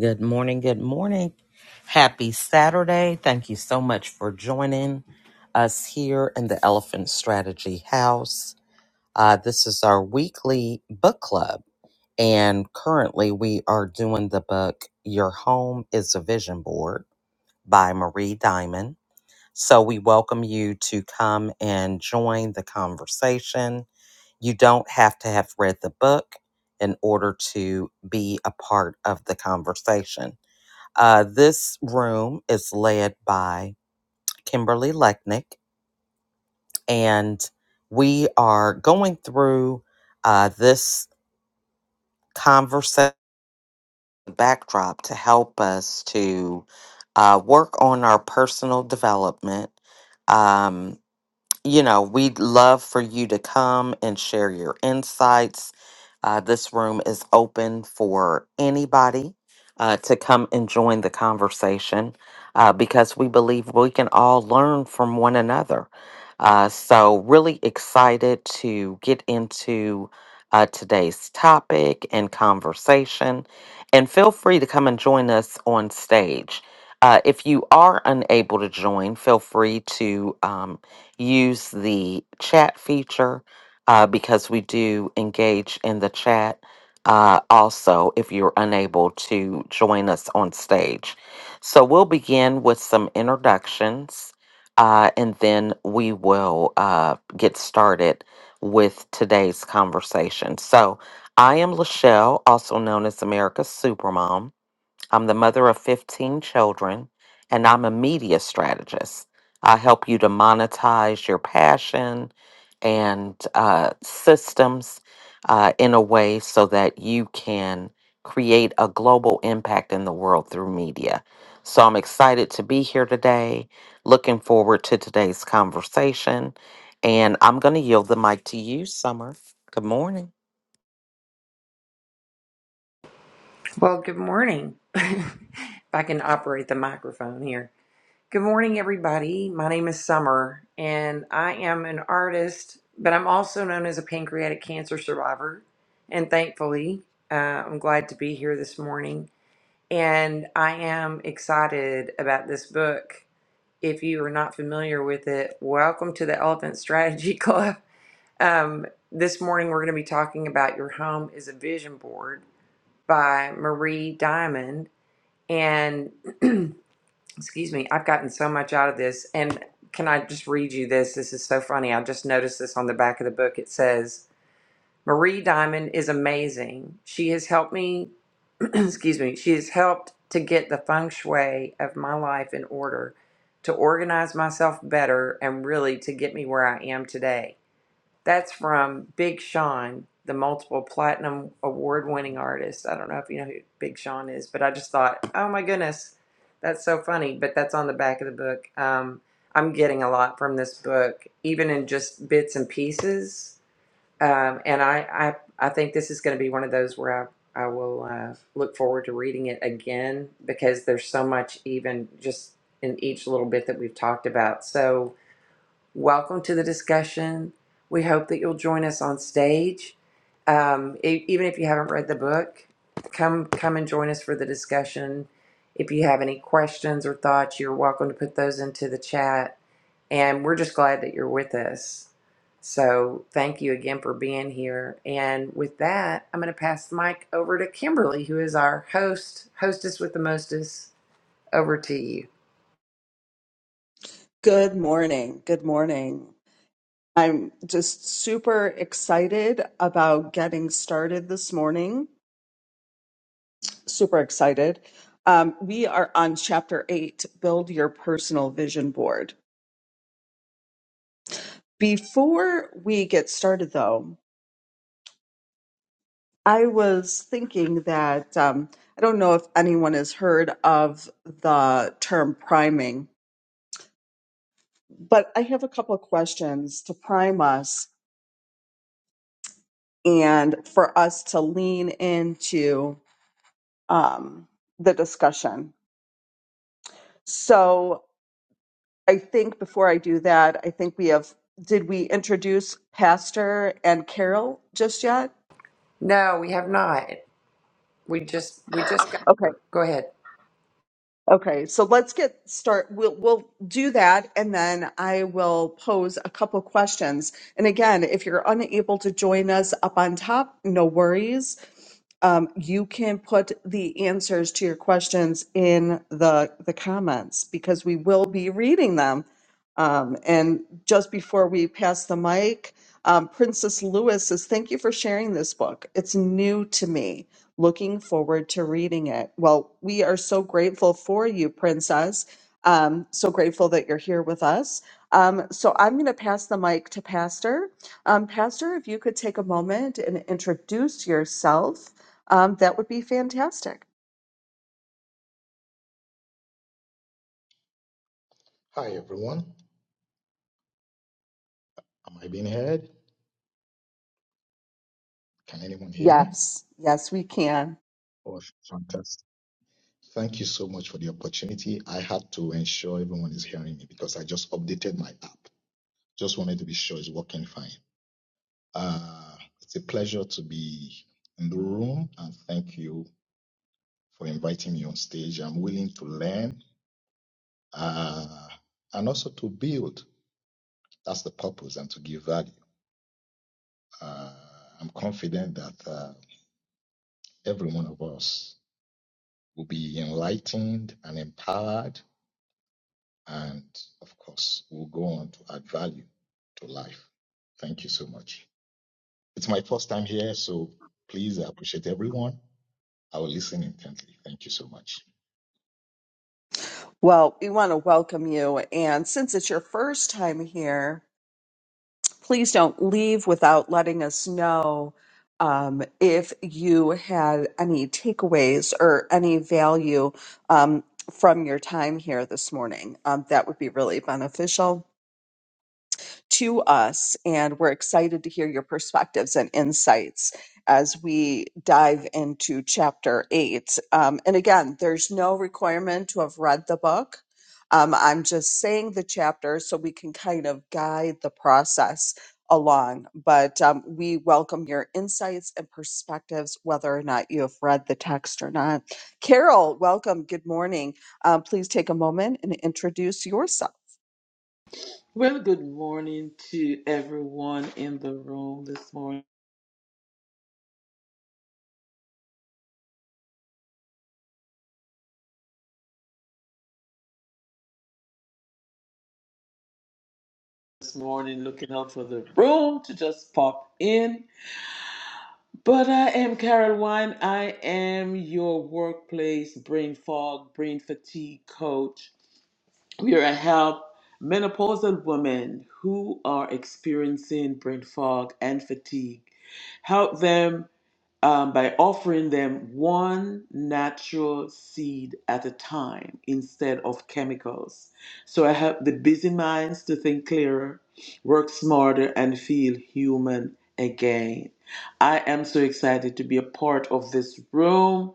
Good morning. Good morning. Happy Saturday. Thank you so much for joining us here in the Elephant Strategy House. Uh, this is our weekly book club, and currently we are doing the book Your Home is a Vision Board by Marie Diamond. So we welcome you to come and join the conversation. You don't have to have read the book in order to be a part of the conversation uh, this room is led by Kimberly Lechnick, and we are going through uh, this conversation backdrop to help us to uh, work on our personal development. Um, you know, we'd love for you to come and share your insights Uh, this room is open for anybody uh, to come and join the conversation uh, because we believe we can all learn from one another. Uh, so, really excited to get into uh, today's topic and conversation. And feel free to come and join us on stage. Uh, if you are unable to join, feel free to um, use the chat feature uh, because we do engage in the chat uh, also if you're unable to join us on stage. So we'll begin with some introductions uh, and then we will uh, get started with today's conversation. So I am Lachelle, also known as America's Supermom. I'm the mother of 15 children, and I'm a media strategist. I help you to monetize your passion and uh, systems uh, in a way so that you can create a global impact in the world through media. So I'm excited to be here today, looking forward to today's conversation, and I'm going to yield the mic to you, Summer. Good morning. Well, good morning. if I can operate the microphone here. Good morning, everybody. My name is Summer, and I am an artist, but I'm also known as a pancreatic cancer survivor. And thankfully, uh, I'm glad to be here this morning. And I am excited about this book. If you are not familiar with it, welcome to the Elephant Strategy Club. Um, this morning, we're going to be talking about Your Home is a Vision Board by Marie Diamond and excuse me, I've gotten so much out of this. And can I just read you this? This is so funny. I just noticed this on the back of the book. It says, Marie Diamond is amazing. She has helped me, excuse me, she has helped to get the feng shui of my life in order, to organize myself better, and really to get me where I am today. That's from Big Sean, the multiple platinum award winning artist. I don't know if you know who Big Sean is, but I just thought, oh my goodness, that's so funny. But that's on the back of the book. Um, I'm getting a lot from this book, even in just bits and pieces. Um, and I, I, I think this is going to be one of those where I, I will uh, look forward to reading it again because there's so much, even just in each little bit that we've talked about. So, Welcome to the discussion. We hope that you'll join us on stage. Um, e- even if you haven't read the book, come come and join us for the discussion. If you have any questions or thoughts, you're welcome to put those into the chat. And we're just glad that you're with us. So thank you again for being here. And with that, I'm going to pass the mic over to Kimberly, who is our host, hostess with the mostest. Over to you. Good morning. Good morning. I'm just super excited about getting started this morning. Super excited. Um, we are on chapter eight build your personal vision board. Before we get started, though, I was thinking that um, I don't know if anyone has heard of the term priming, but I have a couple of questions to prime us and for us to lean into um, the discussion. So I think before I do that, I think we have, did we introduce Pastor and Carol just yet? No, we have not. We just we just got Okay. here. Go ahead. Okay, so let's get start. We'll we'll do that, and then I will pose a couple questions. And again, if you're unable to join us up on top, no worries. Um, you can put the answers to your questions in the the comments because we will be reading them. Um, and just before we pass the mic, um, Princess Lewis says, "Thank you for sharing this book. It's new to me." looking forward to reading it. Well, we are so grateful for you, Princess. Um, so grateful that you're here with us. Um, so I'm going to pass the mic to Pastor. Um, Pastor, if you could take a moment and introduce yourself, um, that would be fantastic. Hi, everyone. Am I being heard? Can anyone hear me? Yes, yes, we can. Oh, fantastic. Thank you so much for the opportunity. I had to ensure everyone is hearing me because I just updated my app. Just wanted to be sure it's working fine. Uh, it's a pleasure to be in the room and thank you for inviting me on stage. I'm willing to learn uh, and also to build. That's the purpose and to give value. Uh, I'm confident that uh, every one of us will be enlightened and empowered, and of course, will go on to add value to life. Thank you so much. It's my first time here, so please I appreciate everyone. I will listen intently. Thank you so much. Well, we want to welcome you. And since it's your first time here, please don't leave without letting us know um, if you had any takeaways or any value um, from your time here this morning. Um, that would be really beneficial to us. And we're excited to hear your perspectives and insights as we dive into chapter eight. Um, and again, there's no requirement to have read the book. Um, I'm just saying the chapter so we can kind of guide the process along. But um, we welcome your insights and perspectives, whether or not you have read the text or not. Carol, welcome. Good morning. Um, please take a moment and introduce yourself. Well, good morning to everyone in the room this morning. This morning, looking out for the room to just pop in. But I am Carol Wine. I am your workplace brain fog, brain fatigue coach. We are a help menopausal women who are experiencing brain fog and fatigue. Help them um, by offering them one natural seed at a time instead of chemicals. So I help the busy minds to think clearer, work smarter, and feel human again. I am so excited to be a part of this room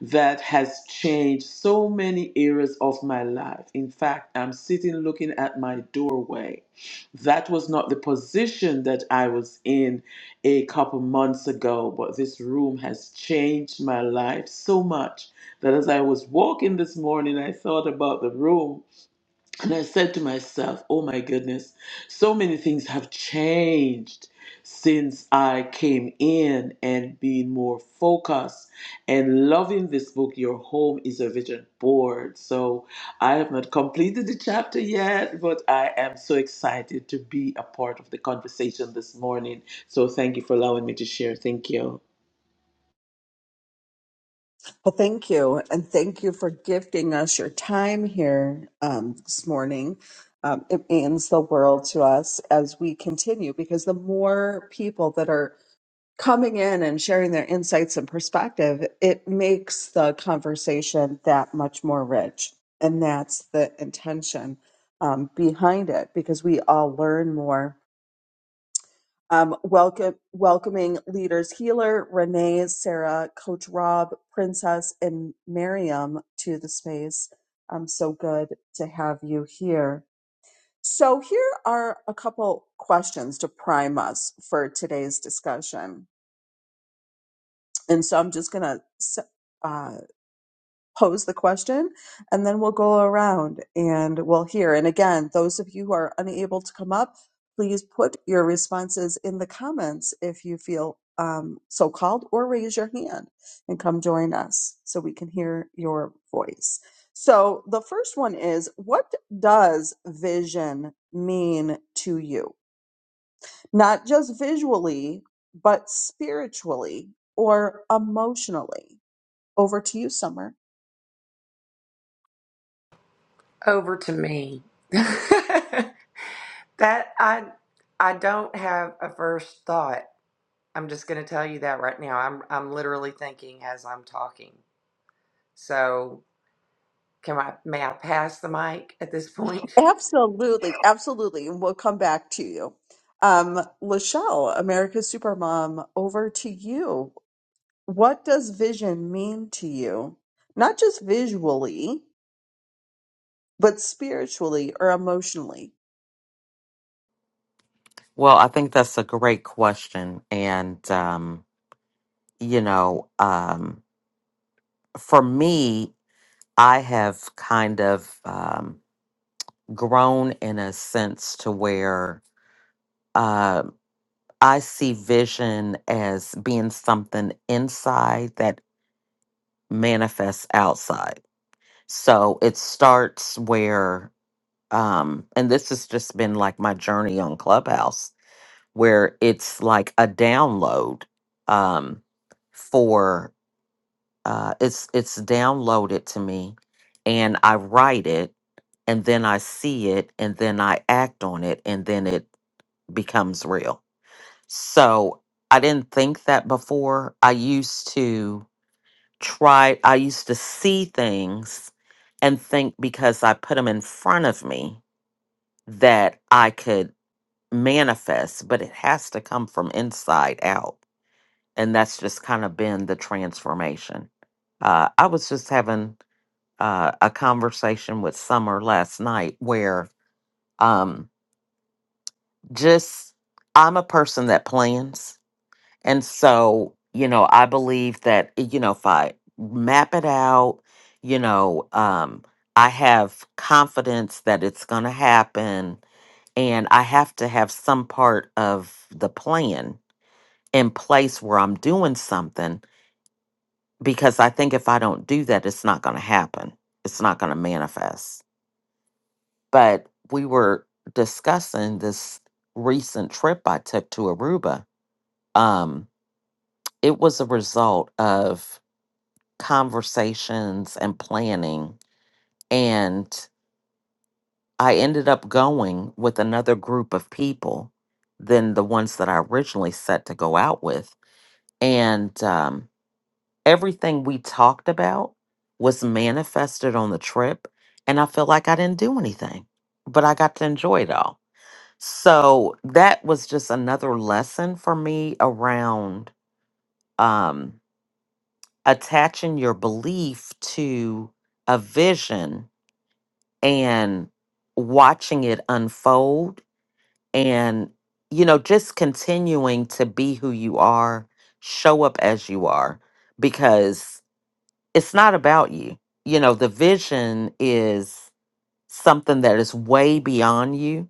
that has changed so many areas of my life. In fact, I'm sitting looking at my doorway. That was not the position that I was in a couple months ago, but this room has changed my life so much that as I was walking this morning, I thought about the room and I said to myself, oh my goodness, so many things have changed since I came in and being more focused and loving this book, Your Home is a Vision Board. So I have not completed the chapter yet, but I am so excited to be a part of the conversation this morning. So thank you for allowing me to share. Thank you. Well, thank you. And thank you for gifting us your time here um, this morning. Um, it means the world to us as we continue because the more people that are coming in and sharing their insights and perspective, it makes the conversation that much more rich. And that's the intention um, behind it because we all learn more um, welcome, welcoming leaders Healer, Renee, Sarah, Coach Rob, Princess, and Miriam to the space. Um, so good to have you here. So, here are a couple questions to prime us for today's discussion. And so, I'm just going to pose the question and then we'll go around and we'll hear. And again, those of you who are unable to come up, please put your responses in the comments if you feel um, so called or raise your hand and come join us so we can hear your voice. So the first one is what does vision mean to you? Not just visually, but spiritually or emotionally. Over to you, Summer. over to me. that I I don't have a first thought. I'm just going to tell you that right now. I'm I'm literally thinking as I'm talking. So, can I may I pass the mic at this point? Absolutely, absolutely. And we'll come back to you. Um, Lachelle, America's Supermom, over to you. What does vision mean to you? Not just visually, but spiritually or emotionally. Well, I think that's a great question. And, um, you know, um, for me, I have kind of um, grown in a sense to where uh, I see vision as being something inside that manifests outside. So it starts where, um, and this has just been like my journey on Clubhouse, where it's like a download um, for uh, it's it's downloaded to me and i write it and then i see it and then i act on it and then it becomes real so i didn't think that before i used to try i used to see things and think because i put them in front of me that i could manifest but it has to come from inside out and that's just kind of been the transformation uh, i was just having uh, a conversation with Summer last night where um, just I'm a person that plans. And so, you know, I believe that, eh, you know, if I map it out, you know, um, I have confidence that it's going to happen. And I have to have some part of the plan in place where I'm doing something because I think if I don't do that, it's not going to happen. It's not going to manifest. but we were discussing this recent trip I took to Aruba. Um, it was a result of conversations and planning. And I ended up going with another group of people than the ones that I originally set to go out with. And um, everything we talked about was manifested on the trip. And I feel like I didn't do anything, but I got to enjoy it all. So that was just another lesson for me around um, attaching your belief to a vision and watching it unfold and, you know, just continuing to be who you are, show up as you are, because it's not about you. You know, the vision is something that is way beyond you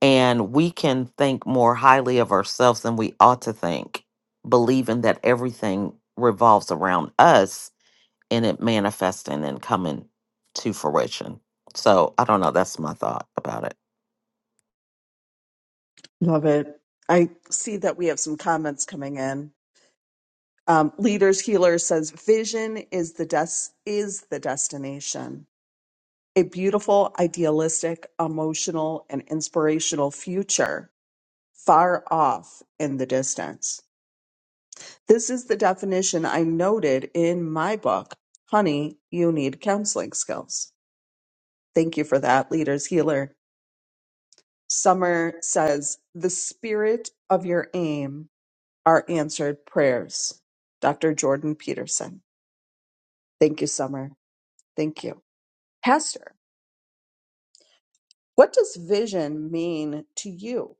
and we can think more highly of ourselves than we ought to think, believing that everything revolves around us and it manifesting and coming to fruition. So I don't know. That's my thought about it. Love it. I see that we have some comments coming in. Um, Leaders Healer says vision is the des- is the destination. A beautiful, idealistic, emotional, and inspirational future far off in the distance. This is the definition I noted in my book, Honey, You Need Counseling Skills. Thank you for that, Leaders Healer. Summer says, The spirit of your aim are answered prayers. Dr. Jordan Peterson. Thank you, Summer. Thank you. Pastor, what does vision mean to you?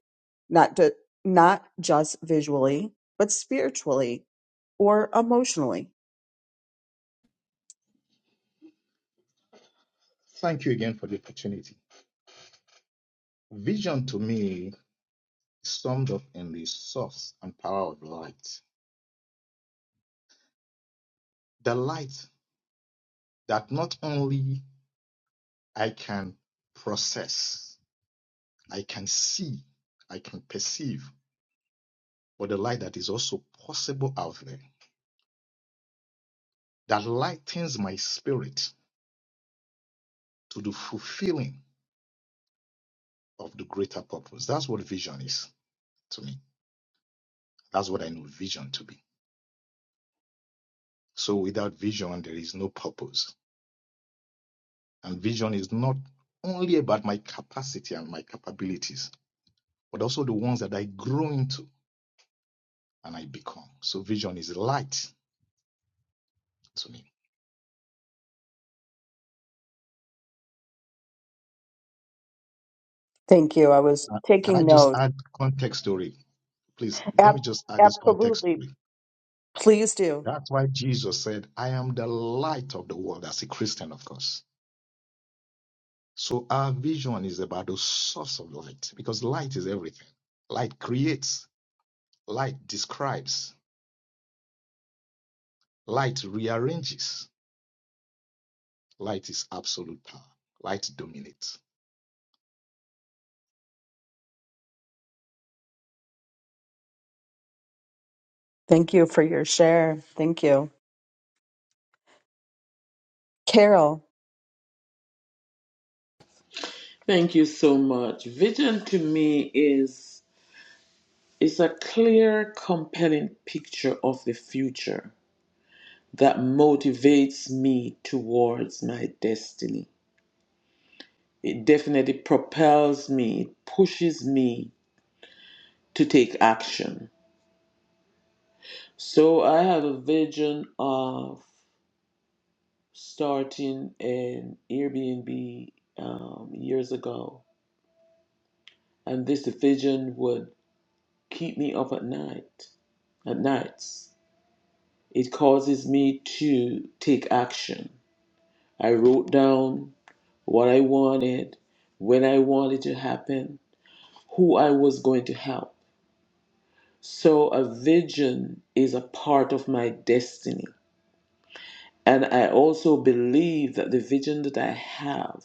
Not, to, not just visually, but spiritually or emotionally. Thank you again for the opportunity. Vision to me is summed up in the source and power of light. The light that not only I can process, I can see, I can perceive but the light that is also possible out there that lightens my spirit to the fulfilling of the greater purpose. That's what vision is to me. That's what I know vision to be. So without vision, there is no purpose. And vision is not only about my capacity and my capabilities, but also the ones that I grow into and I become. So vision is light to me. Thank you. I was Uh, Can I taking just notes. add context story? Please, let Ab- me just add this context absolutely. story Please do. That's why Jesus said, I am the light of the world, as a Christian, of course. So our vision is about the source of light, because light is everything. Light creates, light describes, light rearranges, light is absolute power, light dominates. Thank you for your share. Thank you. Carol. Thank you so much. Vision to me is is a clear, compelling picture of the future that motivates me towards my destiny. It definitely propels me, it pushes me to take action. So I have a vision of starting an Airbnb um, years ago, and this vision would keep me up at night. At nights, it causes me to take action. I wrote down what I wanted, when I wanted to happen, who I was going to help. So a vision is a part of my destiny. And I also believe that the vision that I have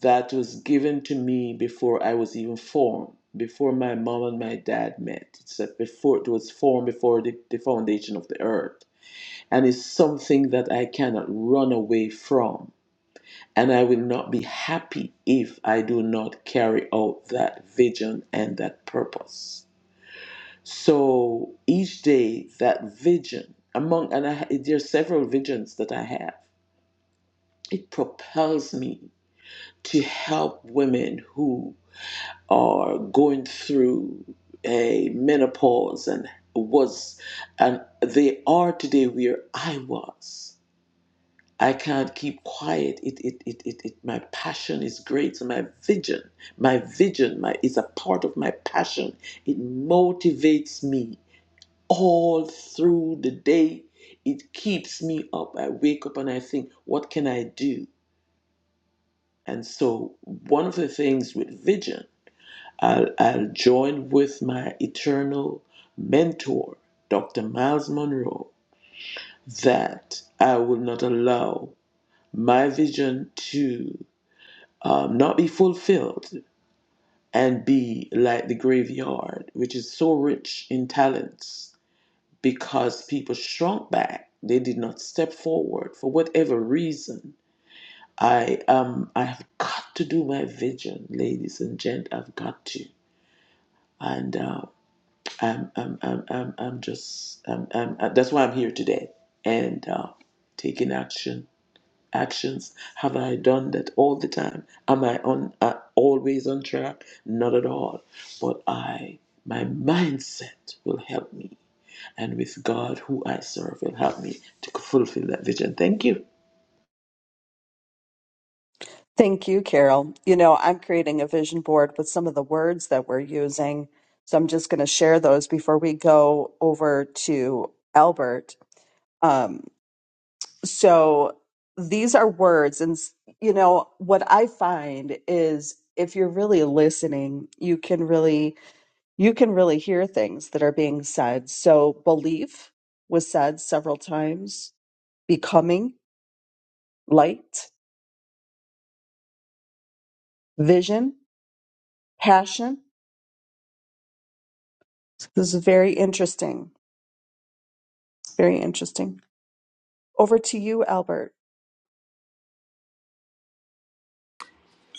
that was given to me before I was even formed, before my mom and my dad met, it's that before it was formed before the, the foundation of the earth. And it's something that I cannot run away from. And I will not be happy if I do not carry out that vision and that purpose. So each day, that vision, among, and I, there are several visions that I have, it propels me to help women who are going through a menopause and was, and they are today where I was. I can't keep quiet. It, it, it, it, it, my passion is great. So my vision, my vision, my is a part of my passion. It motivates me all through the day. It keeps me up. I wake up and I think, what can I do? And so, one of the things with Vision, I'll, I'll join with my eternal mentor, Dr. Miles Monroe, that I will not allow my vision to um, not be fulfilled and be like the graveyard, which is so rich in talents because people shrunk back. They did not step forward for whatever reason. I um I have got to do my vision, ladies and gent. I've got to, and uh, I'm, I'm I'm I'm I'm just I'm, I'm, uh, that's why I'm here today and uh, taking action. Actions have I done that all the time? Am I on uh, always on track? Not at all. But I my mindset will help me and with God who I serve will help me to fulfill that vision. Thank you. Thank you, Carol. You know, I'm creating a vision board with some of the words that we're using. So I'm just going to share those before we go over to Albert. Um, so these are words. And, s- you know, what I find is if you're really listening, you can really you can really hear things that are being said. So, belief was said several times, becoming, light, vision, passion. This is very interesting. Very interesting. Over to you, Albert.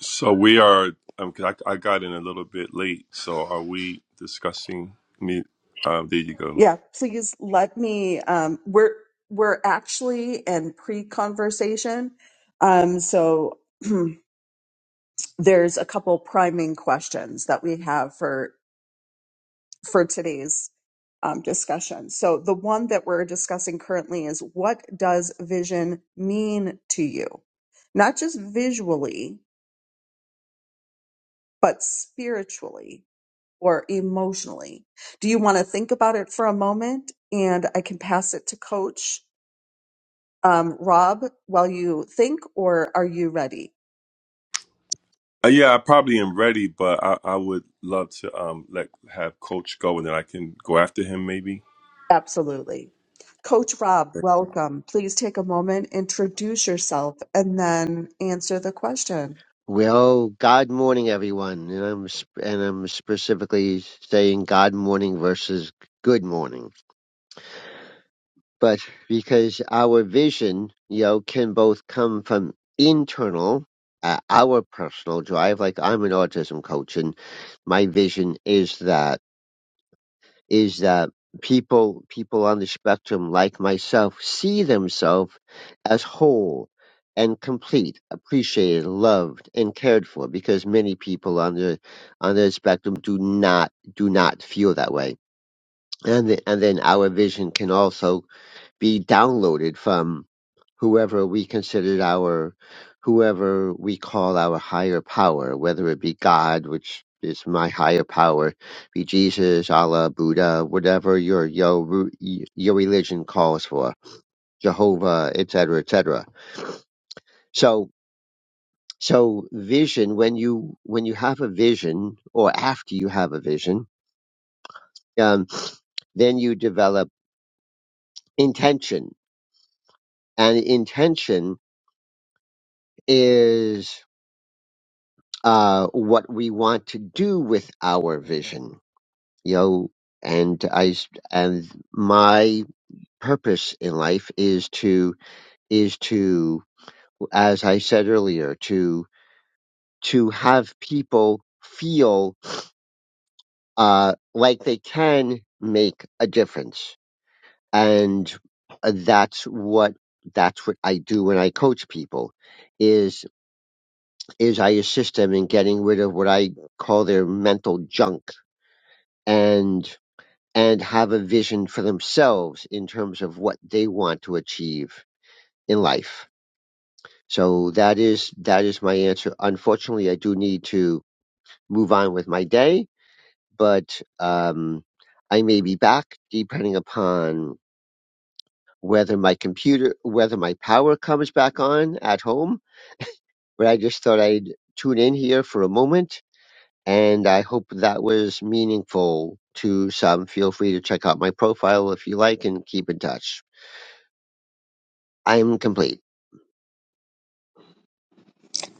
So we are. Um, 'cause I, I got in a little bit late. So are we discussing me? Uh, there you go. Yeah, please let me. Um, we're we're actually in pre-conversation, um, so there's a couple priming questions that we have for. for today's um, discussion. So, the one that we're discussing currently is what does vision mean to you? Not just visually, but spiritually or emotionally. Do you want to think about it for a moment? And I can pass it to Coach um, Rob while you think, or are you ready? Uh, yeah, I probably am ready, but I, I would love to um let have Coach go, and then I can go after him maybe. Absolutely. Coach Rob, welcome. Please take a moment, introduce yourself, and then answer the question. Well, God morning, everyone, and I'm sp- and I'm specifically saying God morning versus good morning, but because our vision, you know, can both come from internal, uh, our personal drive. Like I'm an autism coach, and my vision is that is that people people on the spectrum like myself see themselves as whole and complete, appreciated, loved, and cared for because many people on the on the spectrum do not do not feel that way. And the, and then our vision can also be downloaded from whoever we considered our, whoever we call our higher power, whether it be God, which is my higher power, be Jesus, Allah, Buddha, whatever your your your religion calls for, Jehovah, etc., etc. So so vision when you when you have a vision or after you have a vision, um, then you develop intention, and intention is uh, what we want to do with our vision, you know, and I s- and my purpose in life is to is to as I said earlier to to have people feel uh, like they can make a difference, and that's what that's what I do when I coach people is is I assist them in getting rid of what I call their mental junk and and have a vision for themselves in terms of what they want to achieve in life. So that is that is my answer. Unfortunately, I do need to move on with my day, but um, I may be back depending upon whether my computer whether my power comes back on at home. But I just thought I'd tune in here for a moment, and I hope that was meaningful to some. Feel free to check out my profile if you like, and keep in touch. I'm complete.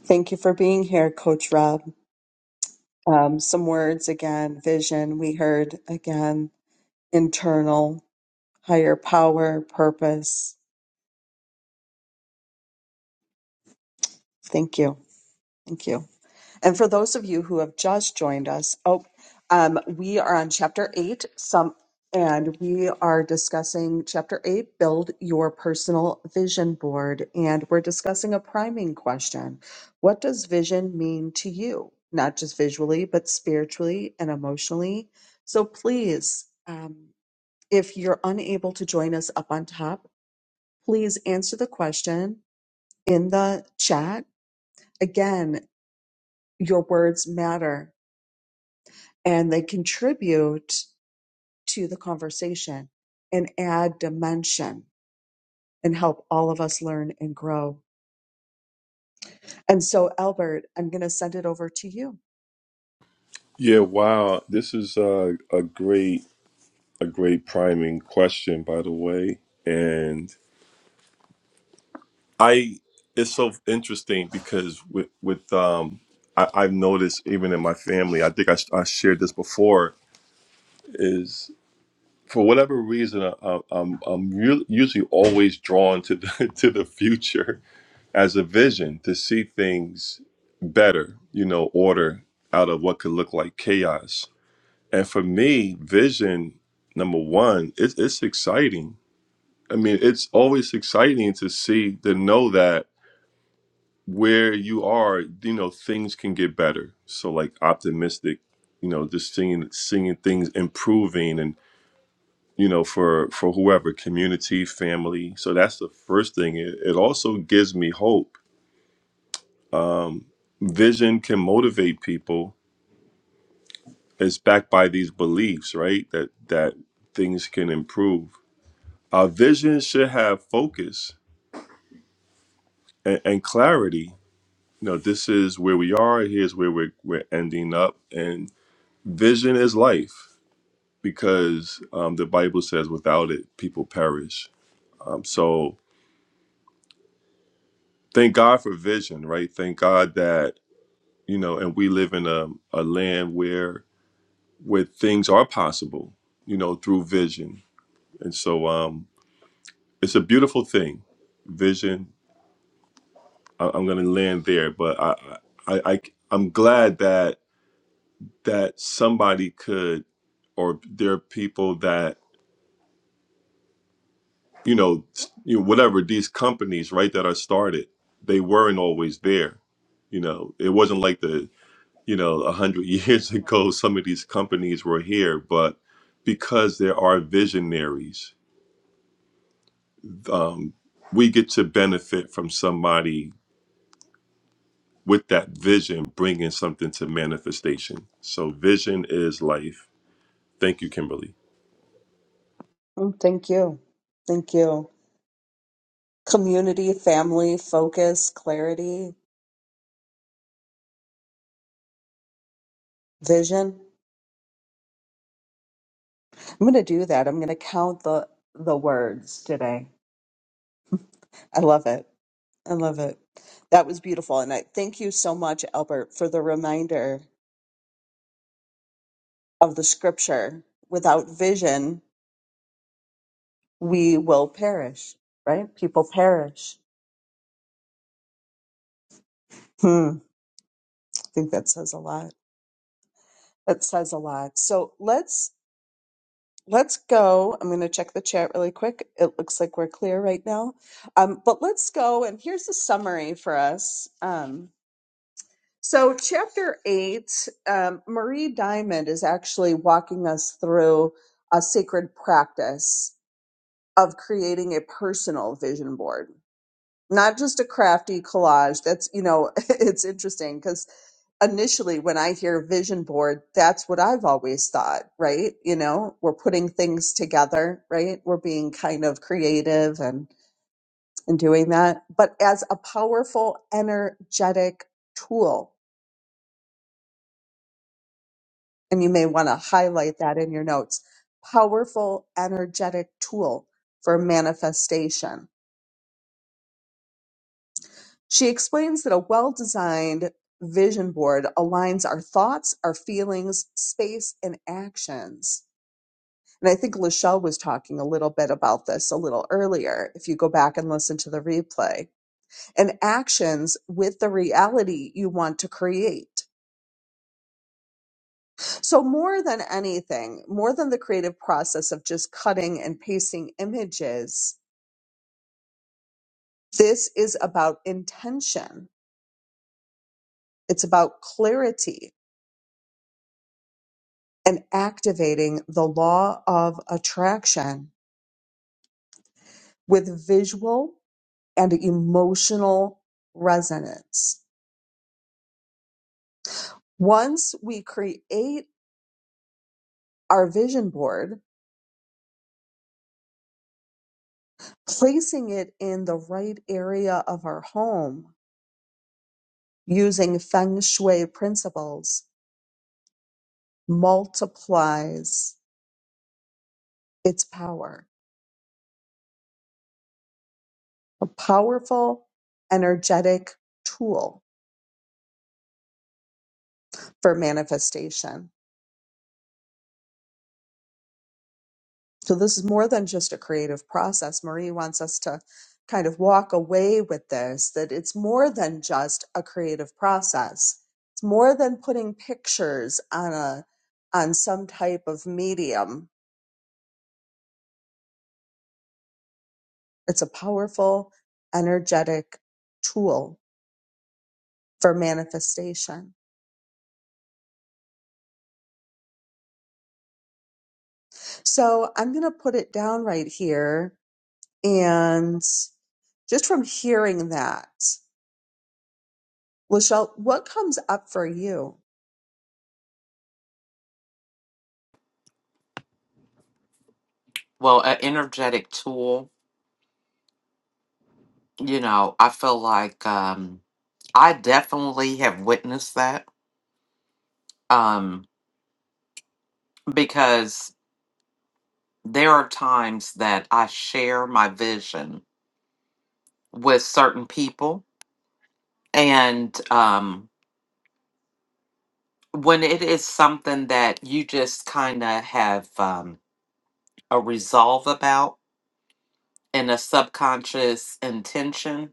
Thank you for being here, Coach Rob. Um, some words again vision, we heard again, internal, higher power, purpose. Thank you. Thank you. And for those of you who have just joined us, oh, um, we are on chapter eight, some, and we are discussing chapter eight, build your personal vision board. And we're discussing a priming question. What does vision mean to you? Not just visually, but spiritually and emotionally. So please, um, if you're unable to join us up on top, please answer the question in the chat. Again, your words matter and they contribute to the conversation and add dimension and help all of us learn and grow. And so, Albert, I'm going to send it over to you. Yeah. Wow. This is a a great a great priming question, by the way, and I it's so interesting because with with um I, I've noticed even in my family, I think I, I shared this before is. for whatever reason, I, I- I'm I'm really, usually always drawn to the to the future as a vision to see things better, you know, order out of what could look like chaos. And for me, vision number one, it's it's exciting. I mean, it's always exciting to see to know that where you are, you know, things can get better. So like optimistic, you know, just seeing seeing things improving and you know for for whoever community family so that's the first thing it, it also gives me hope um vision can motivate people it's backed by these beliefs right that that things can improve our vision should have focus and, and clarity you know this is where we are here's where we're, we're ending up and vision is life because um, the bible says without it people perish um, so thank god for vision right thank god that you know and we live in a, a land where where things are possible you know through vision and so um it's a beautiful thing vision I, i'm gonna land there but I, I i i'm glad that that somebody could or there are people that you know s- you know whatever these companies right that are started they weren't always there you know it wasn't like the you know, a hundred years ago, some of these companies were here, but because there are visionaries, um, we get to benefit from somebody with that vision bringing something to manifestation. So, vision is life. Thank you, Kimberly. Mm, Thank you. Thank you. Community, family, focus, clarity, vision. I'm going to do that. I'm going to count the the words today. I love it. I love it. That was beautiful and I thank you so much Albert for the reminder of the scripture. Without vision, we will perish, right? People perish. Hmm. I think that says a lot. That says a lot. So let's let's go. I'm going to check the chat really quick. It looks like we're clear right now. Um, but let's go. And here's the summary for us. Um, so chapter eight, um, Marie Diamond is actually walking us through a sacred practice of creating a personal vision board not just a crafty collage. That's, you know, it's interesting because initially when I hear vision board, that's what I've always thought, right? You know, we're putting things together, right? We're being kind of creative and, and doing that, but as a powerful, energetic tool. And you may want to highlight that in your notes powerful, energetic tool for manifestation She explains that a well designed vision board aligns our thoughts, our feelings, space, and actions. And I think Lachelle was talking a little bit about this a little earlier, if you go back and listen to the replay, and actions with the reality you want to create. So, more than anything, more than the creative process of just cutting and pasting images, this is about intention. It's about clarity and activating the law of attraction with visual and emotional resonance. Once we create our vision board, placing it in the right area of our home using feng shui principles multiplies its power, a powerful energetic tool for manifestation. So this is more than just a creative process. Marie wants us to kind of walk away with this that it's more than just a creative process. It's more than putting pictures on a on some type of medium. It's a powerful energetic tool for manifestation. So I'm going to put it down right here and just from hearing that, Lachelle, what comes up for you? Well, an energetic tool, you know, I feel like um, I definitely have witnessed that um, because there are times that I share my vision with certain people. And um, when it is something that you just kind of have um, a resolve about and a subconscious intention,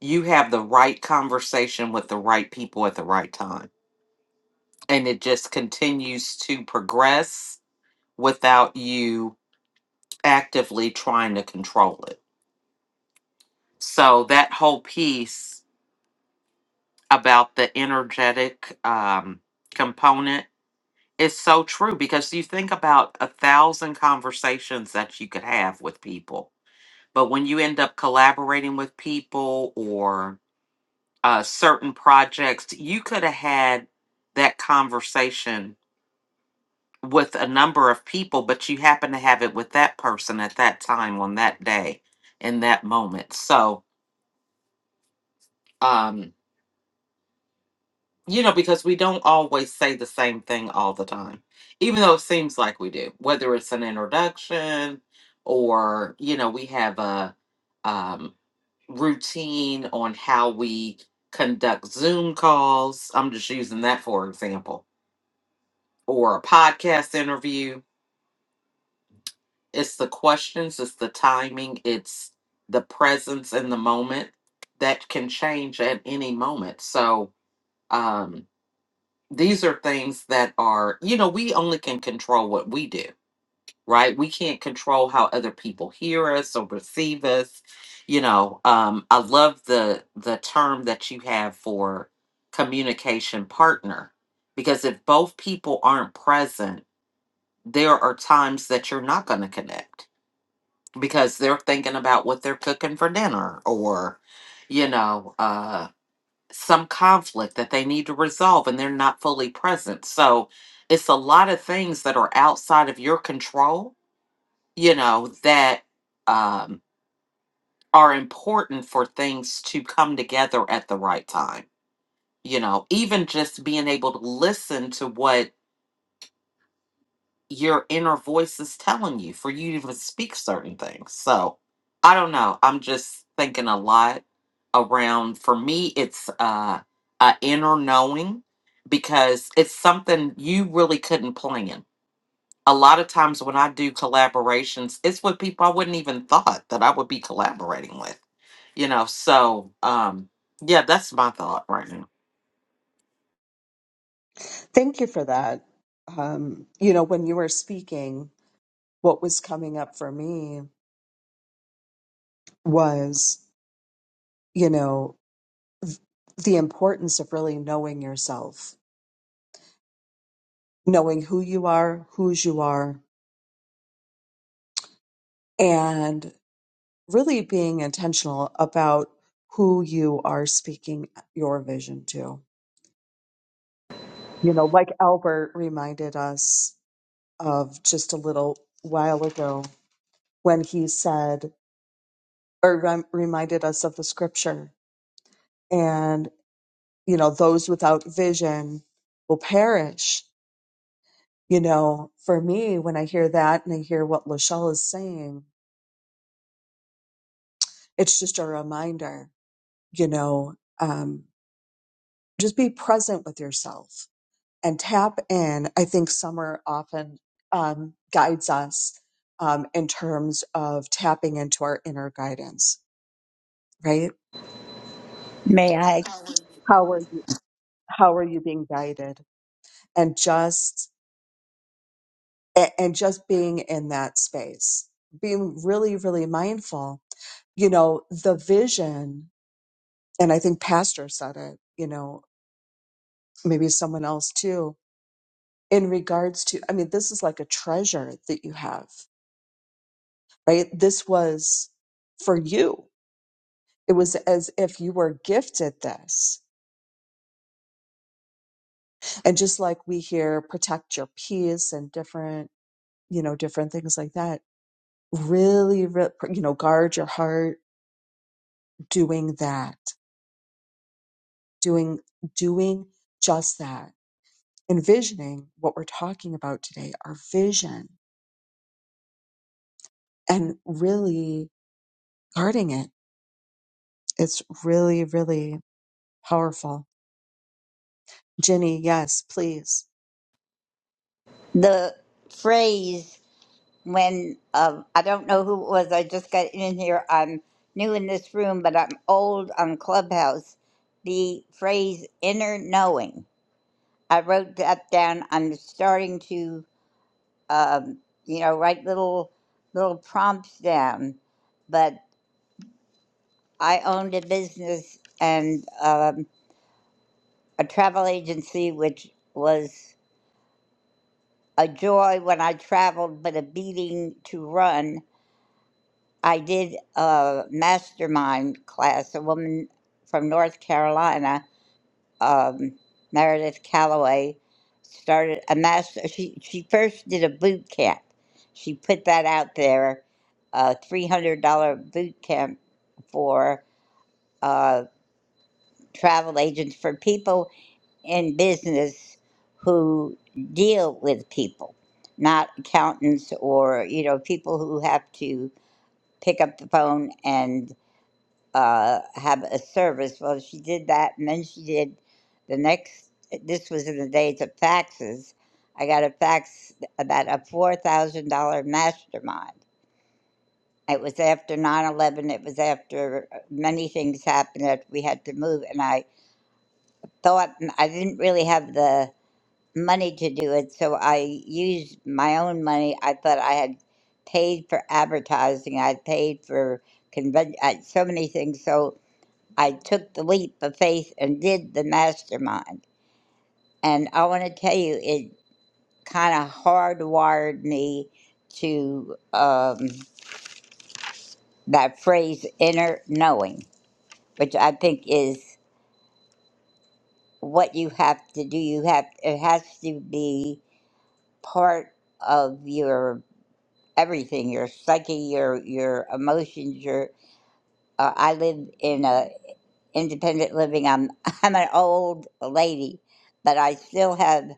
you have the right conversation with the right people at the right time. And it just continues to progress without you actively trying to control it. So, that whole piece about the energetic um, component It's so true because you think about a thousand conversations that you could have with people. But when you end up collaborating with people or uh, certain projects, you could have had that conversation with a number of people, but you happen to have it with that person at that time on that day in that moment. So, um, You know, because we don't always say the same thing all the time, even though it seems like we do, whether it's an introduction or, you know, we have a um, routine on how we conduct Zoom calls. I'm just using that for example, or a podcast interview. It's the questions, it's the timing, it's the presence in the moment that can change at any moment. So, um, these are things that are, you know, we only can control what we do, right? We can't control how other people hear us or receive us. You know, um, I love the the term that you have for communication partner because if both people aren't present, there are times that you're not going to connect because they're thinking about what they're cooking for dinner or, you know, uh, some conflict that they need to resolve and they're not fully present. So it's a lot of things that are outside of your control, you know, that um, are important for things to come together at the right time. You know, even just being able to listen to what your inner voice is telling you for you to even speak certain things. So I don't know. I'm just thinking a lot around for me it's uh a inner knowing because it's something you really couldn't plan. A lot of times when I do collaborations, it's with people I wouldn't even thought that I would be collaborating with. You know, so um yeah, that's my thought right now. Thank you for that. Um, you know, when you were speaking, what was coming up for me was, you know, the importance of really knowing yourself, knowing who you are, whose you are, and really being intentional about who you are speaking your vision to. You know, like Albert reminded us of just a little while ago when he said, or rem- reminded us of the scripture you know, those without vision will perish. You know, for me, when I hear that and I hear what Lachelle is saying, it's just a reminder, you know, um, just be present with yourself and tap in. I think Summer often um, guides us um, in terms of tapping into our inner guidance, right? May I? How are you? How are you being guided? And just and, and just being in that space, being really, really mindful. You know, the vision, and I think Pastor said it, you know, maybe someone else too, in regards to, I mean, this is like a treasure that you have, right? This was for you. It was as if you were gifted this. And just like we hear protect your peace and different, you know, different things like that, really, re- you know, guard your heart doing that doing doing just that envisioning what we're talking about today our vision and really guarding it it's really really powerful jenny yes please The phrase when um, I don't know who it was, I just got in here. I'm new in this room, but I'm old on Clubhouse. The phrase inner knowing. I wrote that down. I'm starting to, um, you know, write little little prompts down. But I owned a business and um, a travel agency, which was a joy when I traveled, but a beating to run I did a mastermind class. A woman from North Carolina, um, Meredith Calloway, started a master. She she first did a boot camp. She put that out there, a three hundred dollar boot camp for uh, travel agents for people in business who deal with people, not accountants or you know people who have to pick up the phone and uh, have a service. Well, she did that, and then she did the next. This was in the days of faxes. I got a fax about a four thousand dollar mastermind. It was after nine eleven. It was after uh, many things happened that we had to move, and I thought I didn't really have the money to do it, so I used my own money. I thought I had paid for advertising. I paid for convention, so many things. So I took the leap of faith and did the mastermind. And I want to tell you, it kind of hardwired me to um, that phrase inner knowing, which I think is what you have to do. You have, it has to be part of your everything, your psyche, your, your emotions, your, uh, I live in a independent living. I'm, I'm an old lady, but I still have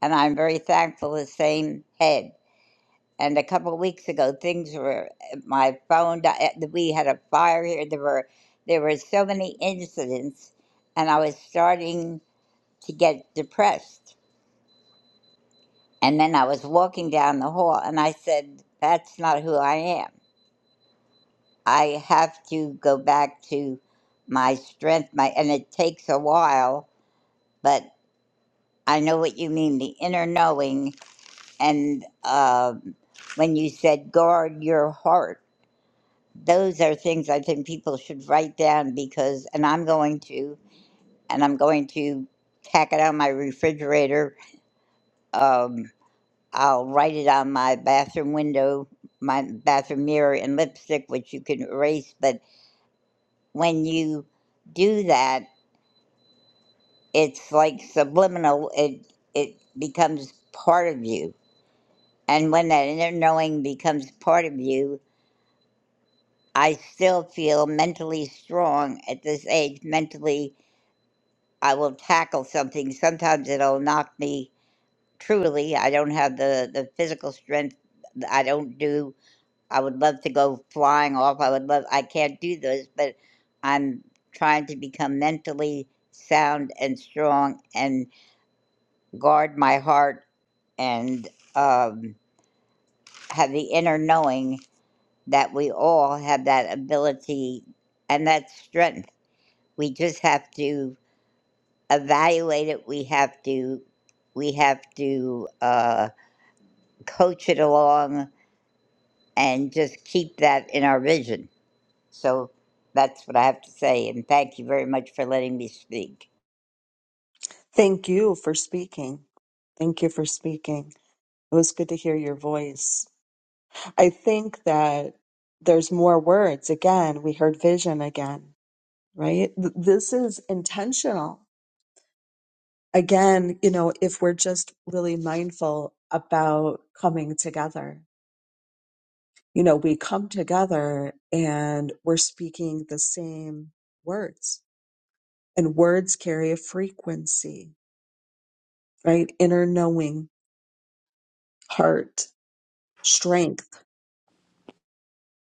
and I'm very thankful the same head. And a couple of weeks ago, things were my phone. di- eh, We had a fire here. There were there were so many incidents, and I was starting to get depressed. And then I was walking down the hall, and I said, "That's not who I am. I have to go back to my strength. My and it takes a while, but I know what you mean. The inner knowing." And um, when you said guard your heart, those are things I think people should write down because, and I'm going to, and I'm going to tack it on my refrigerator. Um, I'll write it on my bathroom window, my bathroom mirror, and lipstick, which you can erase. But when you do that, it's like subliminal. It it becomes part of you, and when that inner knowing becomes part of you, I still feel mentally strong at this age. Mentally, I will tackle something. Sometimes it'll knock me truly. I don't have the, the physical strength. I don't do, I would love to go flying off. I would love, I can't do those, but I'm trying to become mentally sound and strong and guard my heart and um, have the inner knowing that we all have that ability and that strength. we just have to evaluate it we have to we have to uh, coach it along and just keep that in our vision so that's what i have to say and thank you very much for letting me speak thank you for speaking thank you for speaking it was good to hear your voice i think that there's more words again we heard vision again right Th- this is intentional again, you know, if we're just really mindful about coming together, you know, we come together and we're speaking the same words, and words carry a frequency, right? Inner knowing, heart, strength,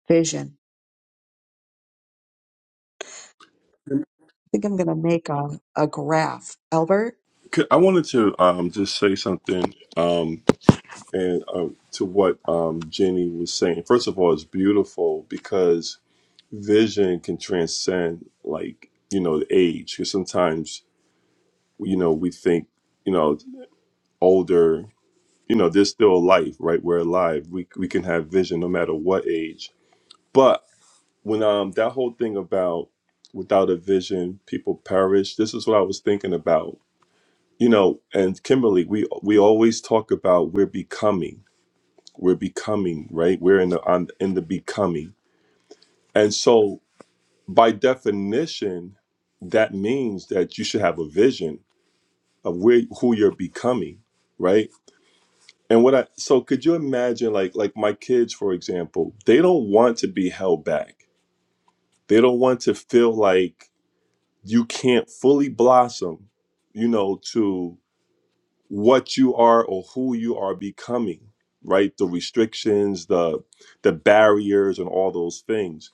vision. I think I'm going to make a, a graph. Albert? Could- I wanted to um, just say something um, and uh, to what um, Jenny was saying. First of all, it's beautiful because vision can transcend, like you know, the age. Because sometimes you know we think you know older you know there's still life right we're alive we, we can have vision no matter what age but when um that whole thing about without a vision people perish this is what i was thinking about you know and kimberly we we always talk about we're becoming we're becoming right we're in the on in the becoming and so by definition that means that you should have a vision of where who you're becoming right And what I so could you imagine like like my kids for example, they don't want to be held back. They don't want to feel like you can't fully blossom, you know, to what you are or who you are becoming, right? The restrictions, the the barriers and all those things.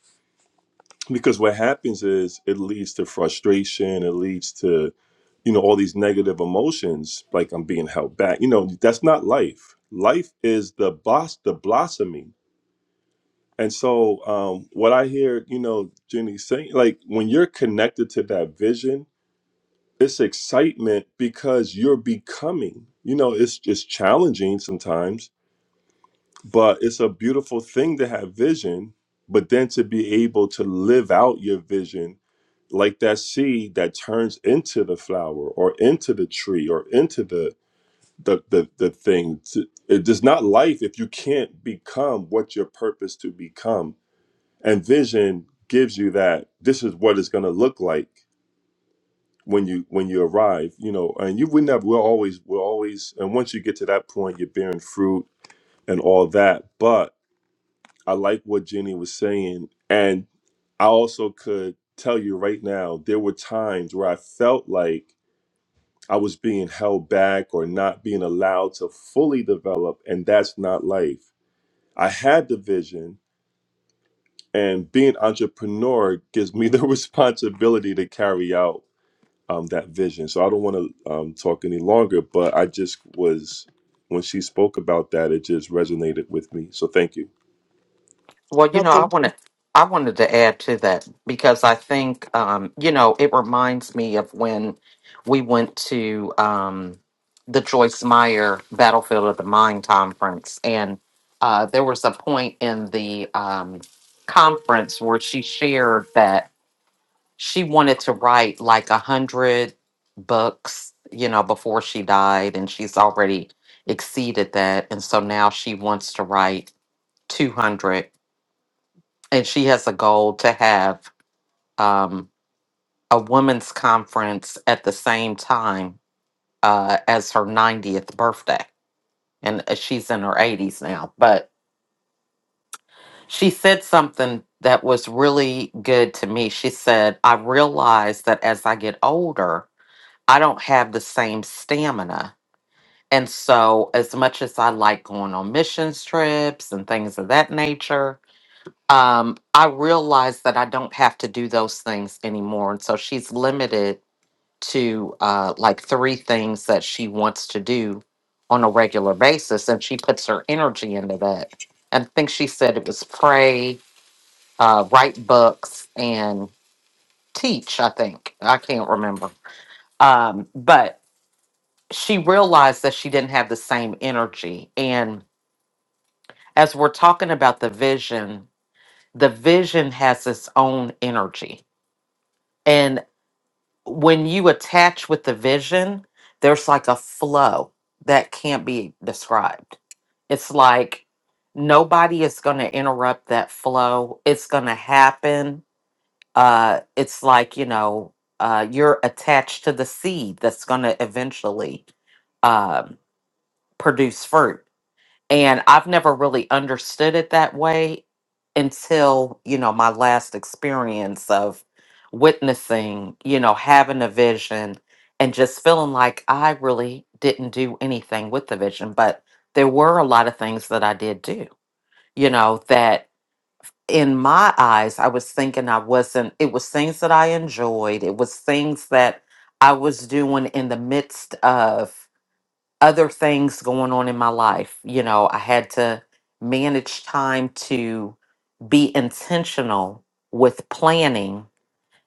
Because what happens is it leads to frustration, it leads to, you know, all these negative emotions like I'm being held back. You know, that's not life. Life is the boss the blossoming And so, um, what I hear, you know, Jenny saying, like when you're connected to that vision, it's excitement because you're becoming. You know, it's just challenging sometimes, but it's a beautiful thing to have vision. But then to be able to live out your vision, like that seed that turns into the flower or into the tree or into the the the, the thing. It's- It is not life if you can't become what your purpose to become and vision gives you that this is what it's going to look like when you when you arrive you know and you would never we're always we're always and once you get to that point you're bearing fruit and all that but i like what jenny was saying and i also could tell you right now there were times where i felt like i was being held back or not being allowed to fully develop and that's not life i had the vision and being entrepreneur gives me the responsibility to carry out um, that vision. So I don't want to um, talk any longer, but I just was when she spoke about that, it just resonated with me. So thank you. Well, you No, know, I thank want to. I wanted to add to that because I think, um, you know, it reminds me of when we went to um, the Joyce Meyer Battlefield of the Mind conference, and uh, there was a point in the um, conference where she shared that she wanted to write like a hundred books, you know, before she died, and she's already exceeded that, and so now she wants to write two hundred and she has a goal to have um, a women's conference at the same time uh, as her 90th birthday. And uh, she's in her 80s now, but she said something that was really good to me. She said, I realize that as I get older, I don't have the same stamina. And so, as much as I like going on missions trips and things of that nature, um, I realized that I don't have to do those things anymore. And so she's limited to uh, like three things that she wants to do on a regular basis. And she puts her energy into that. And I think she said it was pray, uh, write books, and teach, I think. I can't remember. Um, but she realized that she didn't have the same energy. And as we're talking about the vision, the vision has its own energy. and. when you attach with the vision, there's like a flow that can't be described. It's like nobody is going to interrupt that flow. It's going to happen. Uh, it's like, you know, uh, you're attached to the seed that's going to eventually um, produce fruit and I've never really understood it that way until, you know, my last experience of witnessing, you know, having a vision and just feeling like I really didn't do anything with the vision. But there were a lot of things that I did do, you know, that in my eyes, I was thinking I wasn't, it was things that I enjoyed, it was things that I was doing in the midst of other things going on in my life. You know, I had to manage time to be intentional with planning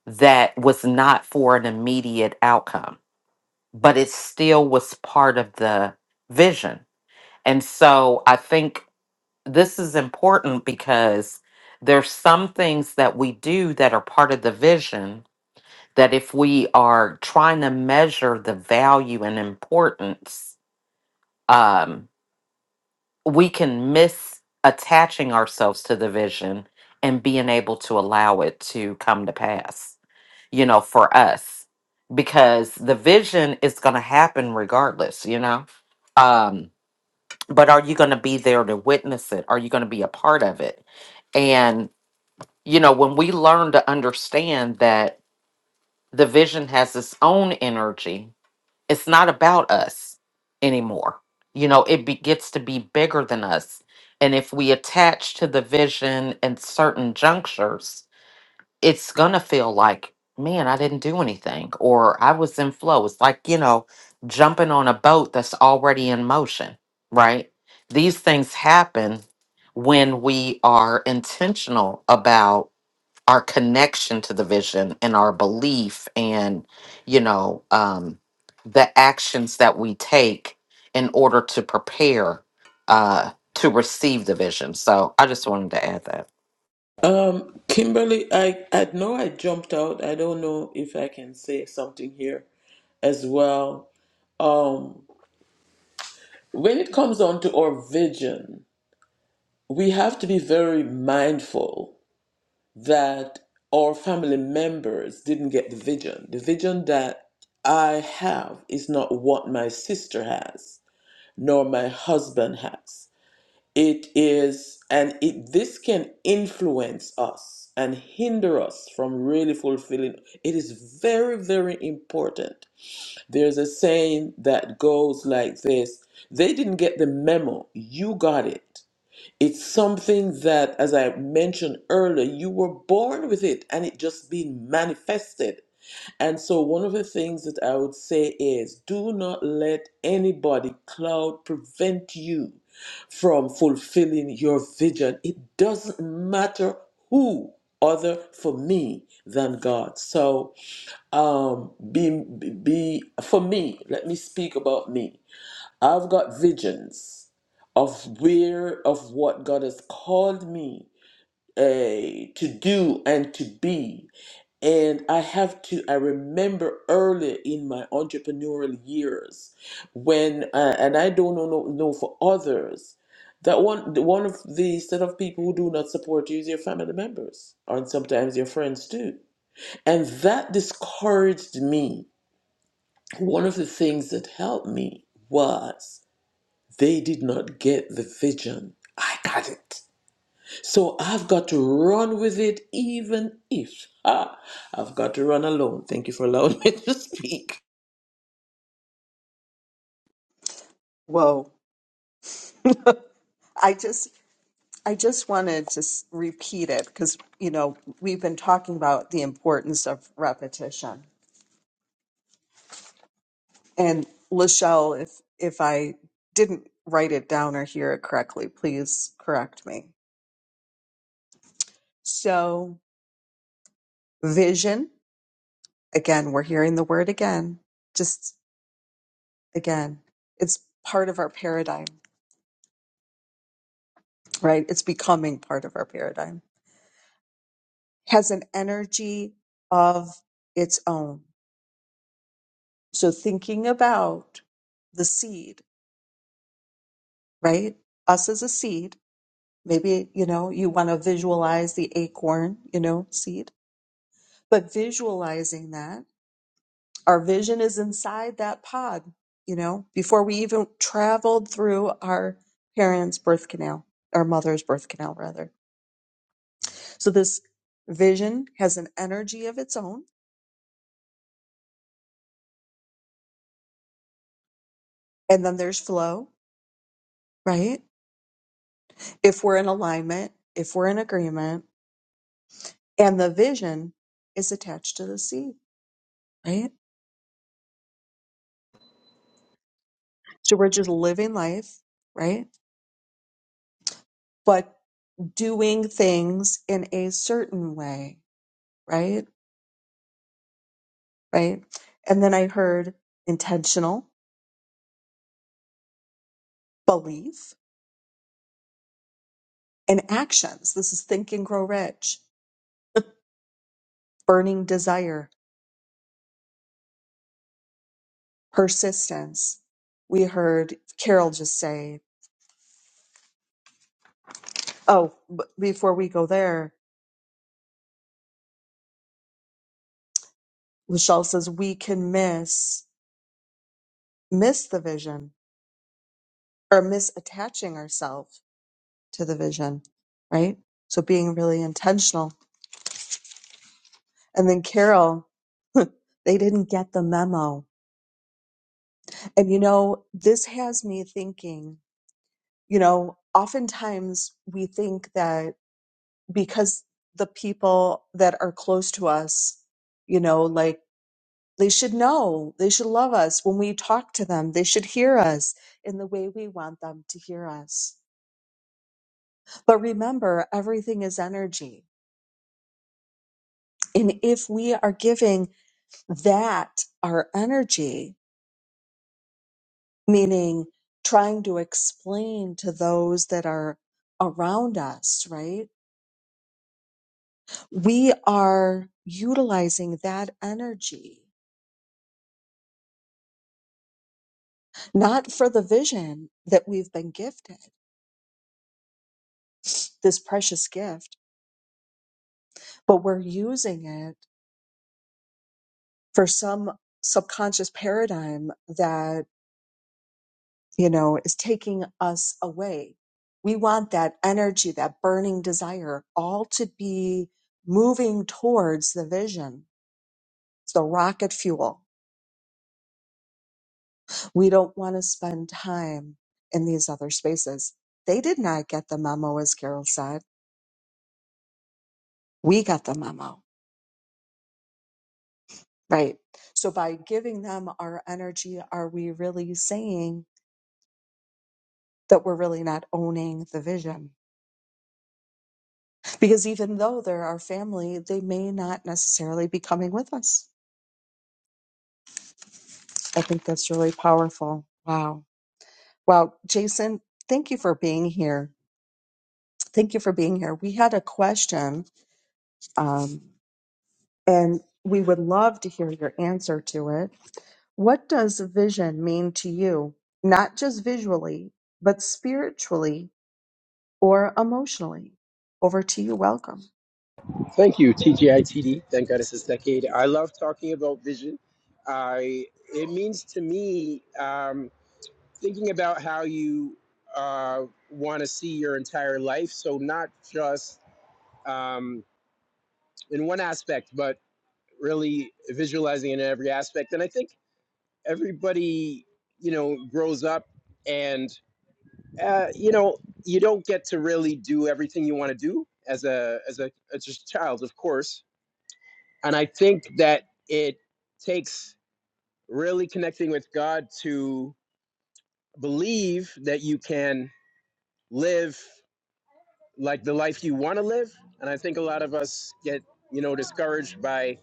that was not for an immediate outcome, but it still was part of the vision. And so I think this is important because there's some things that we do that are part of the vision that if we are trying to measure the value and importance um, we can miss attaching ourselves to the vision and being able to allow it to come to pass, you know, for us, because the vision is going to happen regardless, you know? Um, but are you going to be there to witness it? Are you going to be a part of it? And, you know, when we learn to understand that the vision has its own energy it's not about us anymore. You know, it be, gets to be bigger than us. And if we attach to the vision in certain junctures, it's going to feel like, man, I didn't do anything or I was in flow. It's like, you know, jumping on a boat that's already in motion, right? These things happen when we are intentional about our connection to the vision and our belief and you know um the actions that we take in order to prepare uh to receive the vision so i just wanted to add that Um, Kimberly, I, I know I jumped out. I don't know if I can say something here as well. Um, when it comes down to our vision, we have to be very mindful that our family members didn't get the vision. The vision that I have is not what my sister has, nor my husband has. It is, and it this can influence us and hinder us from really fulfilling. It is very, very important. There's a saying that goes like this: They didn't get the memo, you got it. It's something that, as I mentioned earlier, you were born with it, and it just being manifested and so, one of the things that I would say is do not let anybody cloud prevent you from fulfilling your vision. It doesn't matter who other for me than God. So, um, be, be for me, let me speak about me. I've got visions of where, of what God has called me eh, to do and to be and I have to, I remember earlier in my entrepreneurial years when, uh, and I don't know, know, know for others, that one, the- one of the set of people who do not support you is your family members and sometimes your friends too. And that discouraged me. One of the things that helped me was they did not get the vision. I got it. So I've got to run with it, even if ah, I've got to run alone. Thank you for allowing me to speak. Whoa. I just. I just wanted to s- repeat it because, you know, we've been talking about the importance of repetition And Lachelle, if if I didn't write it down or hear it correctly, please correct me. So vision, again, we're hearing the word again. Just again, it's part of our paradigm, right? It's becoming part of our paradigm. Has an energy of its own. So thinking about the seed, right? Us as a seed. Maybe, you know, you want to visualize the acorn, you know, seed but visualizing that our vision is inside that pod you know before we even traveled through our parents birth canal our mother's birth canal rather so this vision has an energy of its own and then there's flow right if we're in alignment if we're in agreement and the vision is attached to the seed right so we're just living life right but doing things in a certain way right right? And then I heard intentional, belief, and actions. This is think and grow rich, burning desire, persistence. We heard Carol just say, oh, b- before we go there, Lachelle says we can miss, miss the vision or miss attaching ourselves to the vision, right? So being really intentional. And then Carol, they didn't get the memo. And you know, this has me thinking you know, oftentimes we think that because the people that are close to us, you know, like they should know, they should love us when we talk to them, they should hear us in the way we want them to hear us. But remember, everything is energy. And if we are giving that our energy, meaning trying to explain to those that are around us, right? we are utilizing that energy not for the vision that we've been gifted this precious gift but we're using it for some subconscious paradigm that you know is taking us away we want that energy that burning desire all to be moving towards the vision it's the rocket fuel We don't want to spend time in these other spaces. They did not get the memo, as Carol said. We got the memo, right? So by giving them our energy, are we really saying that we're really not owning the vision? Because even though they're our family, they may not necessarily be coming with us. I think that's really powerful. Wow. Wow. Jason, thank you for being here. Thank you for being here. We had a question. Um, and we would love to hear your answer to it. What does vision mean to you, not just visually, but spiritually or emotionally? Over to you. Welcome. Thank you, TGITD. Thank God it's this decade. I love talking about vision. I it means to me um, thinking about how you uh, want to see your entire life. So not just um, in one aspect, but really visualizing in every aspect. And I think everybody, you know, grows up and uh, you know you don't get to really do everything you want to do as a as a as a child, of course And I think that it takes really connecting with God to believe that you can live like the life you want to live. And I think a lot of us get, you know, discouraged by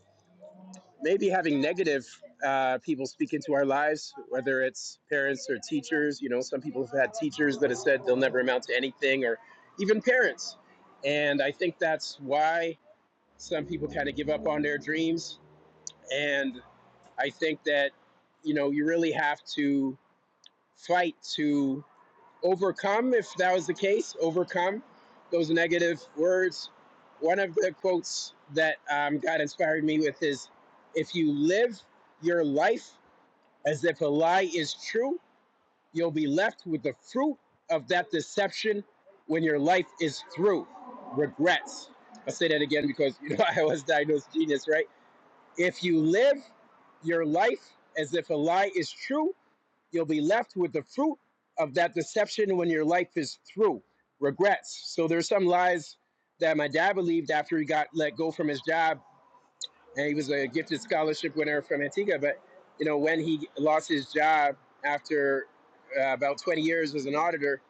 maybe having negative uh, people speak into our lives, whether it's parents or teachers. You know, some people have had teachers that have said they'll never amount to anything, or even parents. And I think that's why some people kind of give up on their dreams. And I think that you know you really have to fight to overcome if that was the case overcome those negative words one of the quotes that um, god inspired me with is if you live your life as if a lie is true you'll be left with the fruit of that deception when your life is through regrets i'll say that again because you know i was diagnosed genius right if you live your life as if a lie is true, you'll be left with the fruit of that deception when your life is through. Regrets. So there's some lies that my dad believed after he got let go from his job, and he was a gifted scholarship winner from Antigua. But you know, when he lost his job after uh, about 20 years as an auditor,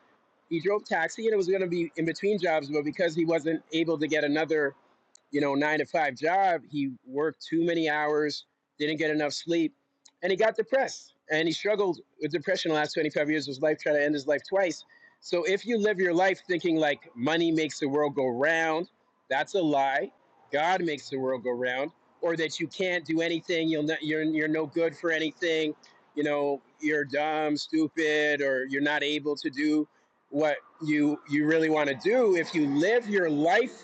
he drove taxi and it was going to be in between jobs, but because he wasn't able to get another you know, nine to five job. He worked too many hours, didn't get enough sleep, and he got depressed. And he struggled with depression the last 25 years of his life, trying to end his life twice. So if you live your life thinking like money makes the world go round, that's a lie. God makes the world go round, or that you can't do anything, you'll not, you're you're no good for anything, you know, you're dumb, stupid, or you're not able to do what you you really want to do. If you live your life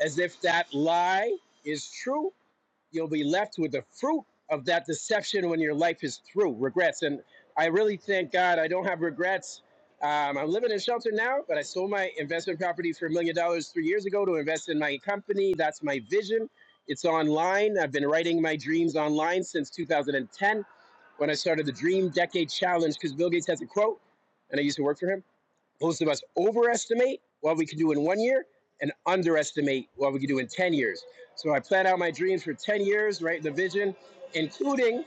as if that lie is true, you'll be left with the fruit of that deception when your life is through. Regrets. And I really thank God I don't have regrets. Um, I'm living in shelter now, but I sold my investment property for a million dollars three years ago to invest in my company. That's my vision. It's online. I've been writing my dreams online since 2010 when I started the Dream Decade Challenge because Bill Gates has a quote, and I used to work for him most of us overestimate what we can do in one year and underestimate what we can do in 10 years. So I plan out my dreams for 10 years, right? The vision, including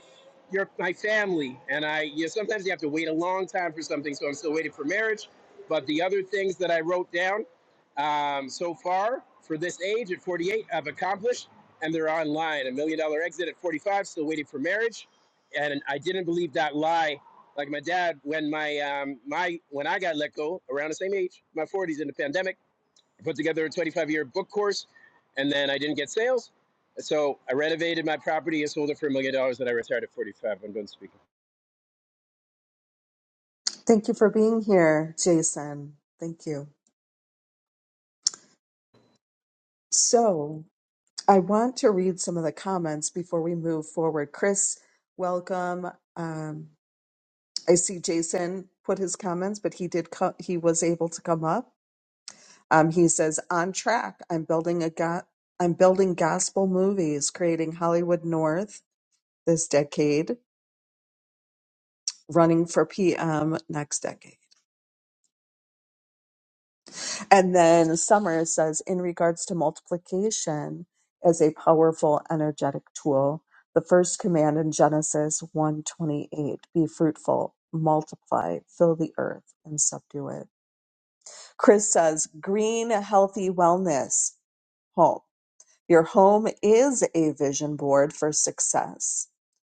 your my family. And I you know, sometimes you have to wait a long time for something. So I'm still waiting for marriage. But the other things that I wrote down um, so far for this age at 48, I've accomplished, and they're online. A million dollar exit at 45, still waiting for marriage. And I didn't believe that lie like my dad, when my um, my when I got let go around the same age, my 40s in the pandemic, I put together a 25 year book course, and then I didn't get sales, so I renovated my property and sold it for a million dollars. And I retired at 45. I'm done speaking. Thank you for being here, Jason. Thank you. So, I want to read some of the comments before we move forward. Chris, welcome. Um, I see Jason put his comments, but he did. Co- he was able to come up. Um, he says, "On track. I'm building a go- I'm building gospel movies, creating Hollywood North this decade, running for PM next decade." And then Summer says, in regards to multiplication as a powerful energetic tool, the first command in Genesis 128, be fruitful, multiply, fill the earth, and subdue it. Chris says, green, healthy wellness home. Your home is a vision board for success.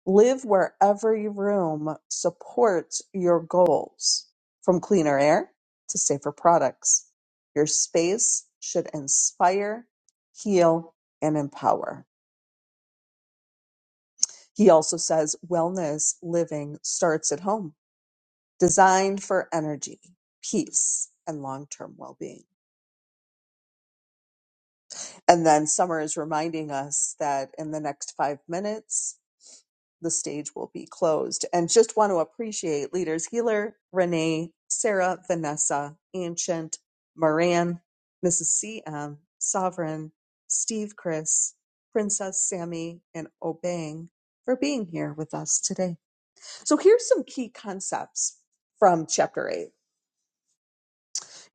Live where every room supports your goals, from cleaner air to safer products. Your space should inspire, heal, and empower. He also says wellness living starts at home, designed for energy, peace, and long term well being. And then Summer is reminding us that in the next five minutes, the stage will be closed. And just want to appreciate leaders Healer, Renee, Sarah, Vanessa, Ancient, Moran, Mrs. CM, Sovereign, Steve Chris, Princess Sammy, and Obang for being here with us today. So here's some key concepts from chapter 8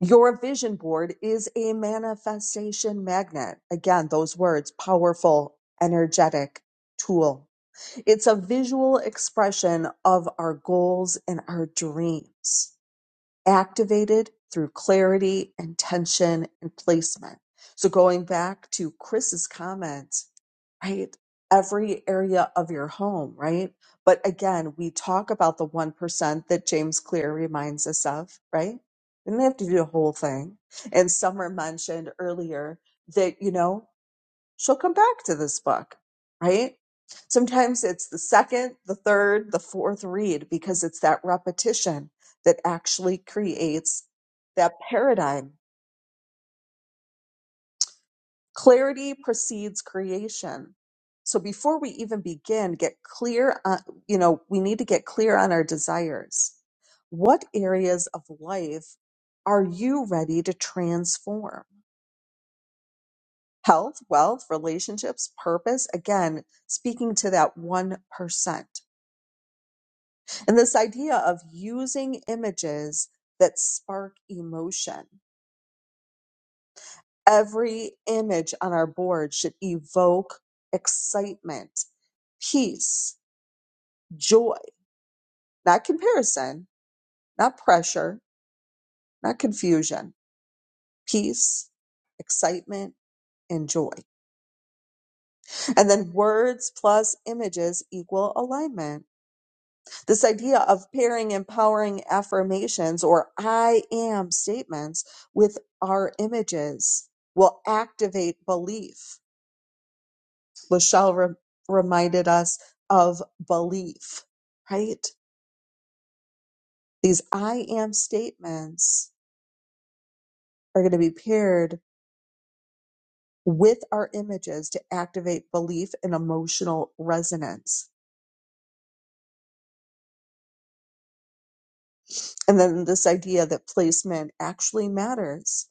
your vision board is a manifestation magnet. Again, those words powerful, energetic tool. It's a visual expression of our goals and our dreams, activated through clarity, intention, and placement. So, going back to Chris's comment right? Every area of your home, right? But again, we talk about the 1% that James Clear reminds us of, right? We don't have to do the whole thing. And Summer mentioned earlier that, you know, she'll come back to this book, right? Sometimes it's the second, the third, the fourth read because it's that repetition that actually creates that paradigm Clarity precedes creation. So before we even begin, get clear on, you know, we need to get clear on our desires. What areas of life are you ready to transform? Health, wealth, relationships, purpose. Again, speaking to that 1%. And this idea of using images that spark emotion. Every image on our board should evoke excitement, peace, joy, not comparison, not pressure, not confusion, peace, excitement, and joy. And then words plus images equal alignment. This idea of pairing empowering affirmations or I am statements with our images will activate belief. Lachelle re- reminded us of belief, right? These I am statements are going to be paired with our images to activate belief and emotional resonance. And then this idea that placement actually matters.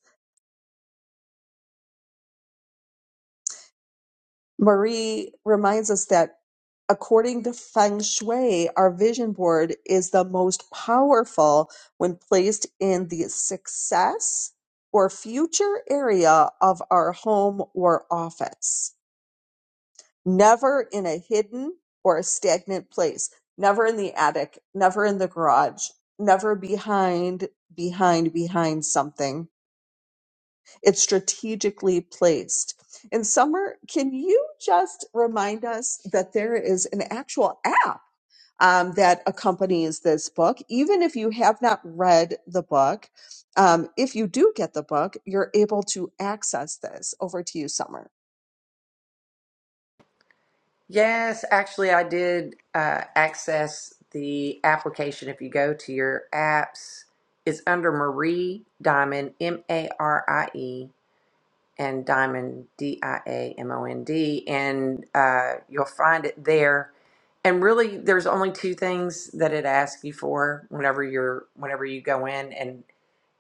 Marie reminds us that according to Feng Shui, our vision board is the most powerful when placed in the success or future area of our home or office. never in a hidden or a stagnant place never in the attic never in the garage never behind behind behind something it's strategically placed and summer can you just remind us that there is an actual app um, that accompanies this book even if you have not read the book um, if you do get the book you're able to access this over to you summer Yes, actually I did uh, access the application if you go to your apps. It's under Marie Diamond M A R I E and Diamond, D I A M O N D, and uh, you'll find it there. And really, there's only two things that it asks you for whenever you're whenever you go in, and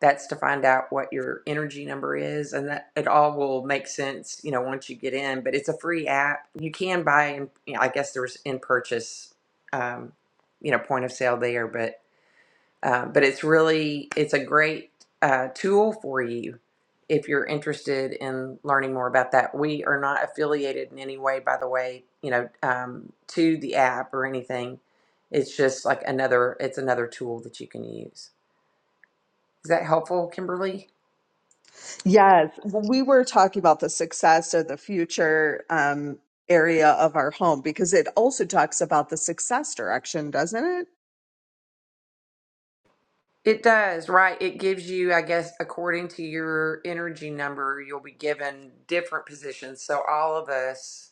that's to find out what your energy number is, and that it all will make sense, you know, once you get in. But it's a free app. You can buy, in- you know, I guess there's in purchase, um, you know, point of sale there, but. Uh, but it's really it's a great uh, tool for you if you're interested in learning more about that. We are not affiliated in any way, by the way, you know, um, to the app or anything. It's just like another it's another tool that you can use. Is that helpful, Kimberly? Yes, well, we were talking about the success or the future um, area of our home because it also talks about the success direction, doesn't it? It does, right? It gives you, I guess, according to your energy number, you'll be given different positions. So all of us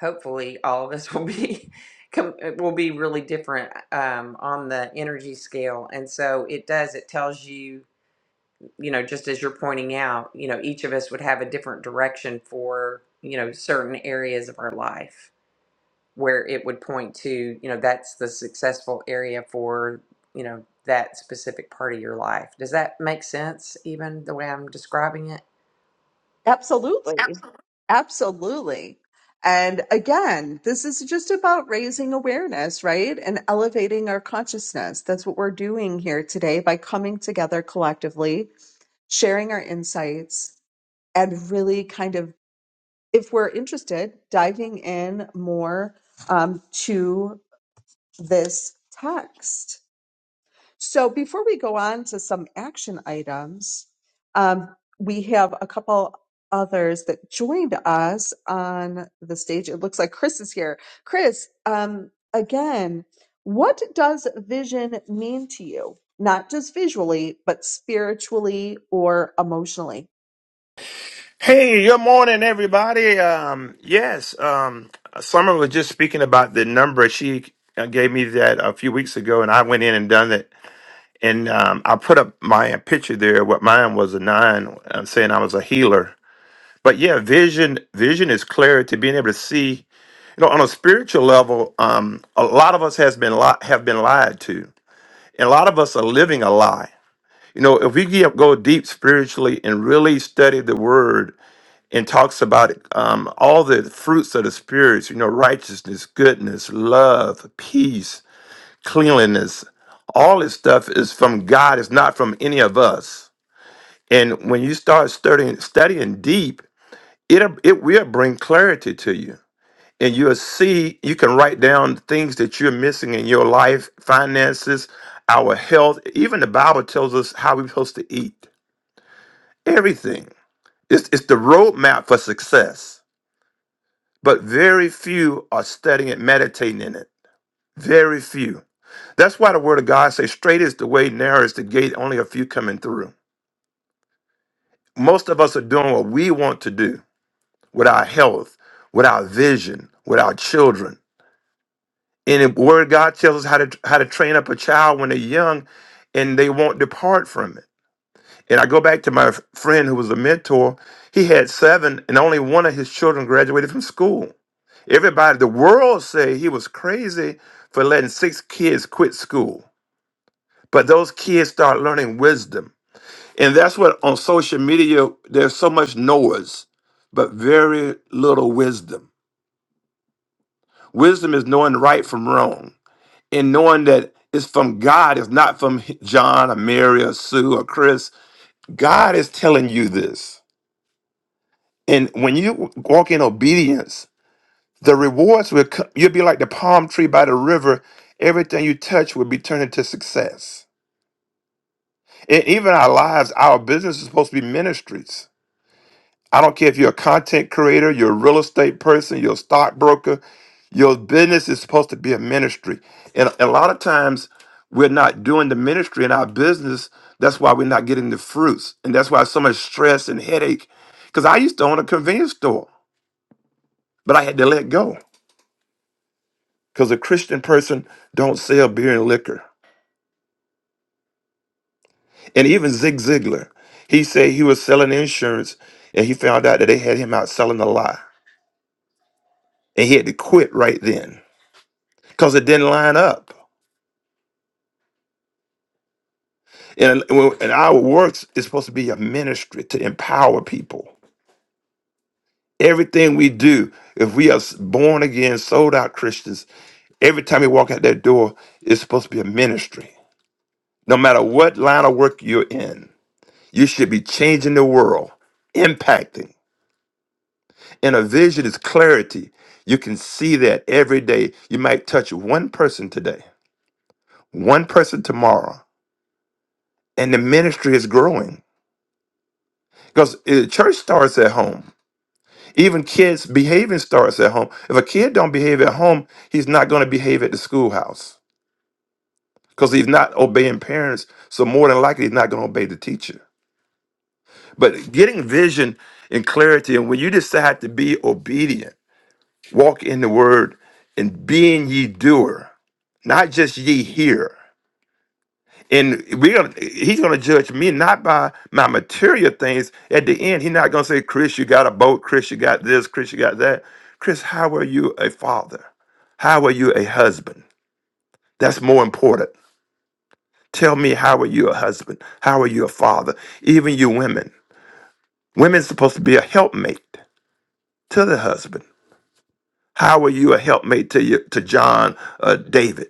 hopefully all of us will be will be really different um, on the energy scale and so it does it tells you you know just as you're pointing out you know each of us would have a different direction for you know certain areas of our life where it would point to you know that's the successful area for you know that specific part of your life does that make sense even the way i'm describing Absolutely. it Absolutely. And again, this is just about raising awareness, right? And elevating our consciousness. That's what we're doing here today by coming together collectively, sharing our insights, and really kind of, if we're interested, diving in more um, to this text. So before we go on to some action items, um, we have a couple others that joined us on the stage. It looks like Chris is here. Chris, um, again, what does vision mean to you? Not just visually, but spiritually or emotionally. Hey, good morning, everybody. Um, yes, um, Summer was just speaking about the number. She uh, gave me that a few weeks ago, and I went in and done it. And um, I put up my picture there. What mine was a nine, uh, saying I was a healer. But yeah, vision vision is clarity, being able to see. You know, on a spiritual level, um, a lot of us has been li- have been lied to, and a lot of us are living a lie. You know, if we get, go deep spiritually and really study the word, and talks about um, all the fruits of the spirits you know righteousness goodness love peace cleanliness all this stuff is from god it's not from any of us and when you start studying studying deep it it will bring clarity to you and you'll see you can write down things that you're missing in your life finances our health even the bible tells us how we're supposed to eat everything it's, it's the roadmap for success but very few are studying it, meditating in it. Very few. That's why the word of God says, straight is the way, narrow is the gate, only a few coming through. Most of us are doing what we want to do with our health, with our vision, with our children. And the word of God tells us how to how to train up a child when they're young and they won't depart from it. And I go back to my f- friend who was a mentor. He had seven, and only one of his children graduated from school. Everybody, the world say he was crazy for letting six kids quit school. But those kids start learning wisdom. And that's what on social media, there's so much noise, but very little wisdom. Wisdom is knowing right from wrong and knowing that it's from God, it's not from John or Mary or Sue or Chris. God is telling you this. And when you walk in obedience, the rewards will come. You'll be like the palm tree by the river. Everything you touch will be turned into success. And even our lives, our business is supposed to be ministries. I don't care if you're a content creator, you're a real estate person, you're a stockbroker, your business is supposed to be a ministry. And a lot of times we're not doing the ministry in our business. That's why we're not getting the fruits. And that's why so much stress and headache. Because I used to own a convenience store, but I had to let go. because a Christian person don't sell beer and liquor. And even Zig Ziglar, he said he was selling insurance, and he found out that they had him out selling a lie, and he had to quit right then because it didn't line up. And, uh, well, and our works is supposed to be a ministry to empower people. Everything we do, if we are born again, sold out Christians, every time we walk out that door, it's supposed to be a ministry. No matter what line of work you're in, you should be changing the world, impacting. And a vision is clarity. You can see that every day. You might touch one person today, one person tomorrow, and the ministry is growing. Because uh, church starts at home. Even kids behaving starts at home. If a kid don't behave at home, he's not going to behave at the schoolhouse because he's not obeying parents. So more than likely, he's not going to obey the teacher. But getting vision and clarity, and when you decide to be obedient. Walk in the word and being ye doer, not just ye hear. And we're gonna he's gonna judge me not by my material things. At the end, he's not gonna say, Chris, you got a boat, Chris, you got this, Chris, you got that. Chris, how are you a father? How are you a husband? That's more important. Tell me, how are you a husband? How are you a father? Even you women. Women's supposed to be a helpmate to the husband. How are you a helpmate to you, to John, uh, David?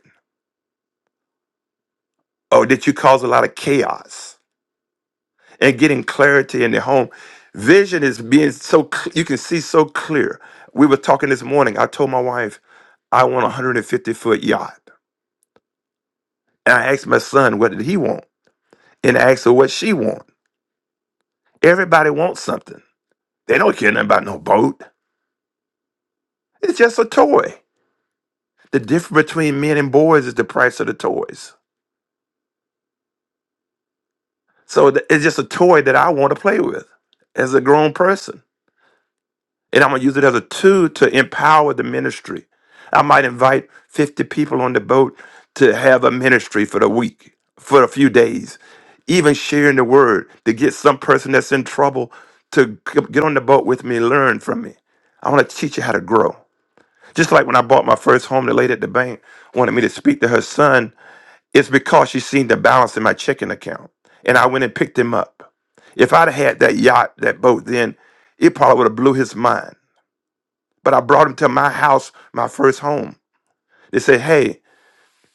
or that you cause a lot of chaos and getting clarity in the home. Vision is being so cl- you can see so clear. We were talking this morning. I told my wife I want a 150 foot yacht, and I asked my son what did he want, and I asked her what she want. Everybody wants something. They don't care nothing about no boat. It's just a toy. The difference between men and boys is the price of the toys. So th- it's just a toy that I want to play with as a grown person. And I'm going to use it as a tool to empower the ministry. I might invite 50 people on the boat to have a ministry for the week, for a few days, even sharing the word to get some person that's in trouble to c- get on the boat with me and learn from me. I want to teach you how to grow. Just like when I bought my first home, the lady at the bank wanted me to speak to her son. It's because she seen the balance in my checking account. And I went and picked him up. If I'd had that yacht, that boat then, it probably would have blew his mind. But I brought him to my house, my first home. They said, hey,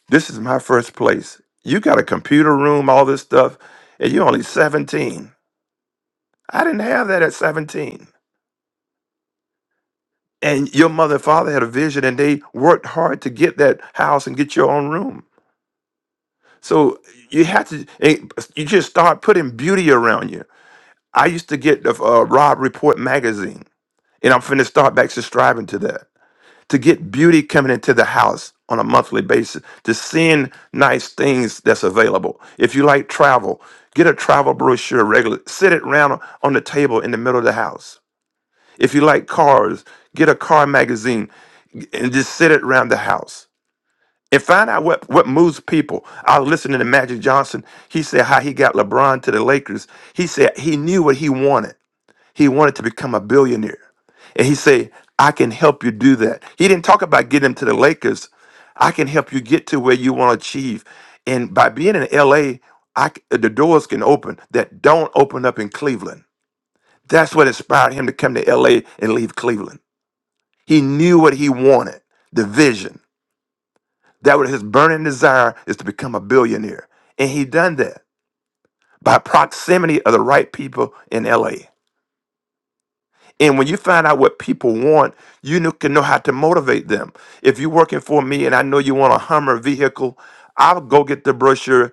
this is my first place. You got a computer room, all this stuff, and you're only 17. I didn't have that at 17. And your mother and father had a vision and they worked hard to get that house and get your own room. So you have to, eh, you just start putting beauty around you. I used to get the uh, Rob Report magazine, and I'm finna start back subscribing to that to get beauty coming into the house on a monthly basis, to seeing nice things that's available. If you like travel, get a travel brochure regularly. Sit it around on the table in the middle of the house. If you like cars, get a car magazine and just sit it around the house. And find out what, what moves people. I was listening to Magic Johnson. He said how he got LeBron to the Lakers. He said he knew what he wanted he wanted to become a billionaire. And he said, I can help you do that. He didn't talk about getting him to the Lakers. I can help you get to where you want to achieve. And by being in LA, the doors can open that don't open up in Cleveland. That's what inspired him to come to LA and leave Cleveland. He knew what he wanted, the vision. That was his burning desire is to become a billionaire. And he done that by proximity of the right people in LA. And when you find out what people want, you know- can know how to motivate them. If you're working for me and I know you want a Hummer vehicle, I'll go get the brochure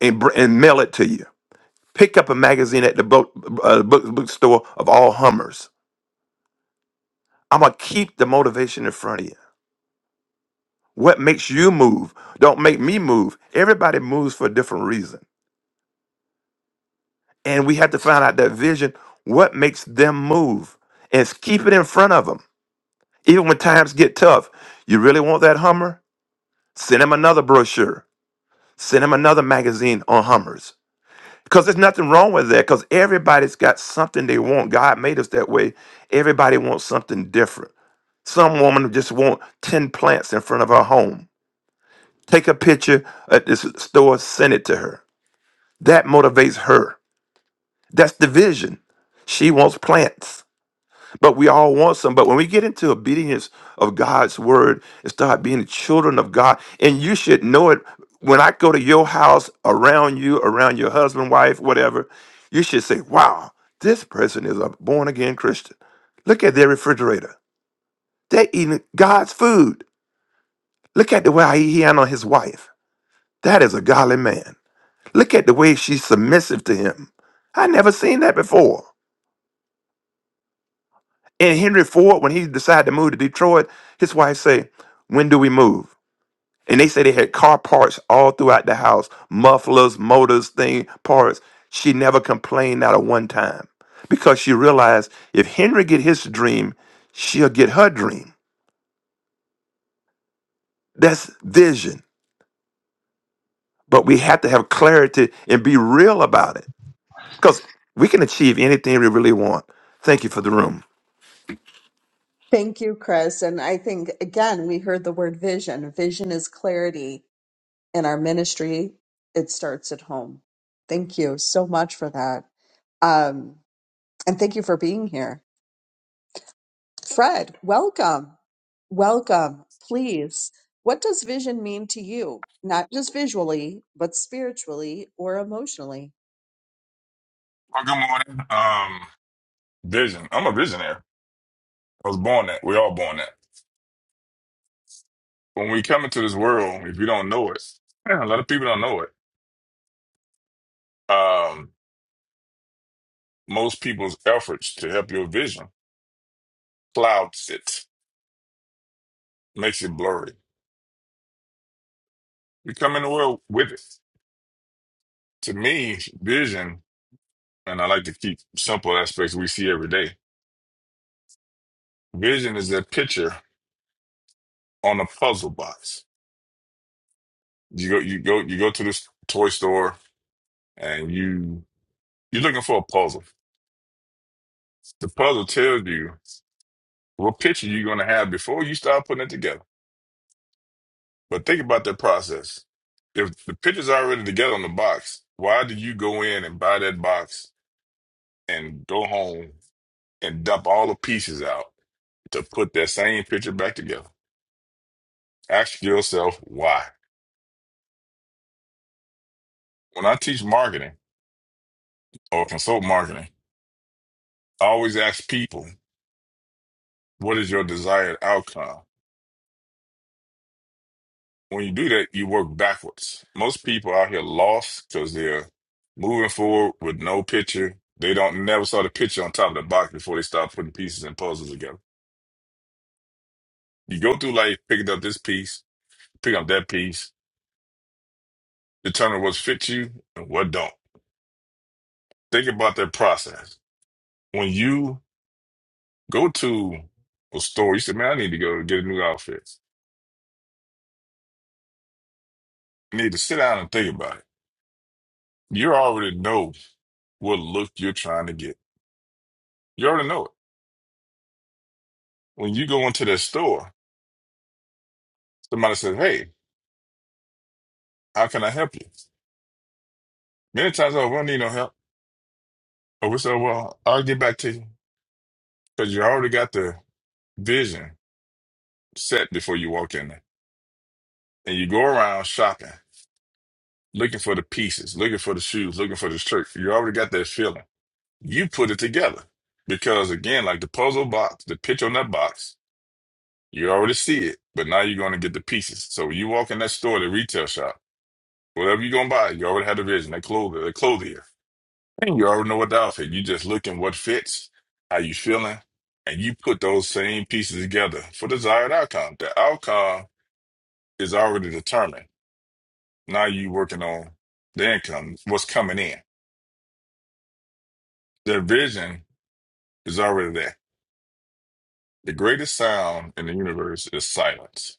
and, br- and mail it to you. Pick up a magazine at the book, uh, book bookstore of all Hummers. I'm gonna keep the motivation in front of you. What makes you move? Don't make me move. Everybody moves for a different reason, and we have to find out that vision. What makes them move? And s- keep it in front of them, even when times get tough. You really want that Hummer? Send him another brochure. Send him another magazine on Hummers. Because there's nothing wrong with that, because everybody's got something they want. God made us that way. Everybody wants something different. Some woman just want 10 plants in front of her home. Take a picture at this store, send it to her. That motivates her. That's the vision. She wants plants. But we all want some. But when we get into obedience of God's word and start being the children of God, and you should know it when I go to your house, around you, around your husband, wife, whatever, you should say, Wow, this person is a born again Christian. Look at their refrigerator. They're eating God's food. Look at the way he handled his wife. That is a godly man. Look at the way she's submissive to him. I never seen that before. And Henry Ford, when he decided to move to Detroit, his wife said, When do we move? And they said they had car parts all throughout the house, mufflers, motors, thing, parts. She never complained, not a one time. Because she realized if Henry get his dream, she'll get her dream. That's vision. But we have to have clarity and be real about it. Because we can achieve anything we really want. Thank you for the room. Thank you, Chris. And I think, again, we heard the word vision. Vision is clarity in our ministry, it starts at home. Thank you so much for that. Um, and thank you for being here. Fred, welcome. Welcome. Please, what does vision mean to you? Not just visually, but spiritually or emotionally. Well, good morning. Um, vision. I'm a visionary. I was born that. We all born that. When we come into this world, if you don't know it, man, a lot of people don't know it. Um, most people's efforts to help your vision clouds it, makes it blurry. You come in the world with it. To me, vision, and I like to keep simple aspects we see every day. Vision is that picture on a puzzle box. You go, you go, you go to this toy store, and you you're looking for a puzzle. The puzzle tells you. What picture you going to have before you start putting it together? But think about that process. If the picture's already together on the box, why did you go in and buy that box and go home and dump all the pieces out to put that same picture back together? Ask yourself why. When I teach marketing or consult marketing, I always ask people, what is your desired outcome? When you do that, you work backwards. Most people out here lost because they're moving forward with no picture. They don't never saw the picture on top of the box before they start putting pieces and puzzles together. You go through life picking up this piece, picking up that piece, determine what fits you and what don't. Think about that process. When you go to a store, you say, "Man, I need to go get a new outfit." You need to sit down and think about it. You already know what look you're trying to get. You already know it. When you go into that store. Somebody says, "Hey, how can I help you?" Many times, oh, we don't need no help. Or we say, "Well, I'll get back to you," because you already got the vision set before you walk in there, and you go around shopping, looking for the pieces, looking for the shoes, looking for the shirt. You already got that feeling. You put it together because, again, like the puzzle box, the picture on that box, you already see it, but now you're going to get the pieces. So when you walk in that store, the retail shop, whatever you're going to buy, you already have the vision. That clothing, the clothier. And You already know what the outfit. You just looking what fits, how you feeling, and you put those same pieces together for desired outcome. The outcome is already determined. Now you working on the income, what's coming in. The vision is already there. The greatest sound in the universe is silence.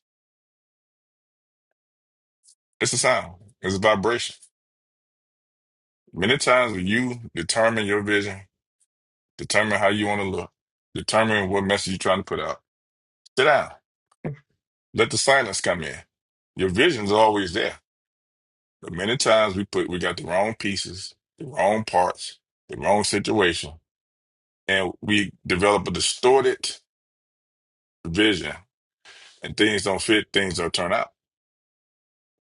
It's a sound. It's a vibration. Many times when you determine your vision, determine how you want to look, determine what message you're trying to put out, sit down. Let the silence come in. Your vision's always there But many times we put we got the wrong pieces, the wrong parts, the wrong situation, and we develop a distorted vision. And things don't fit, things don't turn out.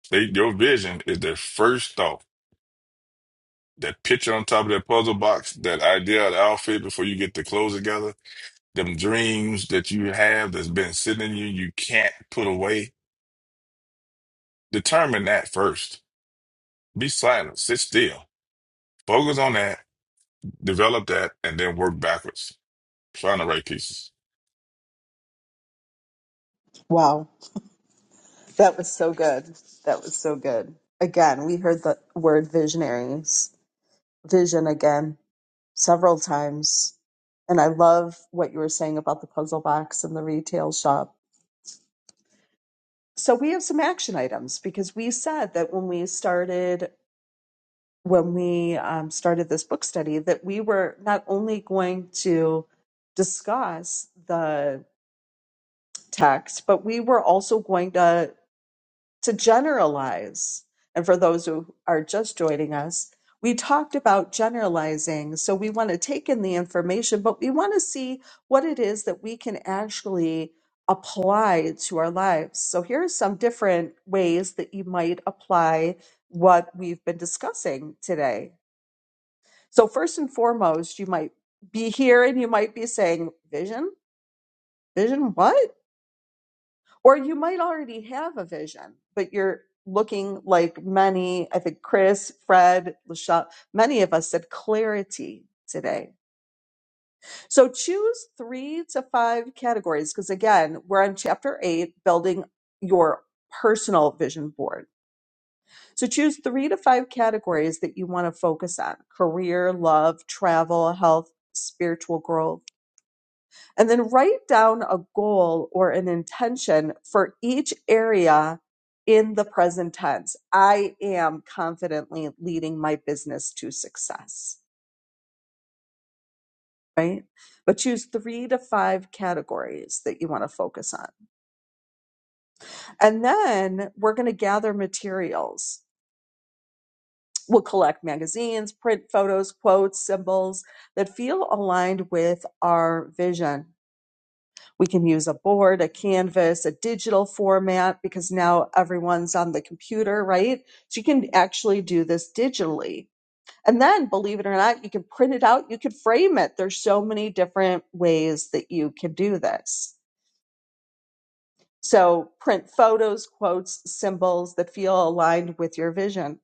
They, your vision is the first thought. That picture on top of that puzzle box, that idea, of the outfit before you get the clothes together, them dreams that you have that's been sitting in you, you can't put away. Determine that first. Be silent, sit still, focus on that, develop that, and then work backwards. Find the right pieces. Wow, that was so good. That was so good. Again, we heard the word visionaries, vision again several times. And I love what you were saying about the puzzle box and the retail shop So we have some action items because we said that when we started when we um, started this book study that we were not only going to discuss the text, but we were also going to to generalize. And for those who are just joining us, we talked about generalizing. So we want to take in the information, but we want to see what it is that we can actually apply to our lives. So here are some different ways that you might apply what we've been discussing today. So, first and foremost, you might be here and you might be saying, Vision? Vision what? or you might already have a vision, but you're looking like many, I think Chris, Fred, Lachelle, many of us said clarity today. So choose three to five categories because again, we're on chapter eight, building your personal vision board. So choose three to five categories that you want to focus on career, love, travel, health, spiritual growth and then write down a goal or an intention for each area in the present tense. I am confidently leading my business to success, right? But choose three to five categories that you want to focus on. And then we're going to gather materials. We'll collect magazines, print photos, quotes, symbols that feel aligned with our vision We can use a board, a canvas, a digital format because now everyone's on the computer, right? So you can actually do this digitally. And then, believe it or not, you can print it out, you can frame it. There's so many different ways that you can do this. So, print photos, quotes, symbols that feel aligned with your vision.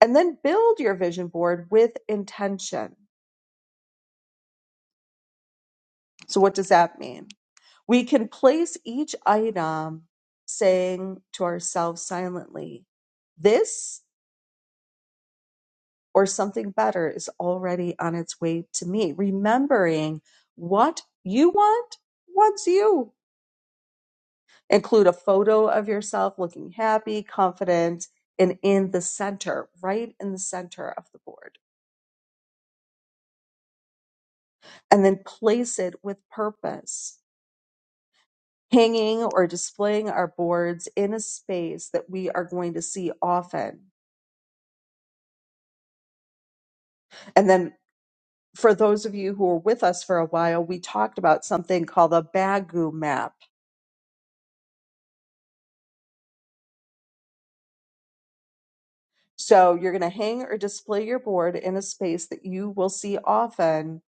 And then build your vision board with intention. So, what does that mean? We can place each item saying to ourselves silently, this or something better is already on its way to me. Remembering what you want wants you. Include a photo of yourself looking happy, confident, and in the center, right in the center of the board. And then place it with purpose hanging or displaying our boards in a space that we are going to see often. And then for those of you who were with us for a while, we talked about something called a Bagu map. So you're going to hang or display your board in a space that you will see often,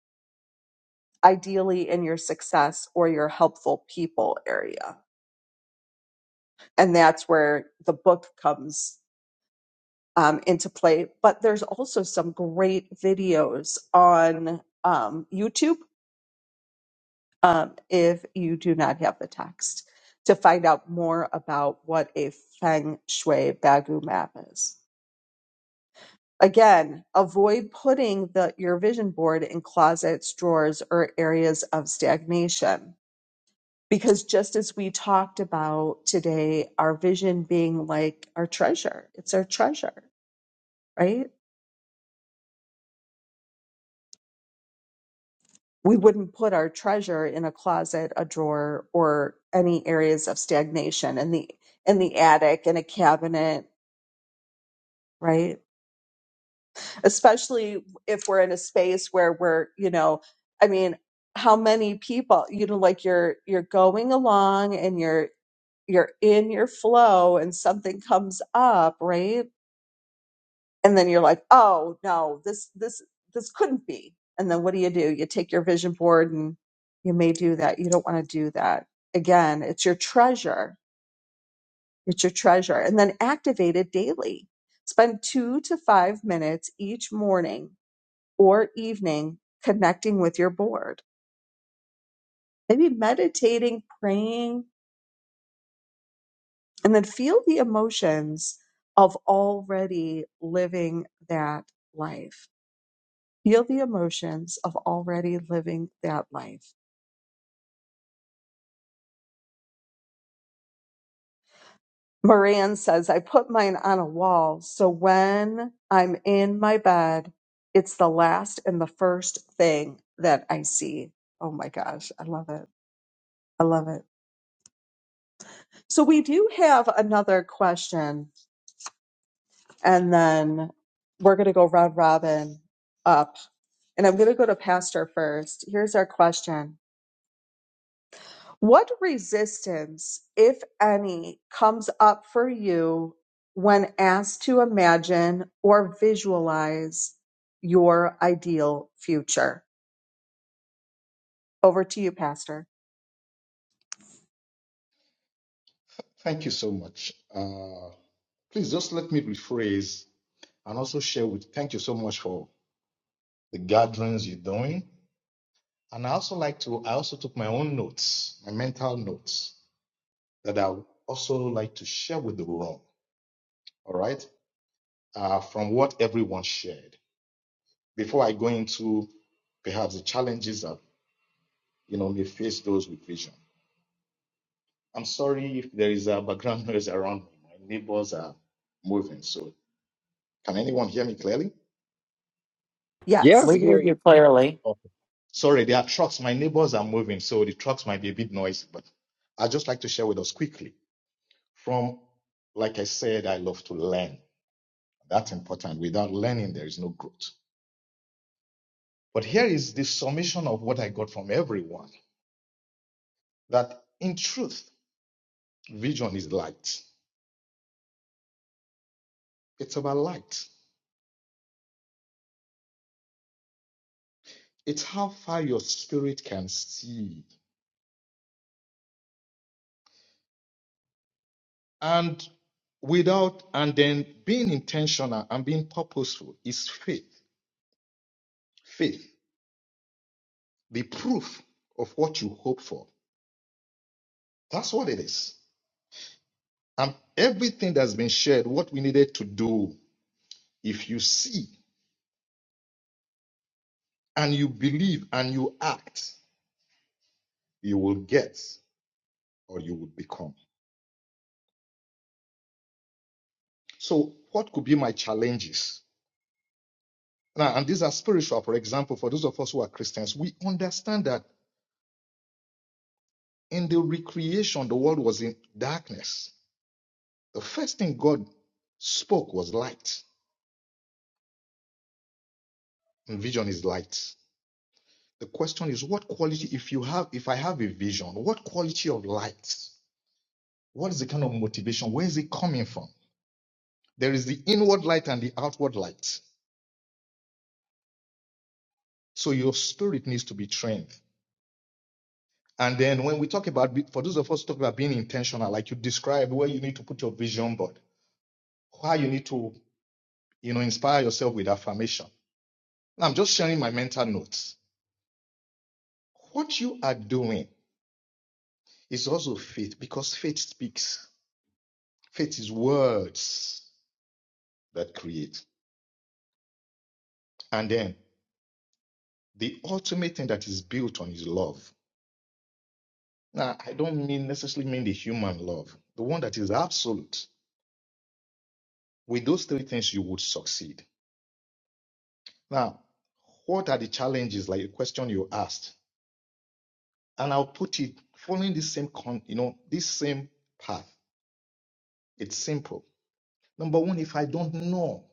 ideally in your success or your helpful people area. And that's where the book comes um, into play. But there's also some great videos on um, YouTube um, if you do not have the text to find out more about what a feng shui bagu map is. Again, avoid putting the, your vision board in closets, drawers, or areas of stagnation. Because just as we talked about today, our vision being like our treasure, it's our treasure, right? We wouldn't put our treasure in a closet, a drawer, or any areas of stagnation. in the in the attic in a cabinet right? Especially if we're in a space where we're, you know, I mean, how many people, you know, like you're you're going along and you're you're in your flow and something comes up, right? And then you're like, "Oh, no, this this this couldn't be." And then what do you do? You take your vision board and you may do that. You don't want to do that. Again, it's your treasure. It's your treasure. And then activate it daily. Spend 2 to 5 minutes each morning or evening connecting with your board. Maybe meditating, praying, and then feel the emotions of already living that life. Feel the emotions of already living that life. Moran says, I put mine on a wall. So when I'm in my bed, it's the last and the first thing that I see. Oh my gosh. I love it. I love it. So we do have another question and then we're going to go round robin up. And I'm going to go to Pastor first. Here's our question What resistance, if any, comes up for you when asked to imagine or visualize your ideal future? Over to you, Pastor. Thank you so much. Uh, please just let me rephrase and also share with thank you so much for the gatherings you're doing. And I also like to, I also took my own notes, my mental notes. that I would also like to share with the room, all right, uh, from what everyone shared. Before I go into perhaps the challenges that you know may face those with vision. I'm sorry if there is a background noise around me. My neighbors are moving. So can anyone hear me clearly? Yeah, Yes. we we hear hear you. you clearly Okay. Sorry, there are trucks. My neighbors are moving, so the trucks might be a bit noisy, but I'd just like to share with us quickly from like I said, I love to learn. That's important. Without learning, there is no growth. But here is the summation of what I got from everyone that in truth, vision is light. It's about light, it's how far your spirit can see. And without, and then being intentional and being purposeful is faith. Faith, the proof of what you hope for. That's what it is. And everything that's been shared, what we needed to do, if you see and you believe and you act, you will get or you will become. So, what could be my challenges? Now, and these are spiritual. For example, for those of us who are Christians, we understand that in the recreation, the world was in darkness. The first thing God spoke was light, and vision is light. The question is, what quality, if you have, if I have a vision, what quality of light? What is the kind of motivation? Where is it coming from? There is the inward light and the outward light. So your spirit needs to be trained. And then when we talk about, be- for those of us who talk about being intentional, like you described, where you need to put your vision board, why you need to, you know, inspire yourself with affirmation. Now I'm just sharing my mental notes. What you are doing is also faith because faith speaks. Faith is words that create. And then the ultimate thing that is built on is love. Now, I don't mean necessarily mean the human love, the one that is absolute. With those three things, you would succeed. Now, what are the challenges, like the question you asked? And I'll put it following this same con, you know, this same path. It's simple. Number one, if I don't know,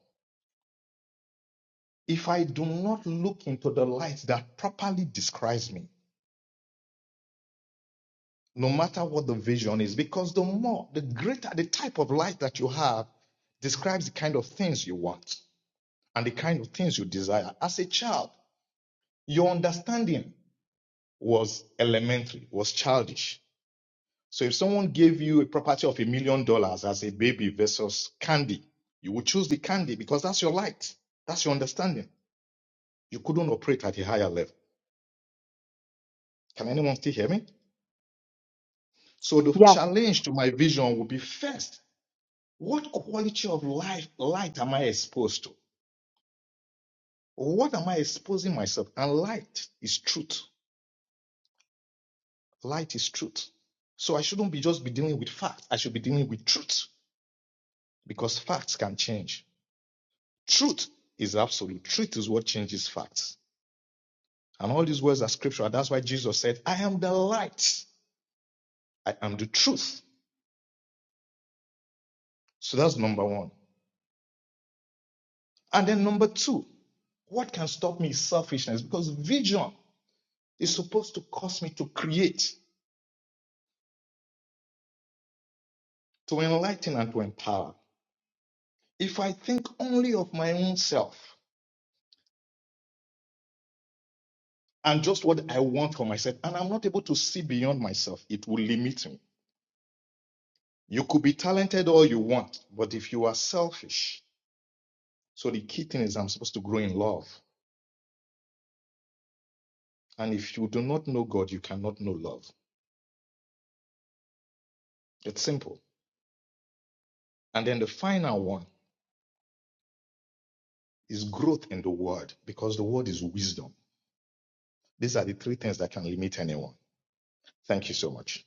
if I do not look into the light that properly describes me, no matter what the vision is, because the more, the greater the type of light that you have describes the kind of things you want and the kind of things you desire. As a child, your understanding was elementary, was childish. So if someone gave you a property of a million dollars as a baby versus candy, you would choose the candy because that's your light. That's your understanding. You couldn't operate at a higher level. Can anyone still hear me? So the Yeah, challenge to my vision would be first, what quality of life light am I exposed to? What am I exposing myself? And light is truth. Light is truth. So I shouldn't be just be dealing with facts. I should be dealing with truth because facts can change. Truth is absolute. Truth is what changes facts. And all these words are scriptural. That's why Jesus said, I am the light. I am the truth. So that's number one. And then number two, what can stop me is selfishness because vision is supposed to cause me to create, to enlighten, and to empower. If I think only of my own self and just what I want for myself, and I'm not able to see beyond myself, it will limit me. You could be talented all you want, but if you are selfish, So the key thing is I'm supposed to grow in love. And if you do not know God, you cannot know love. It's simple. And then the final one is growth in the word because the word is wisdom. These are the three things that can limit anyone. Thank you so much.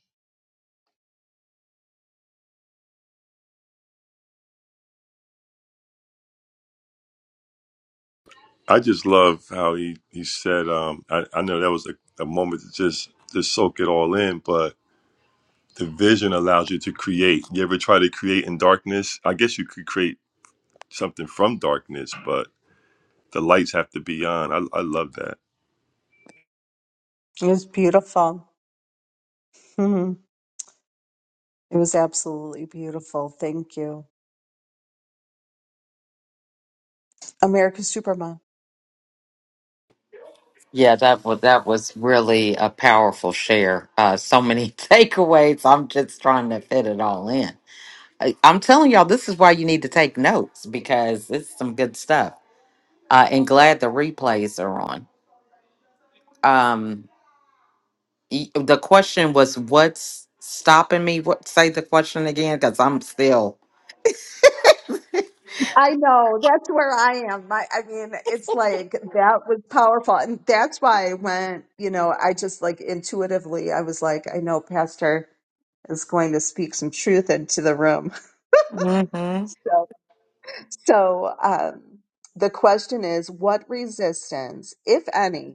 I just love how he he said. Um, I, I know that was a, a moment to just just soak it all in, but the vision allows you to create. You ever try to create in darkness? I guess you could create something from darkness, but the lights have to be on. I, I love that. it was beautiful. Mhm. It was absolutely beautiful. Thank you. America's Supermom. yeah that was that was really a powerful share uh so many takeaways i'm just trying to fit it all in I, i'm telling y'all this is why you need to take notes because it's some good stuff uh and glad the replays are on um y- the question was what's stopping me what say the question again because i'm still I know that's where I am. My, I mean, it's like that was powerful, and that's why I went. You know, I just like intuitively, I was like, I know Pastor is going to speak some truth into the room. hmm So, so um, the question is, what resistance, if any?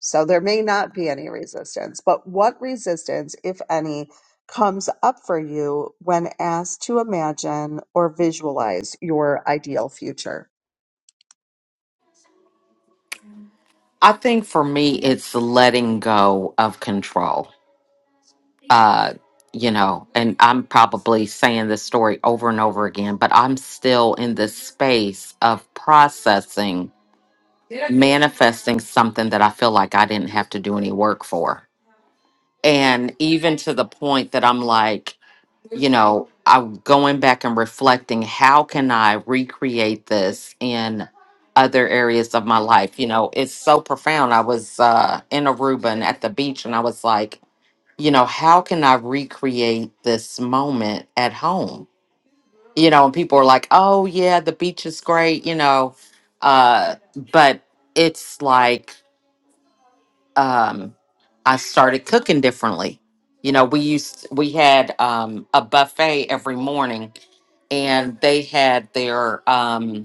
So there may not be any resistance, but what resistance, if any, comes up for you when asked to imagine or visualize your ideal future? i think for me it's letting go of control uh you know and i'm probably saying this story over and over again but i'm still in this space of processing manifesting something that i feel like i didn't have to do any work for and even to the point that i'm like you know, I'm going back and reflecting how can I recreate this in other areas of my life? You know, it's so profound. I was uh, in Aruba and at the beach, and I was like, you know, how can I recreate this moment at home? You know, and people are like, oh, yeah, the beach is great, you know, uh, but it's like, um, I started cooking differently. You know, we used we had um, a buffet every morning, and they had their um,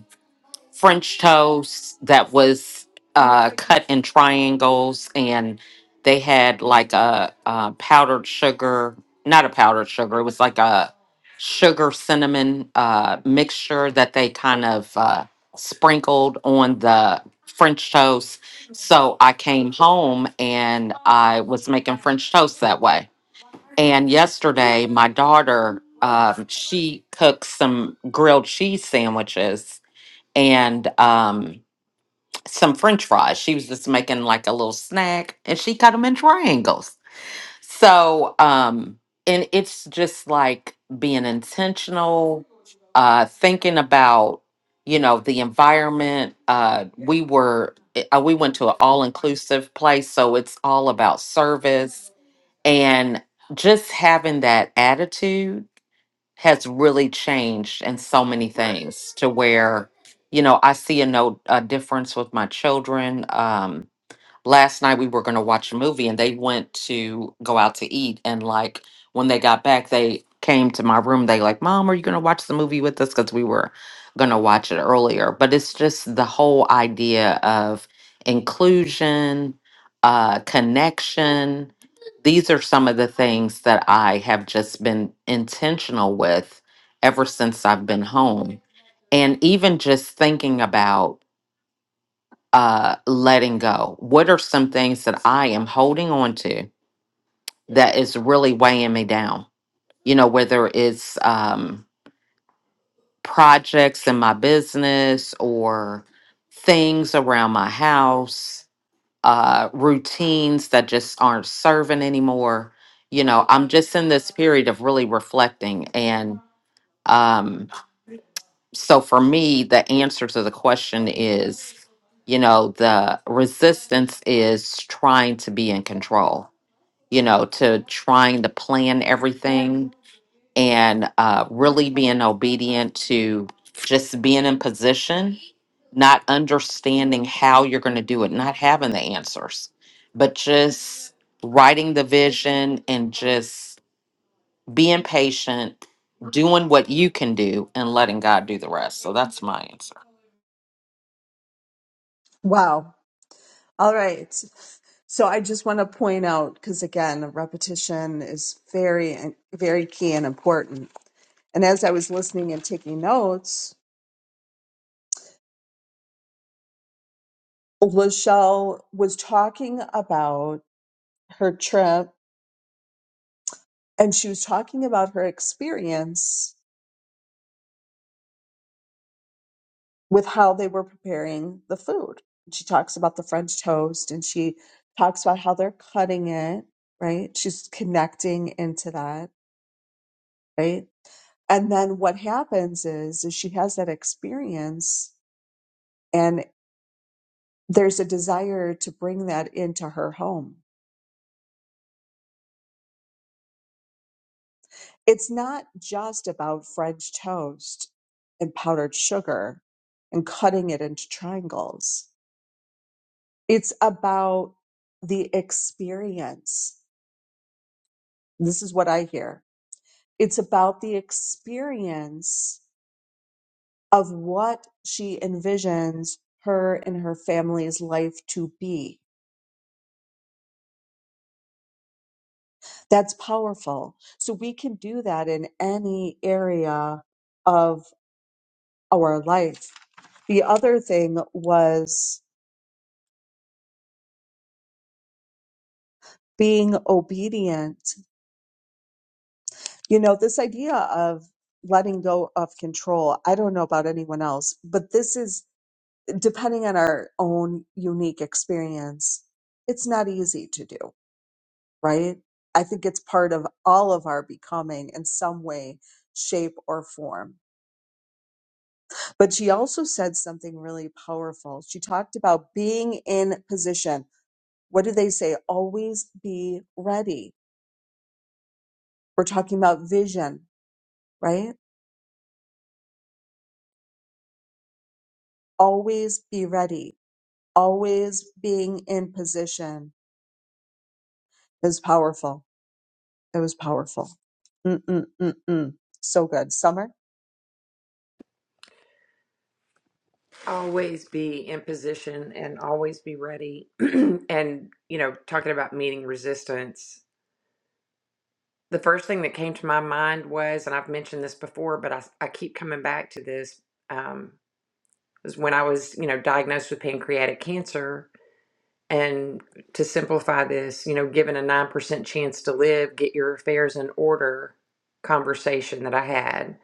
French toast that was uh, cut in triangles, and they had like a, uh powdered sugar, not a powdered sugar, it was like a sugar cinnamon uh, mixture that they kind of uh, sprinkled on the French toast. So I came home and I was making French toast that way. And yesterday, my daughter, um, she cooked some grilled cheese sandwiches and um, some french fries. She was just making like a little snack and she cut them in triangles. So, um, and it's just like being intentional, uh, thinking about, you know, the environment. Uh, we were, uh, we went to an all inclusive place. So it's all about service and just having that attitude has really changed in so many things to where you know i see a no a difference with my children Um, last night we were going to watch a movie and they went to go out to eat and like when they got back they came to my room they like mom are you going to watch the movie with us because we were going to watch it earlier but it's just the whole idea of inclusion uh connection these are some of the things that i have just been intentional with ever since i've been home and even just thinking about uh, letting go? What are some things that I am holding on to that is really weighing me down? You know, whether it's um, projects in my business or things around my house, uh, routines that just aren't serving anymore. You know, I'm just in this period of really reflecting and, um, so for me the answer to the question is you know the resistance is trying to be in control you know to trying to plan everything and uh, really being obedient to just being in position not understanding how you're going to do it not having the answers but just writing the vision and just being patient doing what you can do and letting god do the rest so that's my answer Wow. All right. So I just want to point out, because again, repetition is very, very key and important. And as I was listening and taking notes, Lachelle was talking about her trip and she was talking about her experience with how they were preparing the food. She talks about the French toast and she talks about how they're cutting it, right? She's connecting into that, right? And then what happens is, is she has that experience and there's a desire to bring that into her home it's not just about French toast and powdered sugar and cutting it into triangles. It's about the experience. This is what I hear. It's about the experience of what she envisions her and her family's life to be. That's powerful. So we can do that in any area of our life. The other thing was being obedient. You know, this idea of letting go of control, I don't know about anyone else, but this is depending on our own unique experience, it's not easy to do, right? I think it's part of all of our becoming in some way, shape, or form. But she also said something really powerful. She talked about being in position. What do they say? Always be ready. We're talking about vision, right? always be ready, always being in position is powerful. It was powerful. Mm-mm-mm-mm. So good. Summer? always be in position and always be ready and you know talking about meeting resistance the first thing that came to my mind was and i've mentioned this before but i, I keep coming back to this um, was when i was you know diagnosed with pancreatic cancer and to simplify this you know given a 9% chance to live get your affairs in order conversation that i had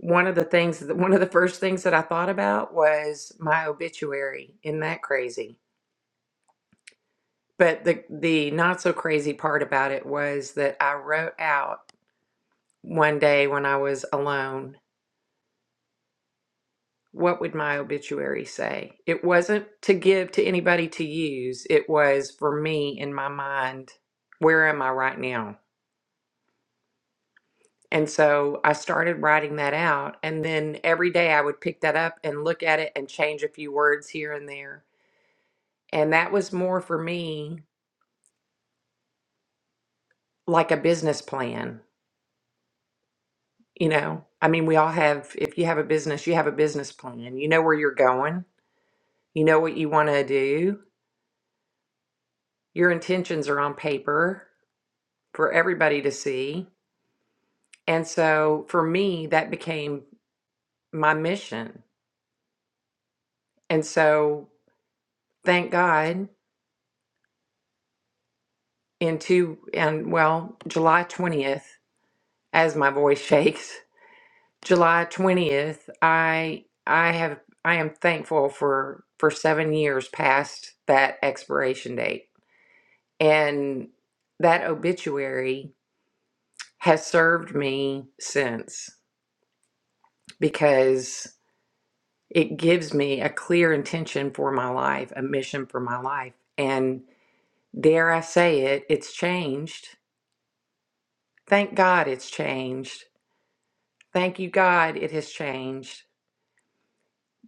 one of the things one of the first things that i thought about was my obituary isn't that crazy But the the not so crazy part about it was that I wrote out one day when I was alone, what would my obituary say? It wasn't to give to anybody to use. It was for me in my mind, where am I right now? And so I started writing that out and then every day I would pick that up and look at it and change a few words here and there. And that was more for me like a business plan You know, I mean, we all have, if you have a business, you have a business plan. You know where you're going, you know what you want to do. Your intentions are on paper for everybody to see. And so for me, that became my mission. And so thank God in two, and well, July 20th, as my voice shakes, July 20th, I, I have, I am thankful for, for seven years past that expiration date And that obituary has served me since because it gives me a clear intention for my life, a mission for my life. And dare I say it, it's changed. Thank God it's changed. Thank you, God, it has changed.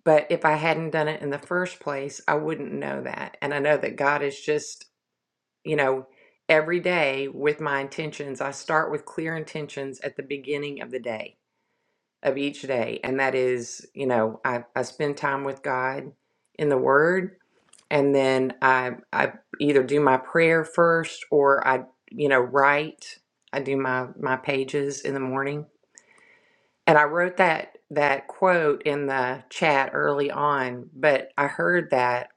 But if I hadn't done it in the first place, I wouldn't know that. And I know that God is just, you know, every day with my intentions. I start with clear intentions at the beginning of the day of each day. And that is, you know, I, I spend time with God in the Word. And then I, I either do my prayer first or I, you know, write. I do my, my pages in the morning. And I wrote that, that quote in the chat early on, but I heard that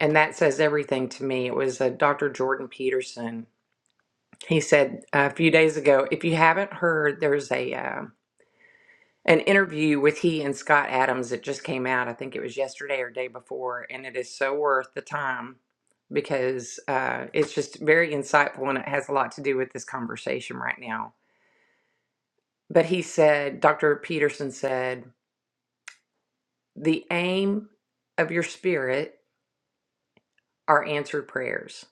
and that says everything to me. It was a Dr. Jordan Peterson. He said uh, a few days ago, if you haven't heard, there's a, uh, an interview with he and Scott Adams that just came out. I think it was yesterday or day before, and it is so worth the time because uh, it's just very insightful and it has a lot to do with this conversation right now. But he said, Dr. Peterson said, the aim of your spirit are answered prayers.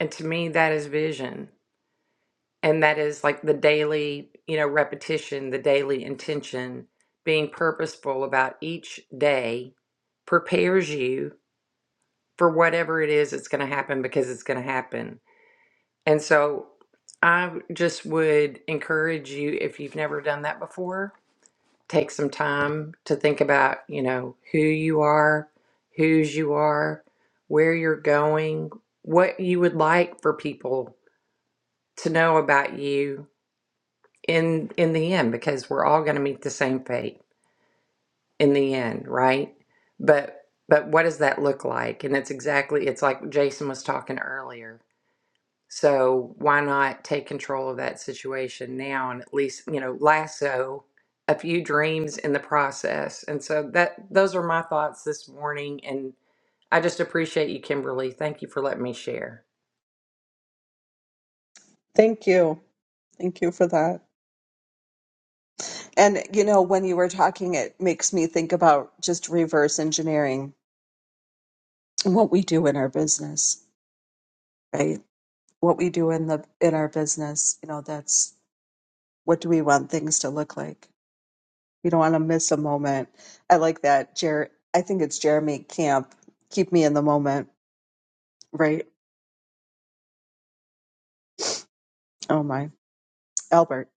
And to me, that is vision. And that is like the daily, you know, repetition, the daily intention, being purposeful about each day prepares you for whatever it is it's going to happen because it's going to happen. And so I just would encourage you if you've never done that before, take some time to think about, you know, who you are, whose you are, where you're going, what you would like for people to know about you in in the end because we're all going to meet the same fate in the end, right? But but what does that look like? And it's exactly it's like Jason was talking earlier So why not take control of that situation now and at least, you know, lasso a few dreams in the process. And so that those are my thoughts this morning and I just appreciate you, Kimberly. Thank you for letting me share. Thank you. Thank you for that. And, you know, when you were talking, it makes me think about just reverse engineering and what we do in our business, right? What we do in the in our business, you know, that's what do we want things to look like? We don't want to miss a moment. I like that, Jer. I think it's Jeremy Camp. Keep me in the moment Right. Oh my. Albert.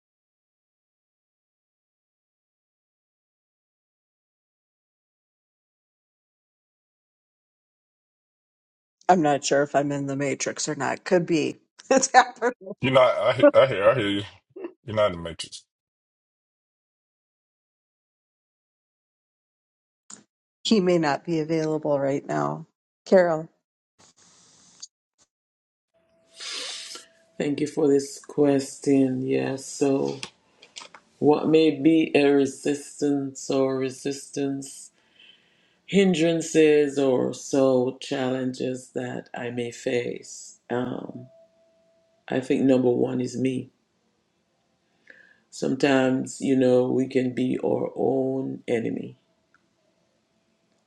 I'm not sure if I'm in the matrix or not. Could be. It's happened. You're not. I, he- I hear. I hear you. You're not in the matrix. He may not be available right now. Carol. Thank you for this question. Yeah, so what may be a resistance or resistance, hindrances or so challenges that I may face? Um, I think number one is me. Sometimes, you know, we can be our own enemy.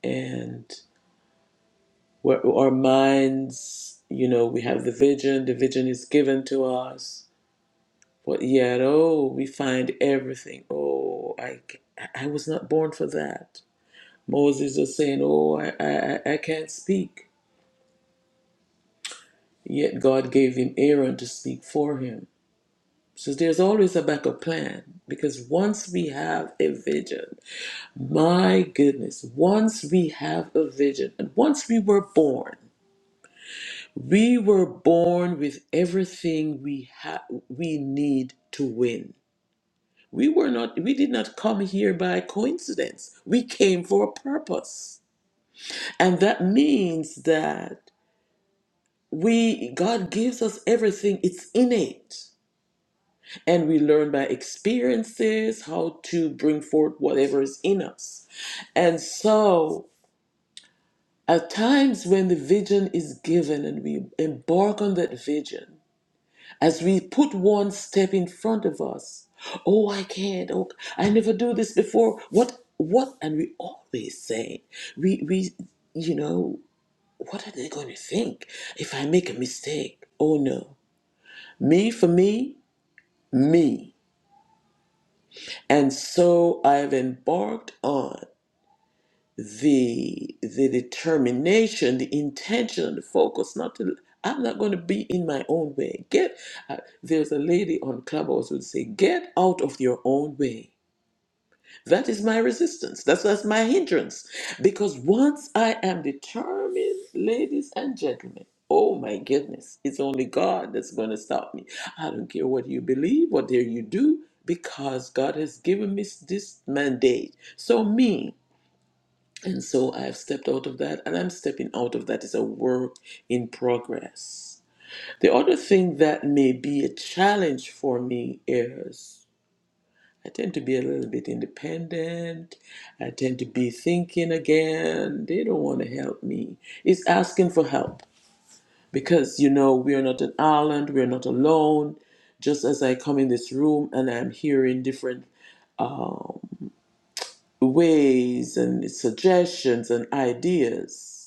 And where our minds, you know, we have the vision, the vision is given to us, but yet, oh, we find everything. Oh, I, ca- I was not born for that. Moses is saying, oh, I, I, I I can't speak. Yet God gave him Aaron to speak for him. So there's always a backup plan because once we have a vision, my goodness, once we have a vision, and once we were born, We were born with everything we ha- we need to win. We were not we did not come here by coincidence. We came for a purpose. And that means that we God gives us everything. It's innate. And we learn by experiences how to bring forth whatever is in us. And so at times when the vision is given and we embark on that vision, as we put one step in front of us oh i can't oh i never do this before what what and we always say we we you know what are they going to think if i make a mistake oh no me for me me and so i've embarked on the the determination, the intention, the focus. Not to. I'm not going to be in my own way. Get. Uh, there's a lady on Clubhouse who would say, "Get out of your own way." That is my resistance. That's that's my hindrance. Because once I am determined, ladies and gentlemen. Oh my goodness, it's only God that's going to stop me. I don't care what you believe, what dare you do, because God has given me this mandate. So, me, and so I've stepped out of that, and I'm stepping out of that. It's a work in progress. The other thing that may be a challenge for me is I tend to be a little bit independent. I tend to be thinking again. They don't want to help me. It's asking for help because, you know, we are not an island, we're not alone. Just as I come in this room and I'm hearing different um, ways and suggestions and ideas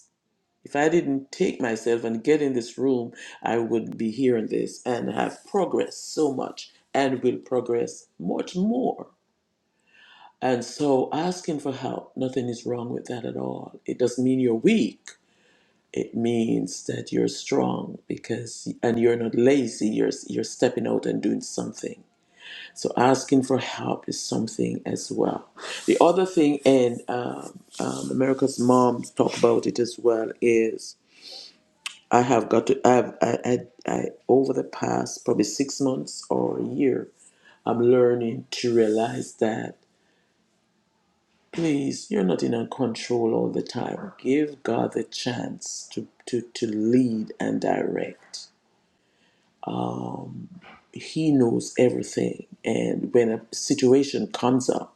If I didn't take myself and get in this room, I would be hearing this and have progressed so much and will progress much more. And so asking for help, nothing is wrong with that at all. It doesn't mean you're weak. It means that you're strong because and you're not lazy, you're you're stepping out and doing something. So asking for help is something as well. The other thing, and um, um, America's moms talk about it as well, is I have got to, I, have, I, I, I, over the past probably six months or a year, I'm learning to realize that, please, you're not in control all the time. Give God the chance to, to, to lead and direct. He knows everything. And when a situation comes up,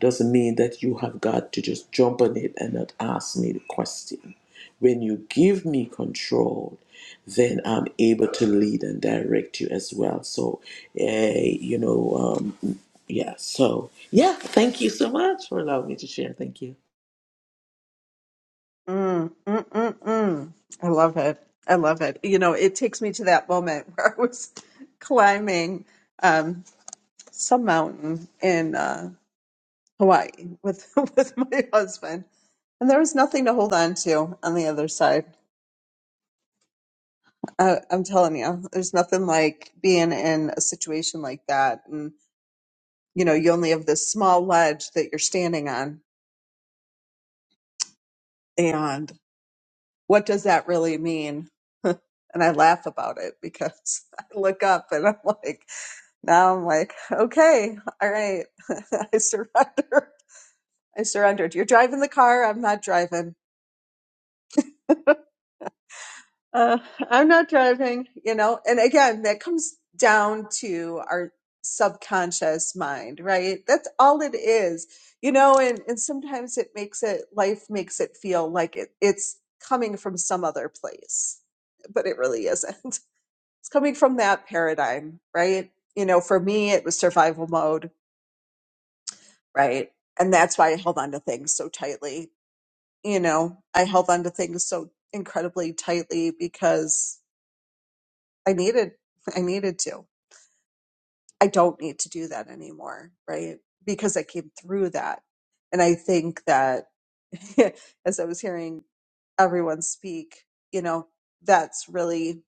doesn't mean that you have got to just jump on it and not ask me the question. When you give me control, then I'm able to lead and direct you as well. So, eh, you know, um, yeah. So, yeah. Thank you so much for allowing me to share. Thank you. Mm, mm, mm, mm. I love it. I love it. You know, it takes me to that moment where I was climbing um, some mountain in uh, Hawaii with with my husband, and there was nothing to hold on to on the other side. I, I'm telling you, there's nothing like being in a situation like that and you know, you only have this small ledge that you're standing on. And what does that really mean? and I laugh about it because I look up and I'm like, now I'm like, okay, all right, I surrender. I surrendered. You're driving the car. I'm not driving. Uh, I'm not driving, you know. And again, that comes down to our subconscious mind, right? That's all it is, you know. And and sometimes it makes it life makes it feel like it it's coming from some other place, but it really isn't. It's coming from that paradigm, right? You know, for me, it was survival mode, right? And that's why I held on to things so tightly. You know, I held on to things so incredibly tightly because I needed I needed to. I don't need to do that anymore, right? Because I came through that. And I think that as I was hearing everyone speak, you know, that's really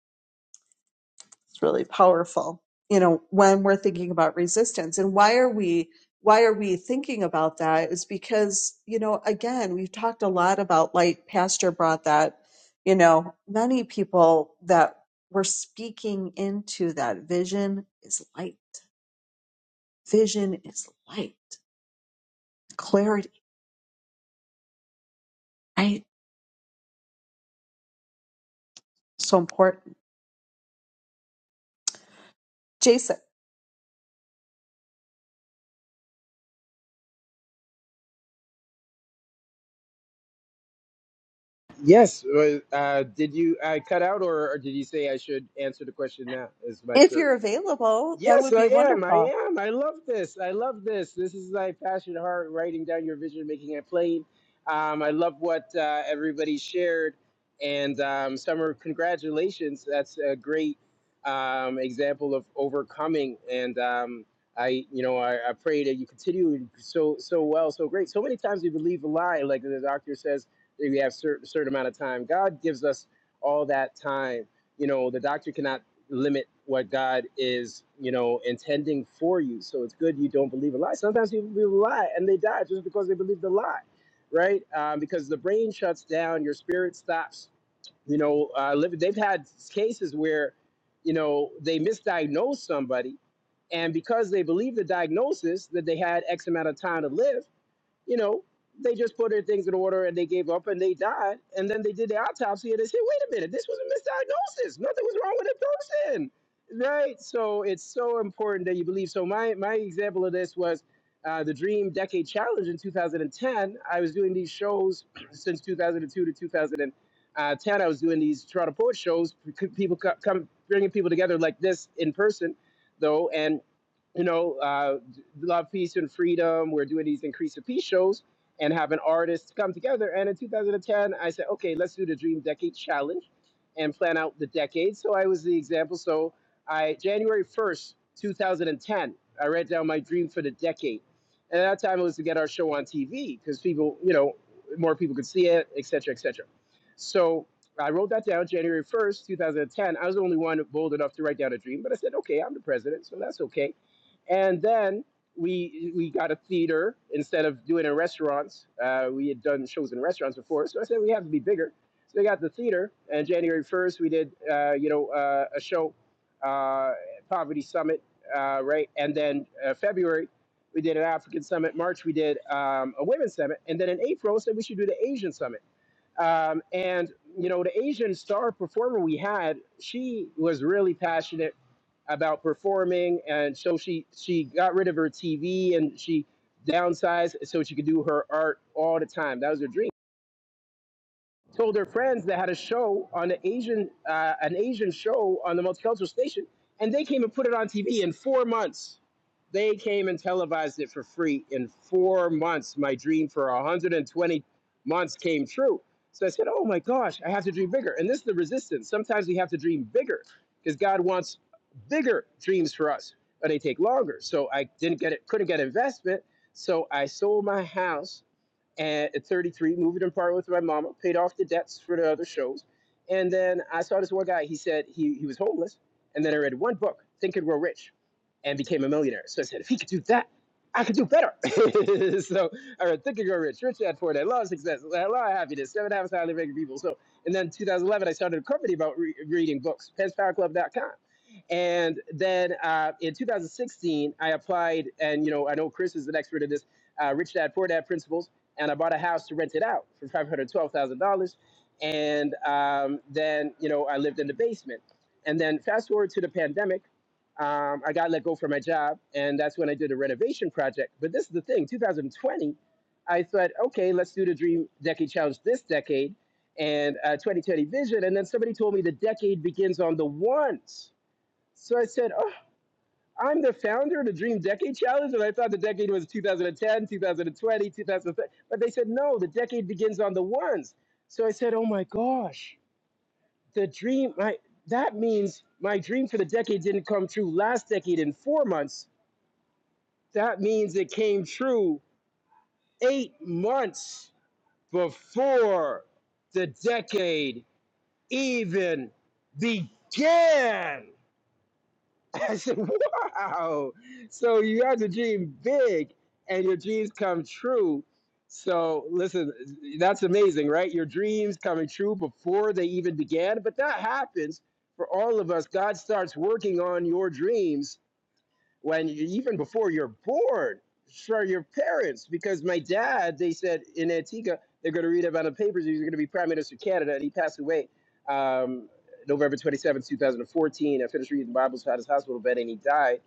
it's really powerful. You know, when we're thinking about resistance and why are we why are we thinking about that is because, you know, again, we've talked a lot about light pastor brought that, you know, many people that were speaking into that vision is light Vision is light, clarity, right? So important. Jason, Yes. Uh, uh, did you I cut out, or, or did you say I should answer the question now? It's my if turn. you're available, that Yes, would I be am. I wonderful. am. I love this. I love this. This is my passion at heart, writing down your vision, making it plain. Um, I love what uh, everybody shared. And um, Summer, congratulations. That's a great um, example of overcoming. And um, I, you know, I, I pray that you continue so so well, so great. So many times we believe a lie, like the doctor says, that we have certain certain amount of time. God gives us all that time. You know, the doctor cannot limit what God is, you know, intending for you. So it's good you don't believe a lie. Sometimes people believe a lie and they die just because they believe the lie, right? Um, because the brain shuts down, your spirit stops. You know, uh, liv- they've had cases where, you know, they misdiagnose somebody, and because they believe the diagnosis that they had X amount of time to live you know, they just put their things in order and they gave up and they died. And then they did the autopsy and they said, wait a minute, this was a misdiagnosis. Nothing was wrong with the person. Right. So it's so important that you believe. So my, my example of this was uh, the Dream Decade Challenge in 2010. I was doing these shows since 2002 to 2010. I was doing these Toronto Poet shows, people co- come bringing people together like this in person though. and you know, uh, Love, Peace, and Freedom. We're doing these Increase the Peace shows and having artists come together. And in 2010, I said, okay, let's do the Dream Decade Challenge and plan out the decade. So I was the example. So I January 1st, 2010, I wrote down my dream for the decade. And at that time, it was to get our show on TV because people, you know, more people could see it, et cetera, et cetera. So I wrote that down January 1st, 2010. I was the only one bold enough to write down a dream, but I said, okay, I'm the president, so that's okay and then we we got a theater instead of doing it in restaurants. Uh, we had done shows in restaurants before, so I said we have to be bigger. So we got the theater, and January first we did uh, you know uh, a show, uh, poverty summit, uh, right? And then uh, February we did an African summit. March we did um, a women's summit, and then in April said so we should do the Asian summit. Um, and you know, the Asian star performer we had, she was really passionate about performing, and so she she got rid of her TV and she downsized so she could do her art all the time. That was her dream told her friends that had a show on an Asian uh, an Asian show on the multicultural station, and they came and put it on TV in four months. They came and televised it for free in four months. My dream for 120 months came true. So I said, "Oh my gosh, I have to dream bigger." And this is the resistance. Sometimes we have to dream bigger because God wants bigger dreams for us, but they take longer. So I didn't get it, couldn't get investment. So I sold my house and at 33, moving in part with my mama, paid off the debts for the other shows. And then I saw this one guy, he said he, he was homeless. And then I read one book, Think and Grow Rich, and became a millionaire. So I said, if he could do that, I could do better. so I read Think and Grow Rich, Rich Dad Poor Dad, Law of Success, La Law of Happiness, Seven Habits of Highly Effective People. So, and then 2011, I started a company about re- reading books, penspowerclub.com. And then uh, in 2016, I applied, and you know, I know Chris is an expert in this, uh, Rich Dad Poor Dad principles, and I bought a house to rent it out for $512,000. And um, then, you know, I lived in the basement. And then fast forward to the pandemic, um, I got let go from my job, and that's when I did a renovation project. But this is the thing, 2020, I thought, okay, let's do the Dream Decade Challenge this decade and uh, 2020 Vision. And then somebody told me the decade begins on the ones. So I said, oh, I'm the founder of the Dream Decade Challenge, and I thought the decade was 2010, 2020, 2030. But they said, no, the decade begins on the ones. So I said, oh my gosh, the dream, my, that means my dream for the decade didn't come true last decade in four months. That means it came true eight months before the decade even began. I said, wow. So you have to dream big and your dreams come true. So listen, that's amazing, right? Your dreams coming true before they even began. But that happens for all of us. God starts working on your dreams when you, even before you're born for your parents because my dad they said in antigua they're going to read about the papers he's going to be prime minister of canada and he passed away um, november twenty seventh, two 2014 i finished reading the bible at his hospital bed and he died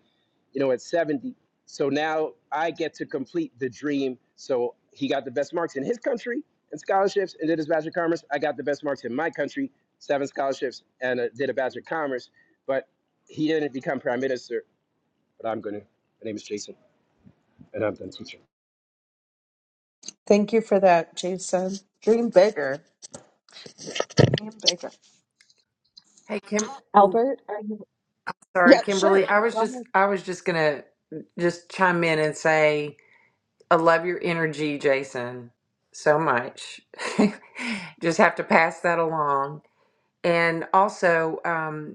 you know at 70 so now i get to complete the dream so he got the best marks in his country and scholarships and did his bachelor of commerce i got the best marks in my country seven scholarships and uh, did a bachelor of commerce but he didn't become prime minister but I'm gonna. My name is Jason, and I'm done teaching. Thank you for that, Jason. Dream bigger. Dream bigger. Hey, Kim. Oh, Albert, are you? sorry, Yeah, Kimberly. sure. I was Go just ahead. I was just gonna just chime in and say I love your energy, Jason, so much. just have to pass that along. And also, um,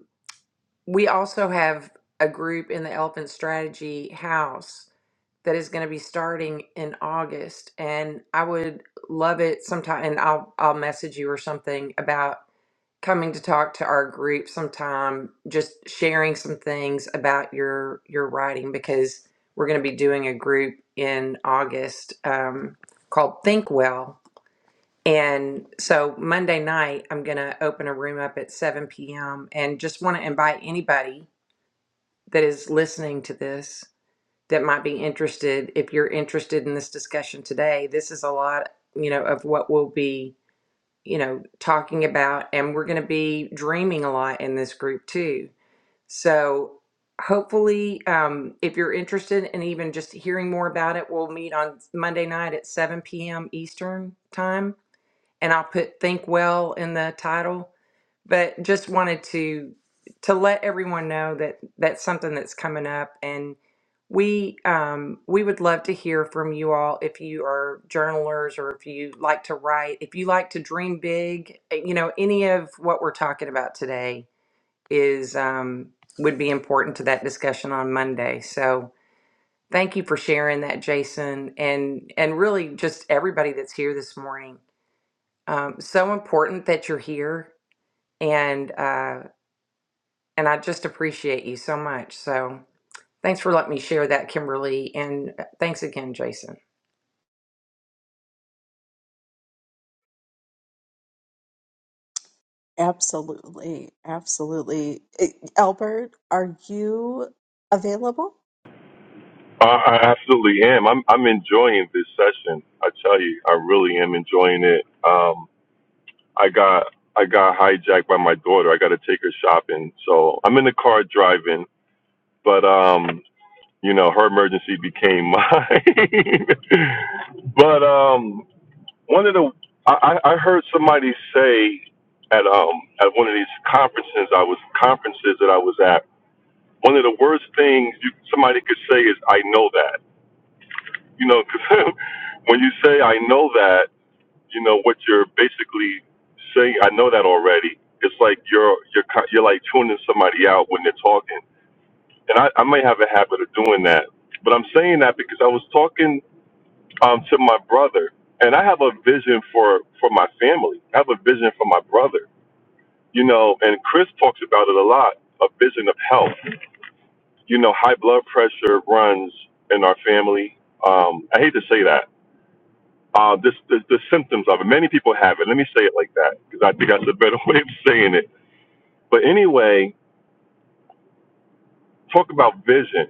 We also have a group in the Elephant Strategy House that is going to be starting in August, and I would love it sometime. And I'll I'll message you or something about coming to talk to our group sometime. Just sharing some things about your your writing because we're going to be doing a group in August um, called Think Well. And so Monday night, I'm going to open a room up at 7 p.m. and just want to invite anybody that is listening to this that might be interested if you're interested in this discussion today this is a lot you know of what we'll be you know talking about and we're going to be dreaming a lot in this group too so hopefully um, if you're interested in even just hearing more about it we'll meet on monday night at 7 p.m eastern time and i'll put think well in the title but just wanted to to let everyone know that that's something that's coming up and we um, we would love to hear from you all if you are journalers or if you like to write if you like to dream big eh, you know any of what we're talking about today is um, would be important to that discussion on monday so thank you for sharing that jason and and really just everybody that's here this morning um, so important that you're here and uh, and I just appreciate you so much. So thanks for letting me share that, Kimberly, and uh, thanks again, Jason. Absolutely. Absolutely. Eh, Albert, are you available? I, I absolutely am. I'm I'm enjoying this session. I tell you, I really am enjoying it. Um, I got I got hijacked by my daughter. I got to take her shopping, so I'm in the car driving. But um, you know, her emergency became mine. but um, one of the I, I I heard somebody say at um at one of these conferences I was conferences that I was at. One of the worst things you, somebody could say is "I know that." You know, because when you say I know that, you know what you're basically saying. I know that already. It's like you're you're ki- you're like tuning somebody out when they're talking, and I I may have a habit of doing that. But I'm saying that because I was talking um to my brother, and I have a vision for for my family. I have a vision for my brother. You know, and Chris talks about it a lot. A vision of health. You know, high blood pressure runs in our family. Um, I hate to say that Uh, this, the, the symptoms of it. Many people have it. Let me say it like that because I think that's a better way of saying it. But anyway, talk about vision.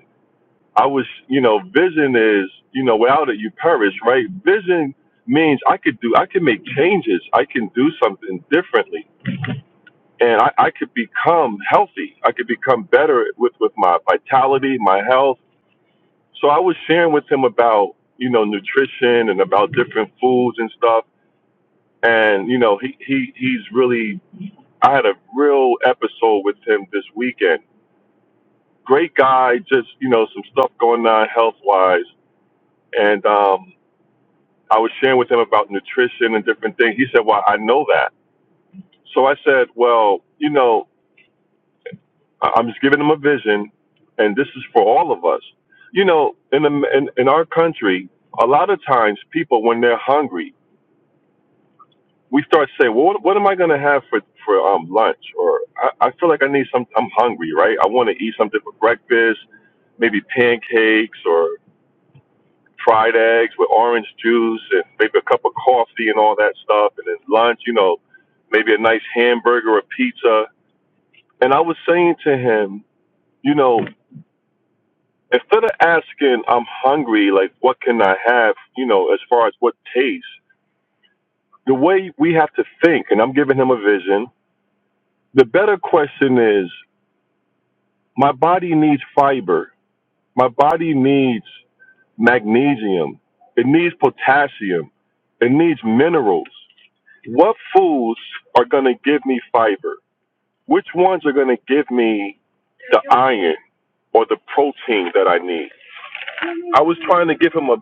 I was, you know, vision is, you know, without it you perish, right? Vision means I could do, I can make changes. I can do something differently, and I, I could become healthy. I could become better with with my vitality, my health. So I was sharing with him about, you know, nutrition and about different foods and stuff and you know he, he he's really I had a real episode with him this weekend. Great guy, just you know, some stuff going on health wise, and um, I was sharing with him about nutrition and different things. He said, "Well, I know that." So I said, "Well, you know, I- I'm just giving him a vision, and this is for all of us. You know, in the, in, in our country, a lot of times people when they're hungry." we start saying, well, what, what am I going to have for for um lunch? Or I, I feel like I need some. I'm hungry, right? I want to eat something for breakfast, maybe pancakes or fried eggs with orange juice and maybe a cup of coffee and all that stuff. And then lunch, you know, maybe a nice hamburger or pizza. And I was saying to him, you know, instead of asking, I'm hungry, like what can I have? You know, as far as what taste, the way we have to think. And I'm giving him a vision. The better question is My body needs fiber. My body needs magnesium. It needs potassium. It needs minerals. What foods are going to give me fiber? Which ones are going to give me the iron or the protein that I need? I was trying to give him a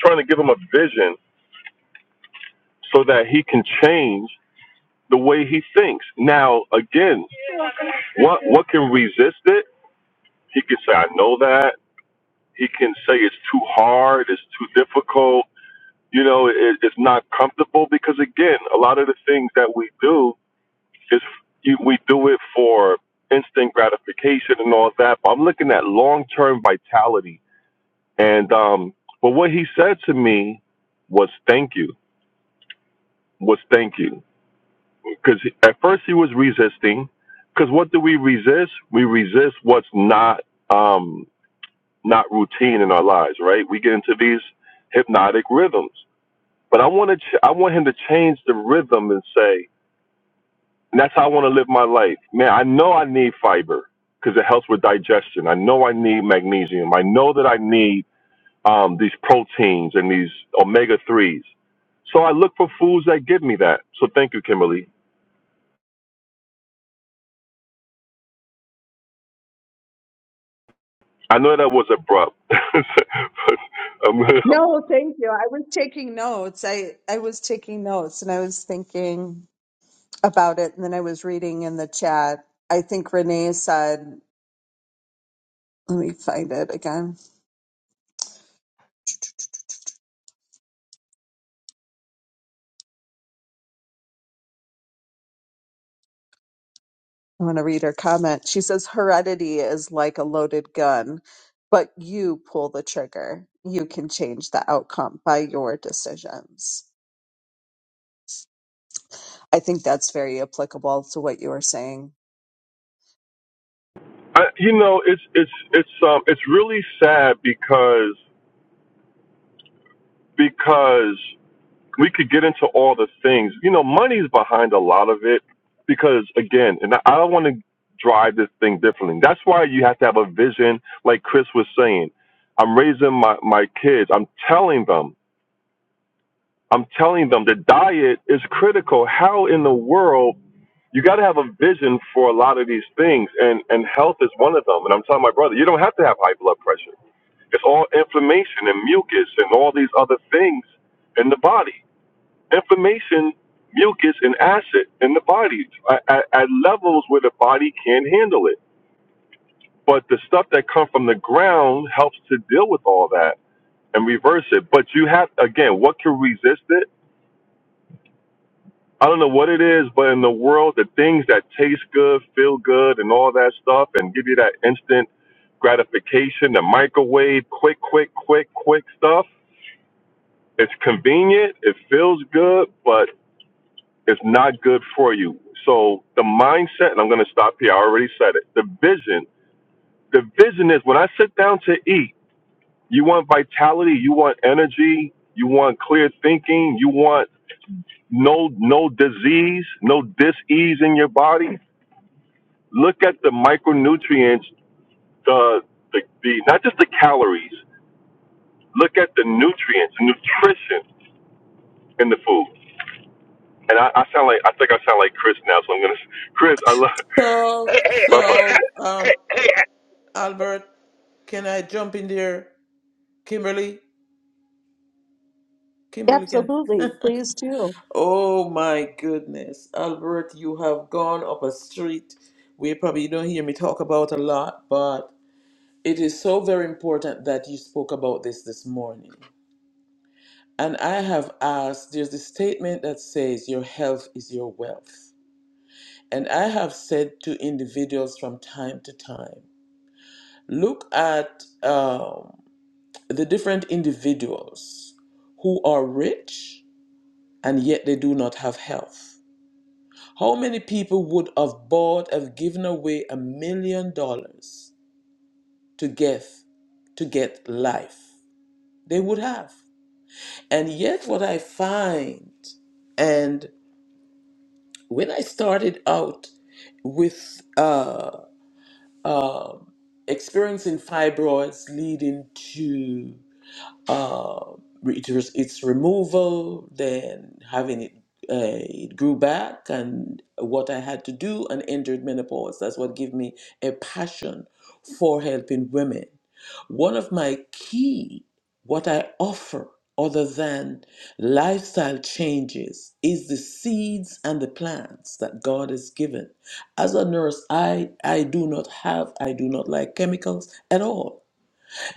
trying to give him a vision so that he can change the way he thinks. Now, again, what what can resist it? He can say I know that. He can say it's too hard, it's too difficult You know, it, it's not comfortable because again, a lot of the things that we do is we do it for instant gratification and all that. But I'm looking at long term vitality. And um, but what he said to me was thank you, was thank you, because at first he was resisting. Because what do we resist? We resist what's not um, not routine in our lives, right? We get into these hypnotic rhythms. But I want to, ch- I want him to change the rhythm and say, And that's how I want to live my life. Man, I know I need fiber because it helps with digestion. I know I need magnesium. I know that I need um, these proteins and these omega 3s. So I look for foods that give me that. So thank you, Kimberly. I know that was abrupt, but um, No, thank you. I was taking notes. I, I was taking notes and I was thinking about it. And then I was reading in the chat. I think Renee said Let me find it again. I want to read her comment. She says, Heredity is like a loaded gun, but you pull the trigger. You can change the outcome by your decisions. I think that's very applicable to what you were saying. I, you know, it's it's it's um it's really sad because because we could get into all the things. You know, money's behind a lot of it because again, and I I don't want to drive this thing differently. That's why you have to have a vision, like Chris was saying. I'm raising my, my kids. I'm telling them, I'm telling them the diet is critical. How in the world you got to have a vision for a lot of these things, and and health is one of them. And I'm telling my brother, you don't have to have high blood pressure. It's all inflammation and mucus and all these other things in the body. Information, mucus, and acid in the body at, at, at levels where the body can't handle it. But the stuff that comes from the ground helps to deal with all that and reverse it. But you have, again, what can resist it? I don't know what it is, but in the world, the things that taste good, feel good, and all that stuff, and give you that instant gratification, the microwave, quick, quick, quick, quick stuff. It's convenient, it feels good, but It's not good for you. So the mindset, and I'm going to stop here. I already said it. The vision. The vision is when I sit down to eat, you want vitality, you want energy, you want clear thinking, you want no no disease, no dis-ease in your body. Look at the micronutrients, the the, the not just the calories. Look at the nutrients, nutrition in the food. And I, I sound like I think I sound like Chris now, so I'm gonna Chris, I love So, bye bye. so, um, Albert, can I jump in there? Kimberly, Kimberly, can. Absolutely. Please do. Oh my goodness, Albert, you have gone up a street we probably don't hear me talk about a lot, but it is so very important that you spoke about this this morning. And I have asked, there's a statement that says, Your health is your wealth. And I have said to individuals from time to time, look at um, the different individuals who are rich and yet they do not have health. How many people would have bought, have given away a million dollars to give, to get life? They would have. And yet, what I find, and when I started out with uh, um experiencing fibroids leading to. uh, it was, its removal, then having it, uh, it grew back, and what I had to do, and entered menopause. That's what gave me a passion for helping women. One of my key, what I offer, other than lifestyle changes, is the seeds and the plants that God has given. As a nurse, I I do not have, I do not like chemicals at all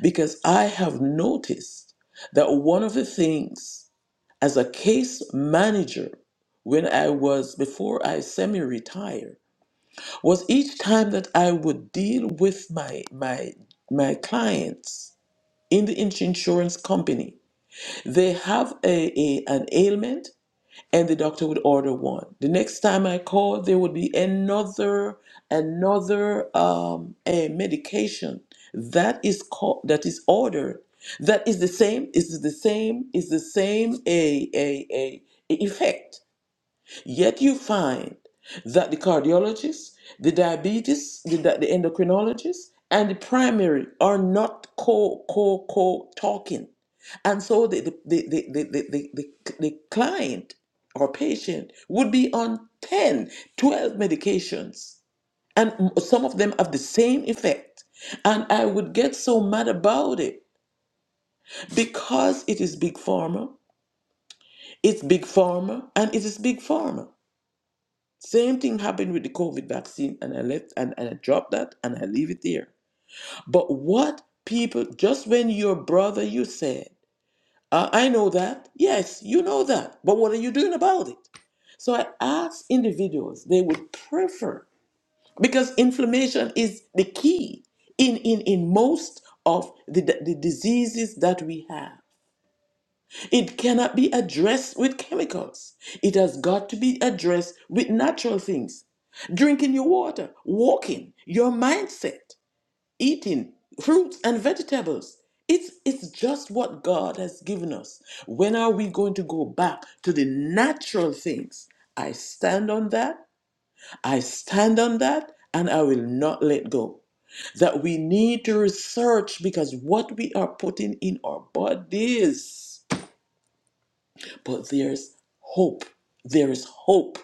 because I have noticed that one of the things as a case manager when I was before I semi retire was each time that I would deal with my my my clients in the ins- insurance company they have a, a- an ailment and the doctor would order one. The next time I called, there would be another another um, a medication that is called that is ordered. That is the same. Is the same. Is the same a a a a effect. Yet you find that the cardiologists, the diabetes, the, di- the endocrinologist, and the primary are not co co co talking, and so the the the the the, the, the, the the client or patient would be on 10, 12 medications, and m- some of them have the same effect. And I would get so mad about it because it is big pharma, it's big pharma, and it is big pharma. Same thing happened with the COVID vaccine, and I left and, and I dropped that and I leave it there. But what people, just when your brother, you said, uh, I know that. Yes, you know that. But what are you doing about it? So I asked individuals, they would prefer, because inflammation is the key in, in, in most of the, the diseases that we have. It cannot be addressed with chemicals. It has got to be addressed with natural things. Drinking your water, walking, your mindset, eating fruits and vegetables. It's, it's just what God has given us. When are we going to go back to the natural things? I stand on that. I stand on that, and I will not let go. That we need to research because what we are putting in our bodies but there's hope. There is hope.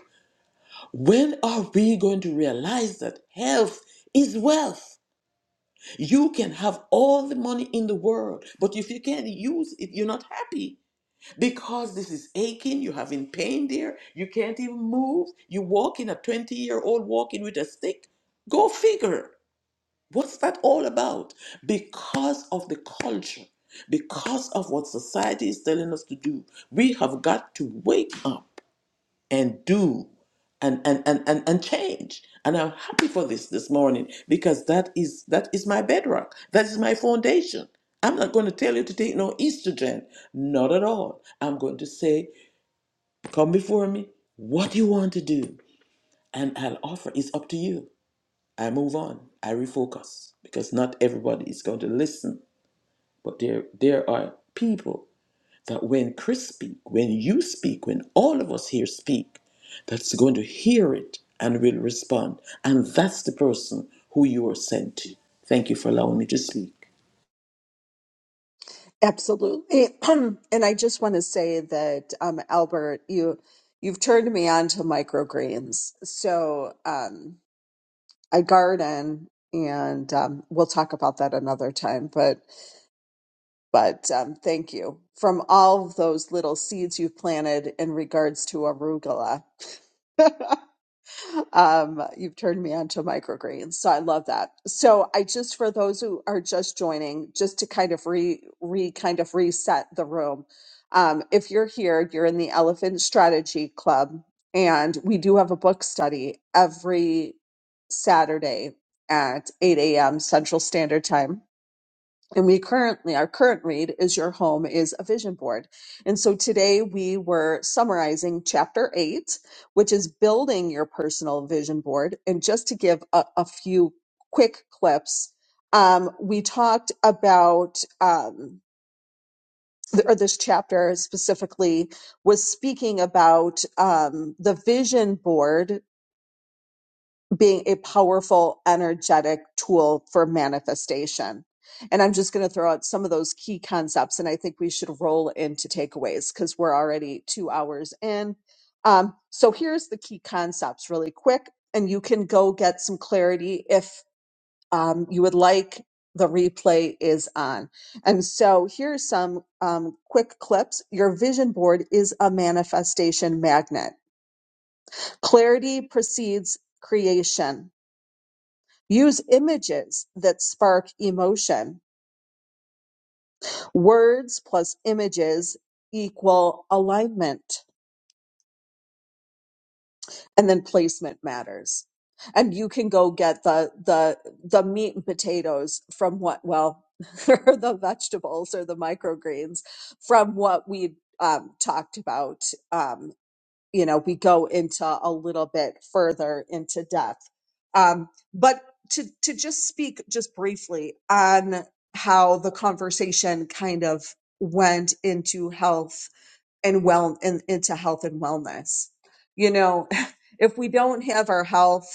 When are we going to realize that health is wealth? You can have all the money in the world, but if you can't use it, you're not happy because this is aching, you're having pain there, you can't even move, you walk in a 20 year old walking with a stick. Go figure. What's that all about? Because of the culture, because of what society is telling us to do, we have got to wake up and do and and and and, and change and i'm happy for this this morning because that is that is my bedrock that is my foundation i'm not going to tell you to take no estrogen not at all i'm going to say come before me what do you want to do and i'll offer it's up to you i move on i refocus because not everybody is going to listen but there there are people that when Chris speak, when you speak, when all of us here speak, that's going to hear it and will respond. And that's the person who you are sent to. Thank you for allowing me to speak. Absolutely. and I just want to say that, um, Albert, you, you've turned me on to microgreens. So, um, I garden and, um, we'll talk about that another time, but But um, thank you from all of those little seeds you've planted in regards to arugula. um, you've turned me on to microgreens, so I love that. So I just for those who are just joining, just to kind of re re kind of reset the room. Um, if you're here, you're in the Elephant Strategy Club, and we do have a book study every Saturday at 8 a.m. Central Standard Time and we currently our current read is your home is a vision board and so today we were summarizing chapter 8 which is building your personal vision board and just to give a, a few quick clips um, we talked about um, th- or this chapter specifically was speaking about um, the vision board being a powerful, energetic tool for manifestation. And I'm just going to throw out some of those key concepts, and I think we should roll into takeaways because we're already two hours in. Um, so here's the key concepts really quick, and you can go get some clarity if um, you would like. The replay is on. And so here's some um, quick clips. Your vision board is a manifestation magnet. Clarity precedes creation Use images that spark emotion. Words plus images equal alignment. And then placement matters. And you can go get the, the, the meat and potatoes from what, well, or the vegetables or the microgreens from what we um, talked about um, you know, we go into a little bit further into depth. Um, but to, to just speak just briefly on how the conversation kind of went into health and well and into health and wellness. You know, if we don't have our health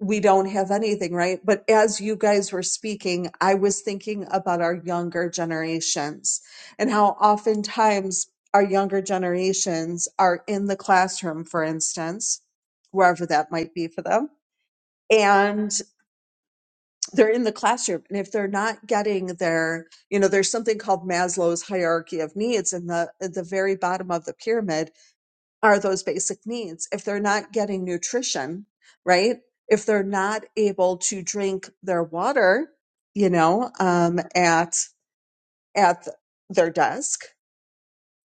we don't have anything, right? But as you guys were speaking, I was thinking about our younger generations and how oftentimes our younger generations are in the classroom, for instance, wherever that might be for them. And they're in the classroom. And if they're not getting their, you know, there's something called Maslow's hierarchy of needs in the at the very bottom of the pyramid are those basic needs. If they're not getting nutrition, right? If they're not able to drink their water, you know, um, at at their desk,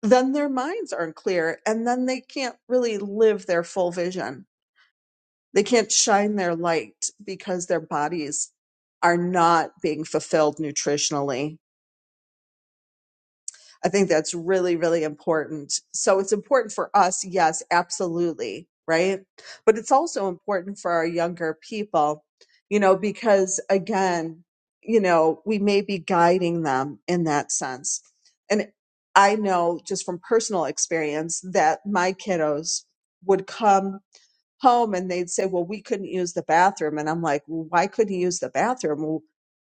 then their minds aren't clear, and then they can't really live their full vision. They can't shine their light because their bodies are not being fulfilled nutritionally I think that's really, really important. So it's important for us, yes, absolutely, right? But it's also important for our younger people, you know, because again, you know, we may be guiding them in that sense. And I know just from personal experience that my kiddos would come home and they'd say, well, we couldn't use the bathroom. And I'm like, well, why couldn't you use the bathroom? Well,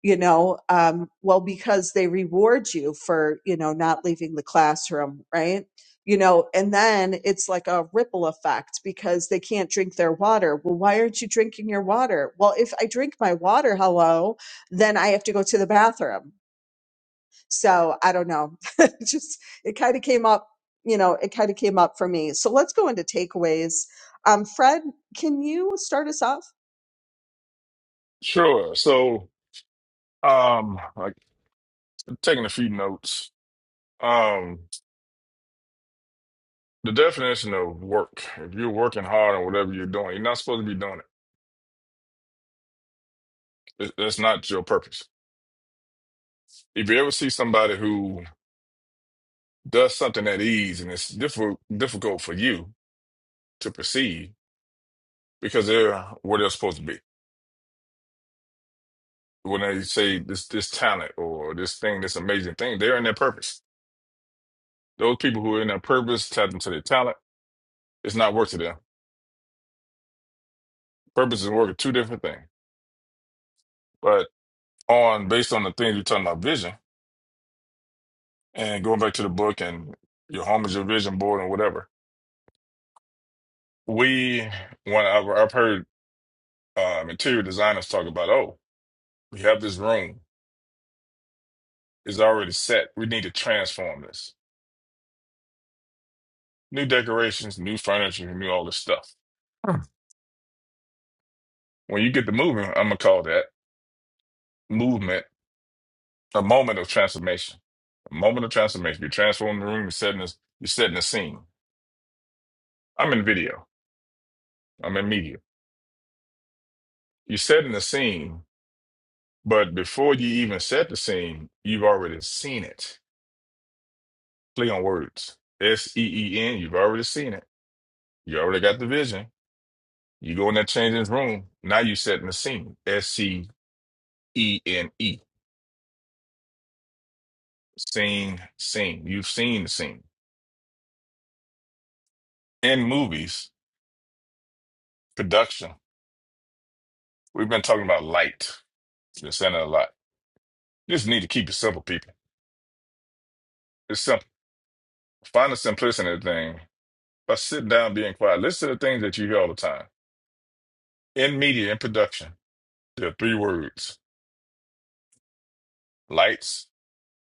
you know, um, well, because they reward you for, you know, not leaving the classroom, right? You know, and then it's like a ripple effect because they can't drink their water. Well, why aren't you drinking your water? Well, if I drink my water, hello, then I have to go to the bathroom so I don't know. Just it kind of came up, you know, it kind of came up for me. So let's go into takeaways. Um, Fred, can you start us off? Sure. So, um, like taking a few notes. Um, the definition of work. If you're working hard on whatever you're doing, you're not supposed to be doing it. It- That's not your purpose. If you ever see somebody who does something at ease and it's difficult difficult for you to perceive, because they're where they're supposed to be. When they say this this talent or this thing, this amazing thing, they're in their purpose. Those people who are in their purpose, tap into their talent. It's not work to them Purpose and work are two different things. But on based on the things you're talking about, vision and going back to the book and your home is your vision board and whatever. We when I've, I've heard um, interior designers talk about, oh, we have this room it's already set. We need to transform this. New decorations, new furniture, new all this stuff. Hmm. When you get the moving, I'm gonna call that movement a moment of transformation. A moment of transformation. You're transforming the room. You're setting this. You're setting the scene. I'm in video. I'm in media. You're setting the scene, but before you even set the scene, you've already seen it. Play on words. S E E N, you've already seen it. You already got the vision. You go in that changing room. Now you're setting the scene. S C E N E. Scene, scene. You've seen the scene. In movies, production, we've been talking about light. Been saying it a lot. You just need to keep it simple, people. It's simple. Find the simplicity in the thing by sitting down, being quiet. Listen to the things that you hear all the time in media, in production. Yeah, three words lights,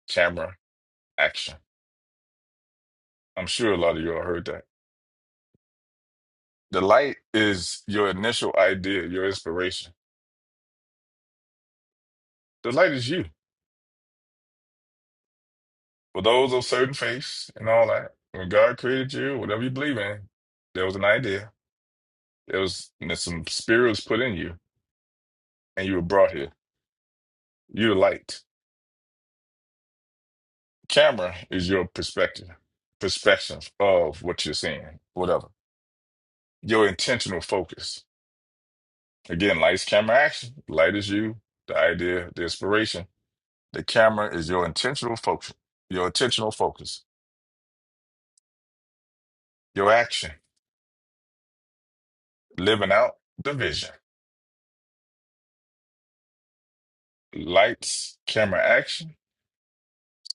camera, action. I'm sure a lot of you all heard that. The light is your initial idea, your inspiration. The light is you. For those of certain faiths and all that, when God created you, whatever you believe in, there was an idea. There was there's some spirit was put in you, and you were brought here. You're the light. Camera is your perspective, perspective of what you're seeing, whatever. Your intentional focus. Again, lights, camera, action. Light is you, the idea, the inspiration. The camera is your intentional focus, your intentional focus, your action, living out the vision. Lights, camera, action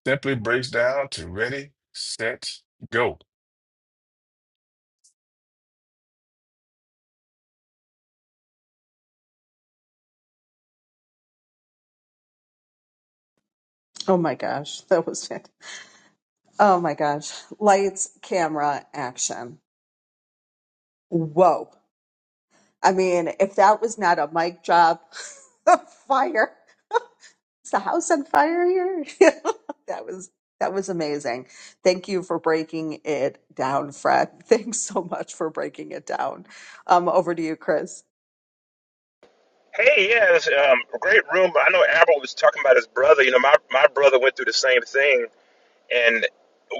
simply breaks down to ready, set, go. Oh my gosh, that was it. Oh my gosh. Lights, camera, action. Whoa. I mean, if that was not a mic drop, fire. Is the house on fire here? that was that was amazing. Thank you for breaking it down, Fred. Thanks so much for breaking it down. Um, over to you, Chris. Hey, yeah, it's um, a great room. I know Admiral was talking about his brother. You know, my, my brother went through the same thing, and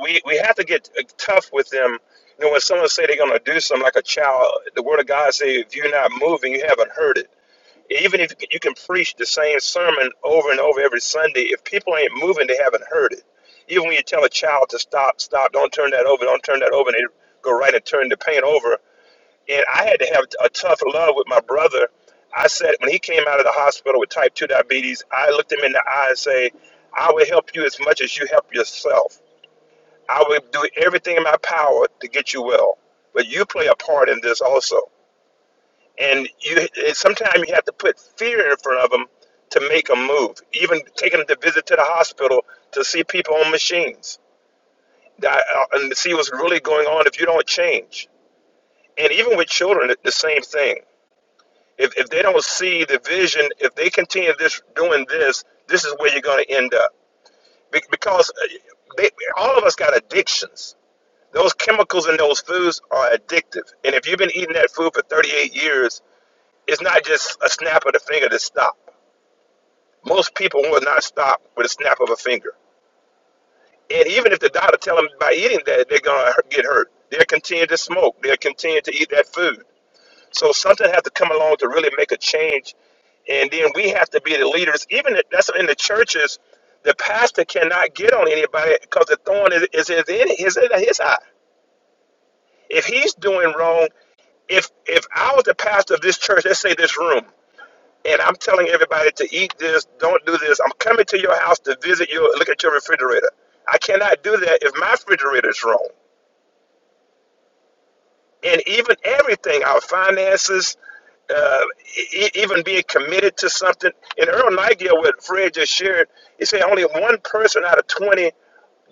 we we have to get uh, tough with them. You know, when someone say they're going to do something like a child, the Word of God say, if you're not moving, you haven't heard it. Even if you can preach the same sermon over and over every Sunday, if people ain't moving, they haven't heard it. Even when you tell a child to stop, stop, don't turn that over, don't turn that over, and they go right and turn the paint over, and I had to have a tough love with my brother. I said, when he came out of the hospital with type 2 diabetes, I looked him in the eye and say, I will help you as much as you help yourself. I will do everything in my power to get you well. But you play a part in this also. And you and sometimes you have to put fear in front of them to make them move. Even taking them to visit to the hospital to see people on machines that, uh, and to see what's really going on if you don't change. And even with children, it's the same thing If, if they don't see the vision, if they continue this doing this, this is where you're going to end up. Be- because uh, they, all of us got addictions. Those chemicals in those foods are addictive. And if you've been eating that food for 38 years, it's not just a snap of the finger to stop. Most people will not stop with a snap of a finger. And even if the doctor tell them by eating that, they're going to get hurt. They'll continue to smoke. They'll continue to eat that food. So something has to come along to really make a change. And then we have to be the leaders. Even if that's in the churches, the pastor cannot get on anybody because the thorn is, is, is, in, is in his eye. If he's doing wrong, if if I was the pastor of this church, let's say this room, and I'm telling everybody to eat this, don't do this. I'm coming to your house to visit you, look at your refrigerator. I cannot do that if my refrigerator is wrong. and even everything, our finances, uh, e- e- even being committed to something. And Earl Nightingale, what Fred just shared, he said only one person out of 20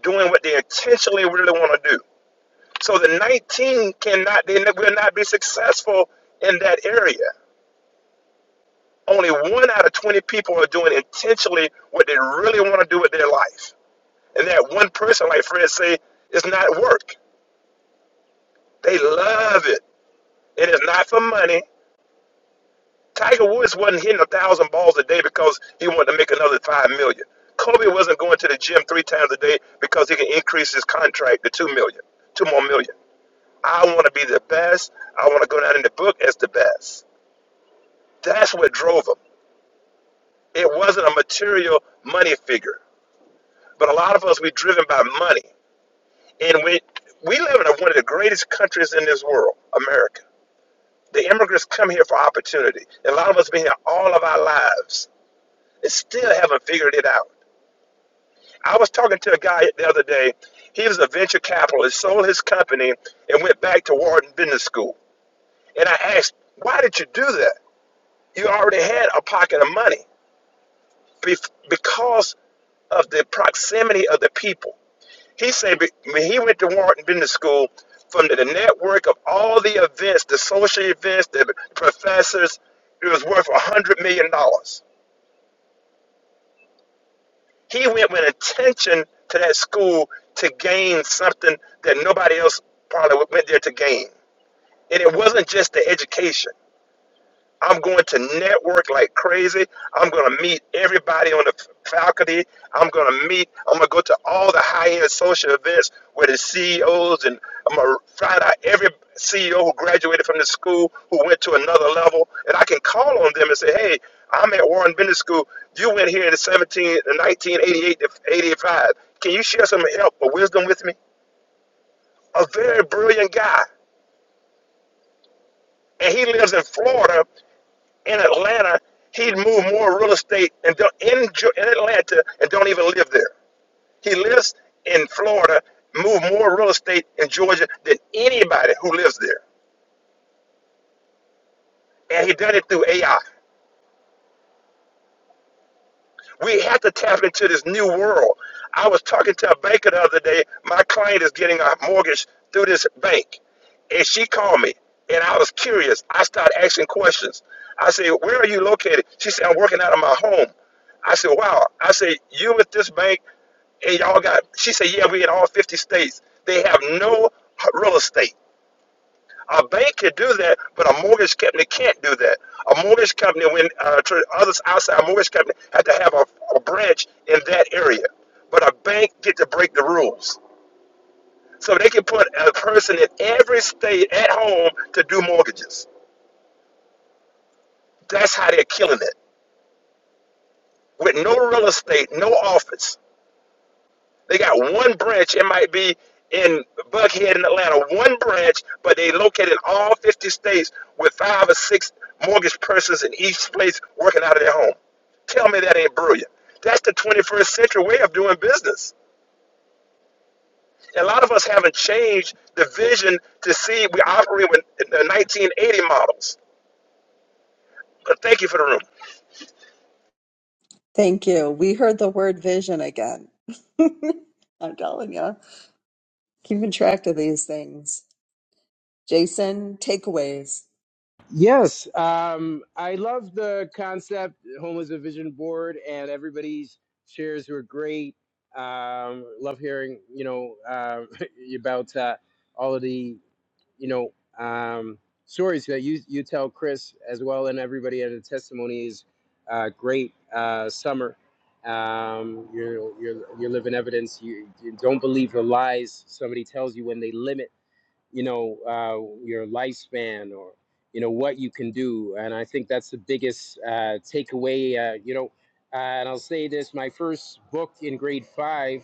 doing what they intentionally really want to do. So the 19 cannot, they ne- will not be successful in that area. Only one out of 20 people are doing intentionally what they really want to do with their life. And that one person, like Fred say, is not work. They love it. It is not for money. Tiger Woods wasn't hitting a thousand balls a day because he wanted to make another five million. Kobe wasn't going to the gym three times a day because he can increase his contract to two million, two more million. I want to be the best. I want to go down in the book as the best. That's what drove him. It wasn't a material money figure, but a lot of us we driven by money, and we we live in one of the greatest countries in this world, America. The immigrants come here for opportunity. And a lot of us been here all of our lives and still haven't figured it out. I was talking to a guy the other day. He was a venture capitalist, sold his company, and went back to Wharton Business School. And I asked, why did you do that? You already had a pocket of money Bef- because of the proximity of the people. He said be- when he went to Wharton Business School, from the the network of all the events, the social events, the professors, it was worth $100 million. dollars. He went with attention to that school to gain something that nobody else probably went there to gain. And it wasn't just the education. I'm going to network like crazy. I'm going to meet everybody on the f- faculty. I'm going to meet, I'm going to go to all the high end social events where the CEOs and I'm going to find out every CEO who graduated from the school who went to another level. And I can call on them and say, hey, I'm at Warren Business School. You went here in 17, the 1988 to 85. Can you share some help or wisdom with me? A very brilliant guy. And he lives in Florida in Atlanta, he'd move more real estate and don't, in, Ge- in Atlanta and don't even live there. He lives in Florida, move more real estate in Georgia than anybody who lives there. And he done it through AI. We have to tap into this new world. I was talking to a banker the other day. My client is getting a mortgage through this bank. And she called me. And I was curious. I started asking questions. I said, Where are you located? She said, I'm working out of my home. I said, Wow. I said, You with this bank and y'all got, she said, Yeah, we in all 50 states. They have no real estate. A bank can do that, but a mortgage company can't do that. A mortgage company, when uh, tr- others outside a mortgage company, had to have a, a branch in that area. But a bank get to break the rules. So they can put a person in every state at home to do mortgages. That's how they're killing it. With no real estate, no office. They got one branch. It might be in Buckhead in Atlanta, one branch, but they located in all 50 states with five or six mortgage persons in each place working out of their home. Tell me that ain't brilliant. That's the 21st century way of doing business. A lot of us haven't changed the vision to see we operate with the 1980 models. But thank you for the room. Thank you. We heard the word vision again. I'm telling you, keeping track of these things. Jason, takeaways. Yes, um, I love the concept. Home is a vision board, and everybody's shares were great. Um, love hearing, you know, um, about uh, all of the, you know, um, stories that you you tell Chris as well, and everybody at the testimony is uh, great. Uh, summer, um, you're you're you're living evidence. You, you don't believe the lies somebody tells you when they limit. you know uh, your lifespan or you know what you can do and i think that's the biggest uh, takeaway uh, you know uh, and i'll say this my first book in grade five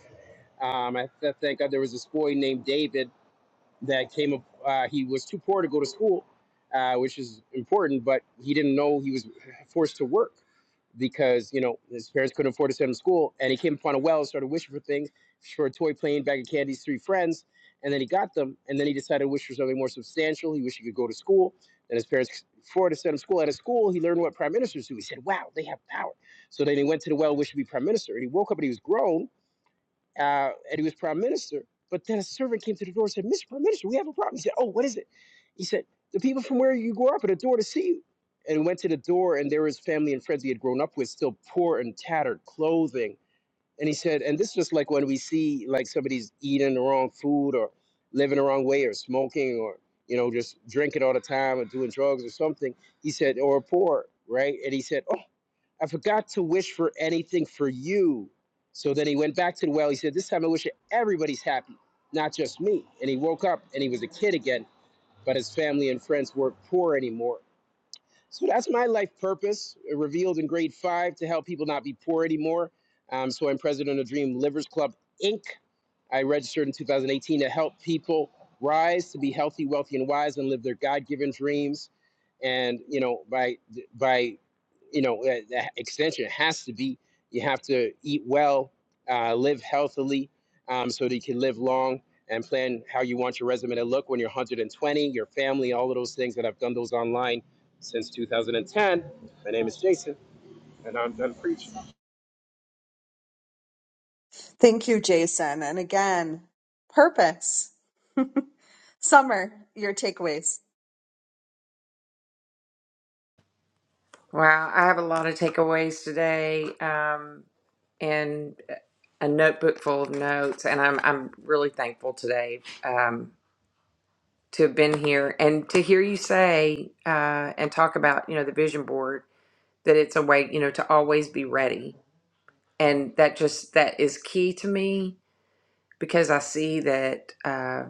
um, i th- thank god there was this boy named david that came up uh, he was too poor to go to school uh, which is important but he didn't know he was forced to work because you know his parents couldn't afford to send him to school, and he came upon a well, started wishing for things, for a toy plane, bag of candies, three friends, and then he got them, and then he decided to wish for something more substantial. He wished he could go to school, and his parents could afford to send him to school. At a school, he learned what prime ministers do. He said, "Wow, they have power." So then he went to the well, wished to be prime minister, and he woke up and he was grown, uh, and he was prime minister. But then a servant came to the door and said, Mr. Prime Minister, we have a problem. He said, Oh, what is it? He said, The people from where you grew up are at the door to see you. And he went to the door, and there was family and friends he had grown up with, still poor and tattered clothing. And he said, And this is just like when we see like somebody's eating the wrong food or living the wrong way or smoking or, you know, just drinking all the time or doing drugs or something. He said, Or poor, right? And he said, I forgot to wish for anything for you. So then he went back to the well. He said, This time I wish everybody's happy, not just me. And he woke up and he was a kid again, but his family and friends weren't poor anymore. So that's my life purpose, uh, revealed in grade five to help people not be poor anymore. Um, so I'm president of Dream Livers Club, Inc. I registered in 2018 to help people rise to be healthy, wealthy, and wise, and live their God-given dreams. And you know, by by, you know, uh, the extension has to be you have to eat well, uh, live healthily, um, so that you can live long and plan how you want your resume to look when you're 120, your family, all of those things. that I've done those online since 2010. My name is Jason, and I'm done preaching. Thank you, Jason. And again, purpose. Summer, your takeaways. Wow, I have a lot of takeaways today, um, and uh, a notebook full of notes, and I'm I'm really thankful today um, to have been here and to hear you say uh, and talk about you know the vision board that it's a way you know to always be ready and that just that is key to me because i see that uh,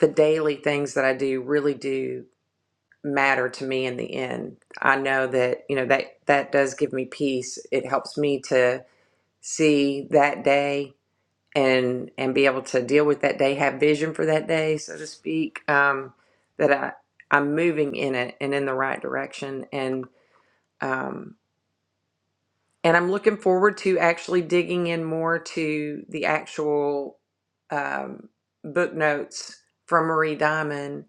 the daily things that i do really do matter to me in the end i know that you know that that does give me peace it helps me to see that day and and be able to deal with that day have vision for that day so to speak um that i i'm moving in it and in the right direction and um And I'm looking forward to actually digging in more to the actual um, book notes from Marie Diamond.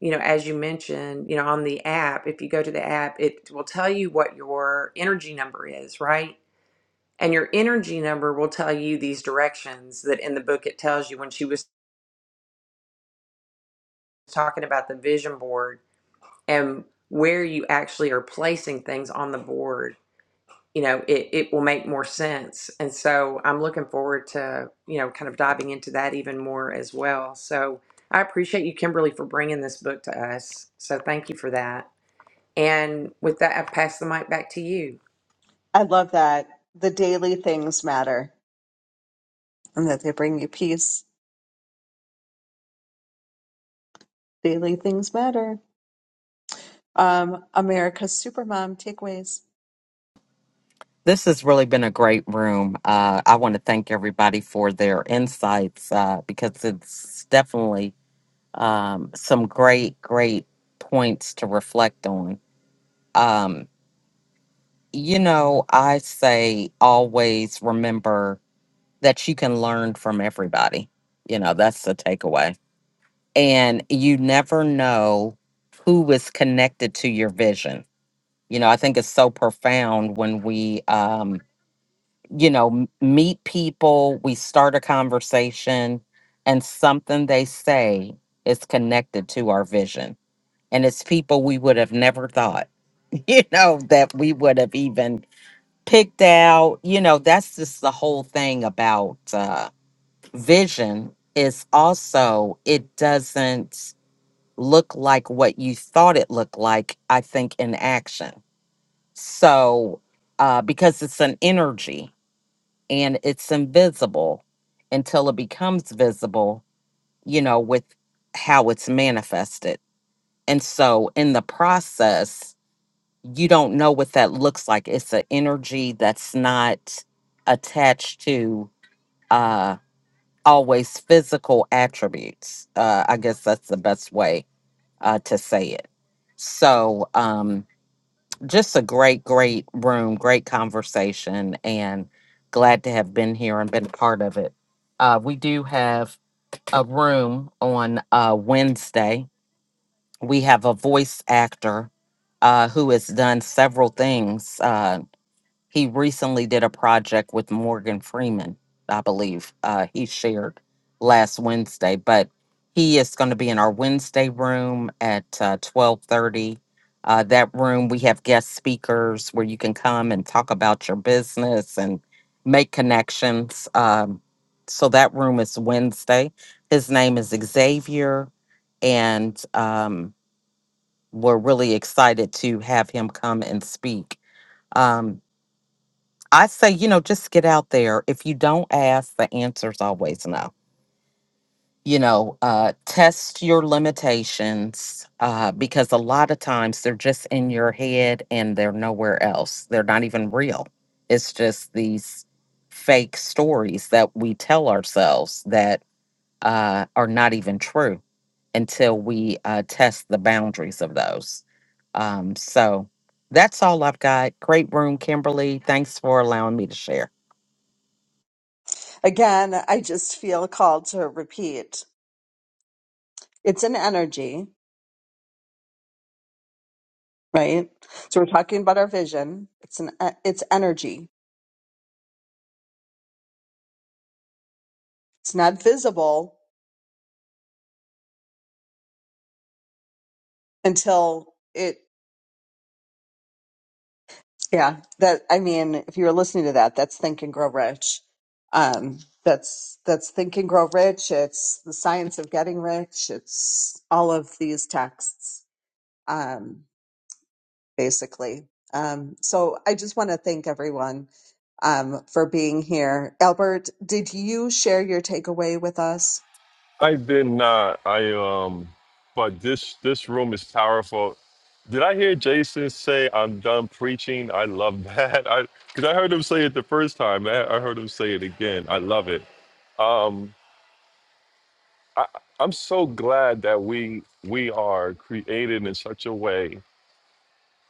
You know, as you mentioned, you know, on the app, if you go to the app, it will tell you what your energy number is, right? And your energy number will tell you these directions that in the book it tells you when she was talking about the vision board and where you actually are placing things on the board you know it, it will make more sense and so i'm looking forward to you know kind of diving into that even more as well so i appreciate you kimberly for bringing this book to us so thank you for that and with that i pass the mic back to you I love that. The daily things matter and that they bring you peace. Daily things matter. Um, America's Supermom takeaways. This has really been a great room. Uh, I want to thank everybody for their insights uh, because it's definitely um, some great, great points to reflect on. Um, you know, I say always remember that you can learn from everybody. You know, that's the takeaway. And you never know who is connected to your vision. You know, I think it's so profound when we, um, you know, m- meet people, we start a conversation, and something they say is connected to our vision. And it's people we would have never thought, you know, that we would have even picked out. You know, that's just the whole thing about uh, vision is also it doesn't look like what you thought it looked like, I think, in action. So, uh, because it's an energy and it's invisible until it becomes visible, you know, with how it's manifested. And so in the process, you don't know what that looks like. It's an energy that's not attached to uh, always physical attributes. Uh, I guess that's the best way uh, to say it. So, um, just a great, great room, great conversation, and glad to have been here and been a part of it. Uh, we do have a room on uh, Wednesday. We have a voice actor uh, who has done several things. uh, he recently did a project with Morgan Freeman, I believe. Uh, he shared last Wednesday, but he is going to be in our Wednesday room at uh, twelve thirty. Uh, that room we have guest speakers where you can come and talk about your business and make connections. Um, so that room is Wednesday. His name is Xavier, and um, we're really excited to have him come and speak. Um, I say, you know, just get out there. If you don't ask, the answer's always no. You know, uh, test your limitations uh, because a lot of times they're just in your head and they're nowhere else. They're not even real. It's just these fake stories that we tell ourselves that uh, are not even true until we uh, test the boundaries of those. Um, so that's all I've got. Great room, Kimberly. Thanks for allowing me to share. Again, I just feel called to repeat. It's an energy. right? So we're talking about our vision. It's an uh, it's energy. It's not visible until it. Yeah, that I mean, if you were listening to that, that's Think and Grow Rich. Um, that's that's Think and Grow Rich. It's the science of getting rich. It's all of these texts, um, basically. Um, so I just want to thank everyone um, for being here. Albert, did you share your takeaway with us? I did not. I um but this this room is powerful. Did I hear Jason say I'm done preaching? I love that. I cuz I heard him say it the first time. I, I heard him say it again. I love it. I'm so glad that we we are created in such a way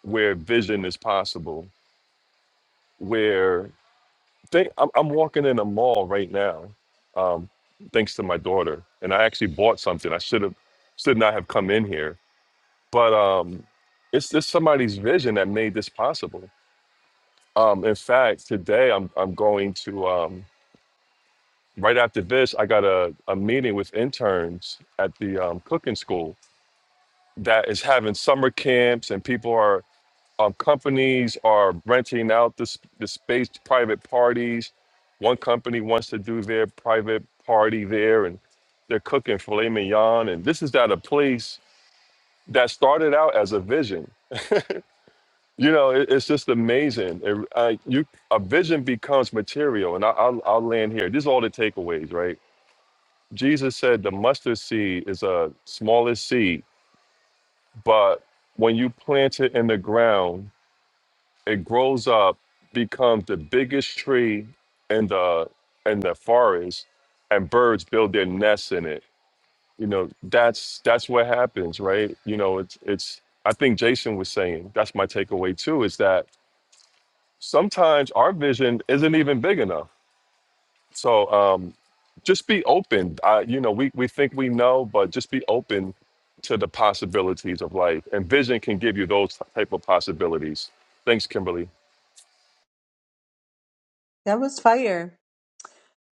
where vision is possible. Where they, I'm, I'm walking in a mall right now. Um thanks to my daughter and I actually bought something. I should have should not have come in here but um it's just somebody's vision that made this possible um in fact today i'm i'm going to um right after this i got a, a meeting with interns at the um, cooking school that is having summer camps and people are um, companies are renting out this the space to private parties one company wants to do their private party there and they're cooking filet mignon and this is at a place that started out as a vision You know, it, it's just amazing. It, I, you, a vision becomes material, and I, I'll, I'll land here. These are all the takeaways, right? Jesus said the mustard seed is a smallest seed, but when you plant it in the ground, it grows up, becomes the biggest tree in the in the forest, and birds build their nests in it. You know, that's that's what happens, right? You know, it's it's. I think Jason was saying that's my takeaway too. Is that sometimes our vision isn't even big enough. So um, just be open. I, you know, we, we think we know, but just be open to the possibilities of life. And vision can give you those type of possibilities. Thanks, Kimberly. That was fire.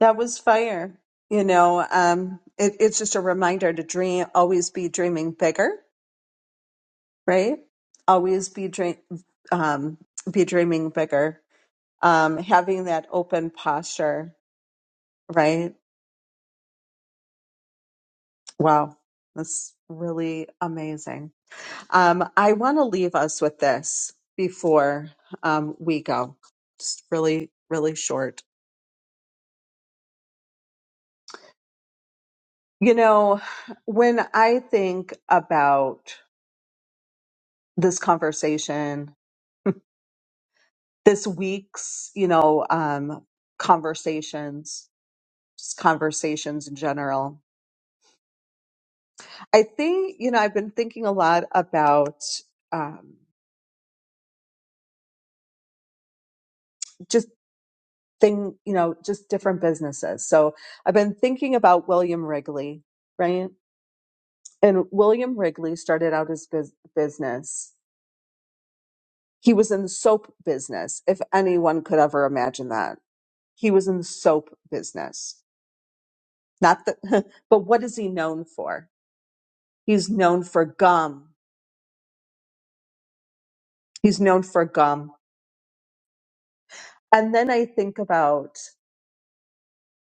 That was fire. You know, um, it, it's just a reminder to dream, always be dreaming bigger, right? Always be dream, um, be dreaming bigger. Um, having that open posture, right? Wow, that's really amazing. Um, I want to leave us with this before um, we go. Just really, really short. You know, when I think about this conversation this week's, you know, um, conversations, just conversations in general. I think, you know, I've been thinking a lot about um, just thing, you know, just different businesses. So I've been thinking about William Wrigley, right? And William Wrigley started out his bus- business. He was in the soap business, if anyone could ever imagine that. He was in the soap business. Not the, but what is he known for? He's known for gum. He's known for gum. And then I think about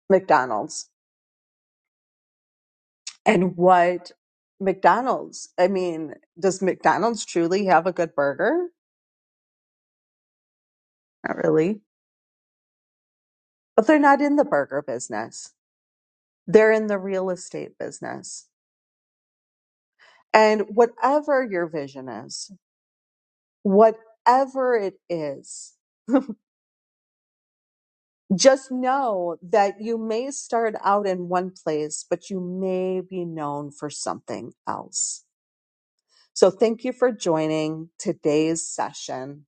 McDonald's and what McDonald's, I mean, does McDonald's truly have a good burger? Not really. But they're not in the burger business, they're in the real estate business. And whatever your vision is, whatever it is, just know that you may start out in one place, but you may be known for something else So thank you for joining today's session.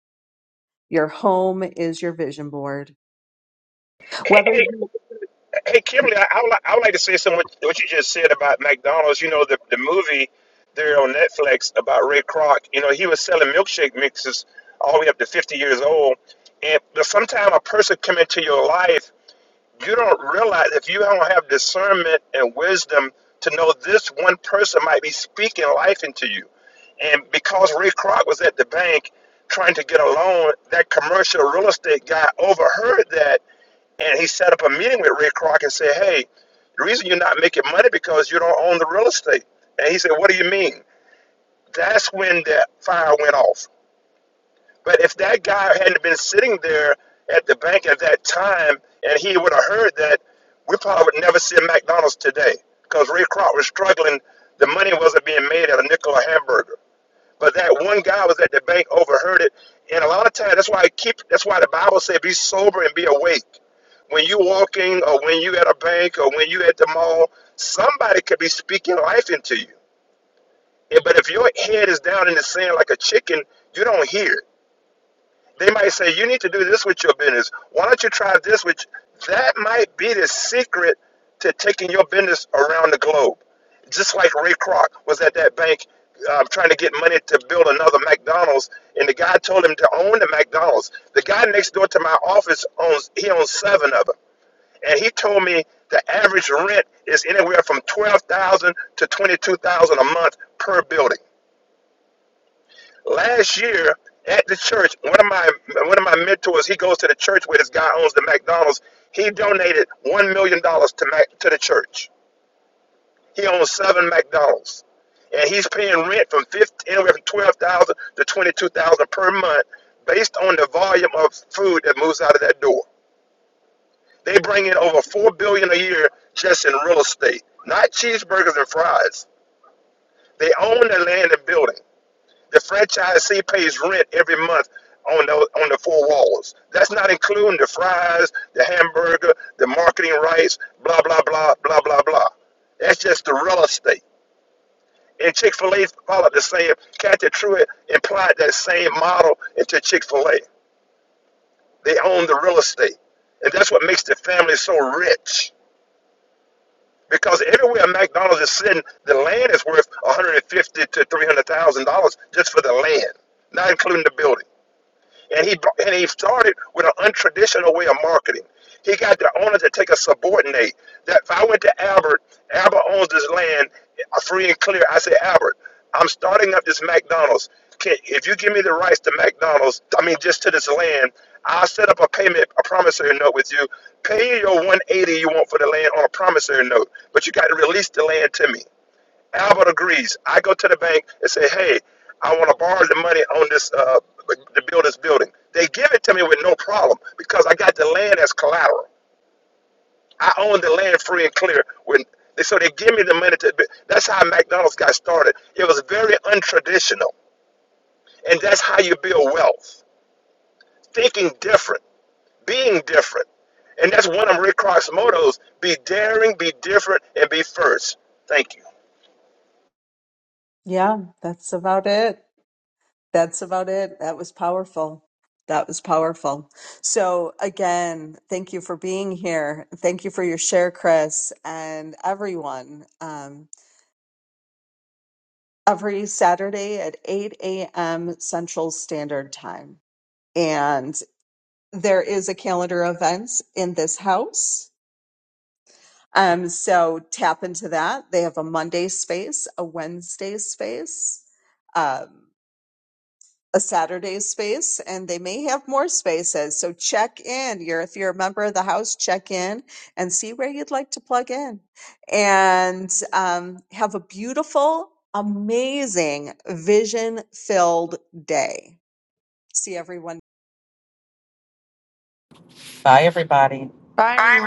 Your home is your vision board. Hey, Whether you, hey, Hey, Kimberly, I, I, would, like, I would like to say something what, what you just said about McDonald's. You know, the, the movie there on Netflix about Ray Kroc, you know, he was selling milkshake mixes all the way up to 50 years old. And but sometimes a person come into your life, you don't realize if you don't have discernment and wisdom to know this one person might be speaking life into you. And because Ray Kroc was at the bank trying to get a loan, that commercial real estate guy overheard that and he set up a meeting with Ray Kroc and said, Hey, the reason you're not making money because you don't own the real estate. And he said, What do you mean? That's when that fire went off. But if that guy hadn't been sitting there at the bank at that time and he would have heard that, we probably would never see a McDonald's today because Ray Kroc was struggling. The money wasn't being made at a nickel a hamburger. But that one guy was at the bank, overheard it, and a lot of times that's why I keep. That's why the Bible said, "Be sober and be awake." When you walking, or when you at a bank, or when you at the mall, somebody could be speaking life into you. And- But if your head is down in the sand like a chicken, you don't hear. it. They might say, you need to do this with your business. Why don't you try this? Which that might be the secret to taking your business around the globe. Just like Ray Kroc was at that bank um, trying to get money to build another McDonald's, and the guy told him to own the McDonald's. The guy next door to my office owns he owns seven of them, and he told me the average rent is anywhere from twelve thousand to twenty two thousand a month per building last year at the church, one of my one of my mentors, he goes to the church where this guy owns the McDonald's. He donated one million dollars to Mac, to the church. He owns seven McDonald's, and he's paying rent from 15, anywhere from twelve thousand to twenty two thousand per month, based on the volume of food that moves out of that door. They bring in over four billion a year just in real estate, not cheeseburgers and fries. They own the land and building. The franchisee pays rent every month on the on the four walls. That's not including the fries, the hamburger, the marketing rights, blah blah blah blah blah blah. That's just the real estate. And Chick Fil A followed the same. Kathy Truitt implied that same model into Chick Fil A. They own the real estate, and that's what makes the family so rich. Because everywhere McDonald's is sitting, the land is worth 150 to 300 thousand dollars just for the land, not including the building. And he brought, and he started with an untraditional way of marketing. He got the owner to take a subordinate. That if I went to Albert, Albert owns this land, uh, free and clear. I said, Albert, I'm starting up this McDonald's. Can, if you give me the rights to McDonald's, I mean just to this land, I'll set up a payment, a promissory note with you. Pay your 180 you want for the land on a promissory note, but you got to release the land to me. Albert agrees. I go to the bank and say, hey, I want to borrow the money on this uh, to build this building. They give it to me with no problem because I got the land as collateral. I own the land free and clear. When they, so they give me the money to. bu- That's how McDonald's got started. It was very untraditional, and that's how you build wealth. Thinking different, being different, and that's one of Rick Cross' mottos: be daring, be different, and be first. Thank you. yeah, that's about it. That's about it. That was powerful. That was powerful. So again, thank you for being here. Thank you for your share, Chris, and everyone. Um, every Saturday at 8 a.m. Central Standard Time. And there is a calendar of events in this house Um, so tap into that. They have a Monday space, a Wednesday space, um, a Saturday space, and they may have more spaces. So check in. You're, if you're a member of the house, check in and see where you'd like to plug in. And um, have a beautiful, amazing, vision filled day. See everyone. Bye, everybody. bye everyone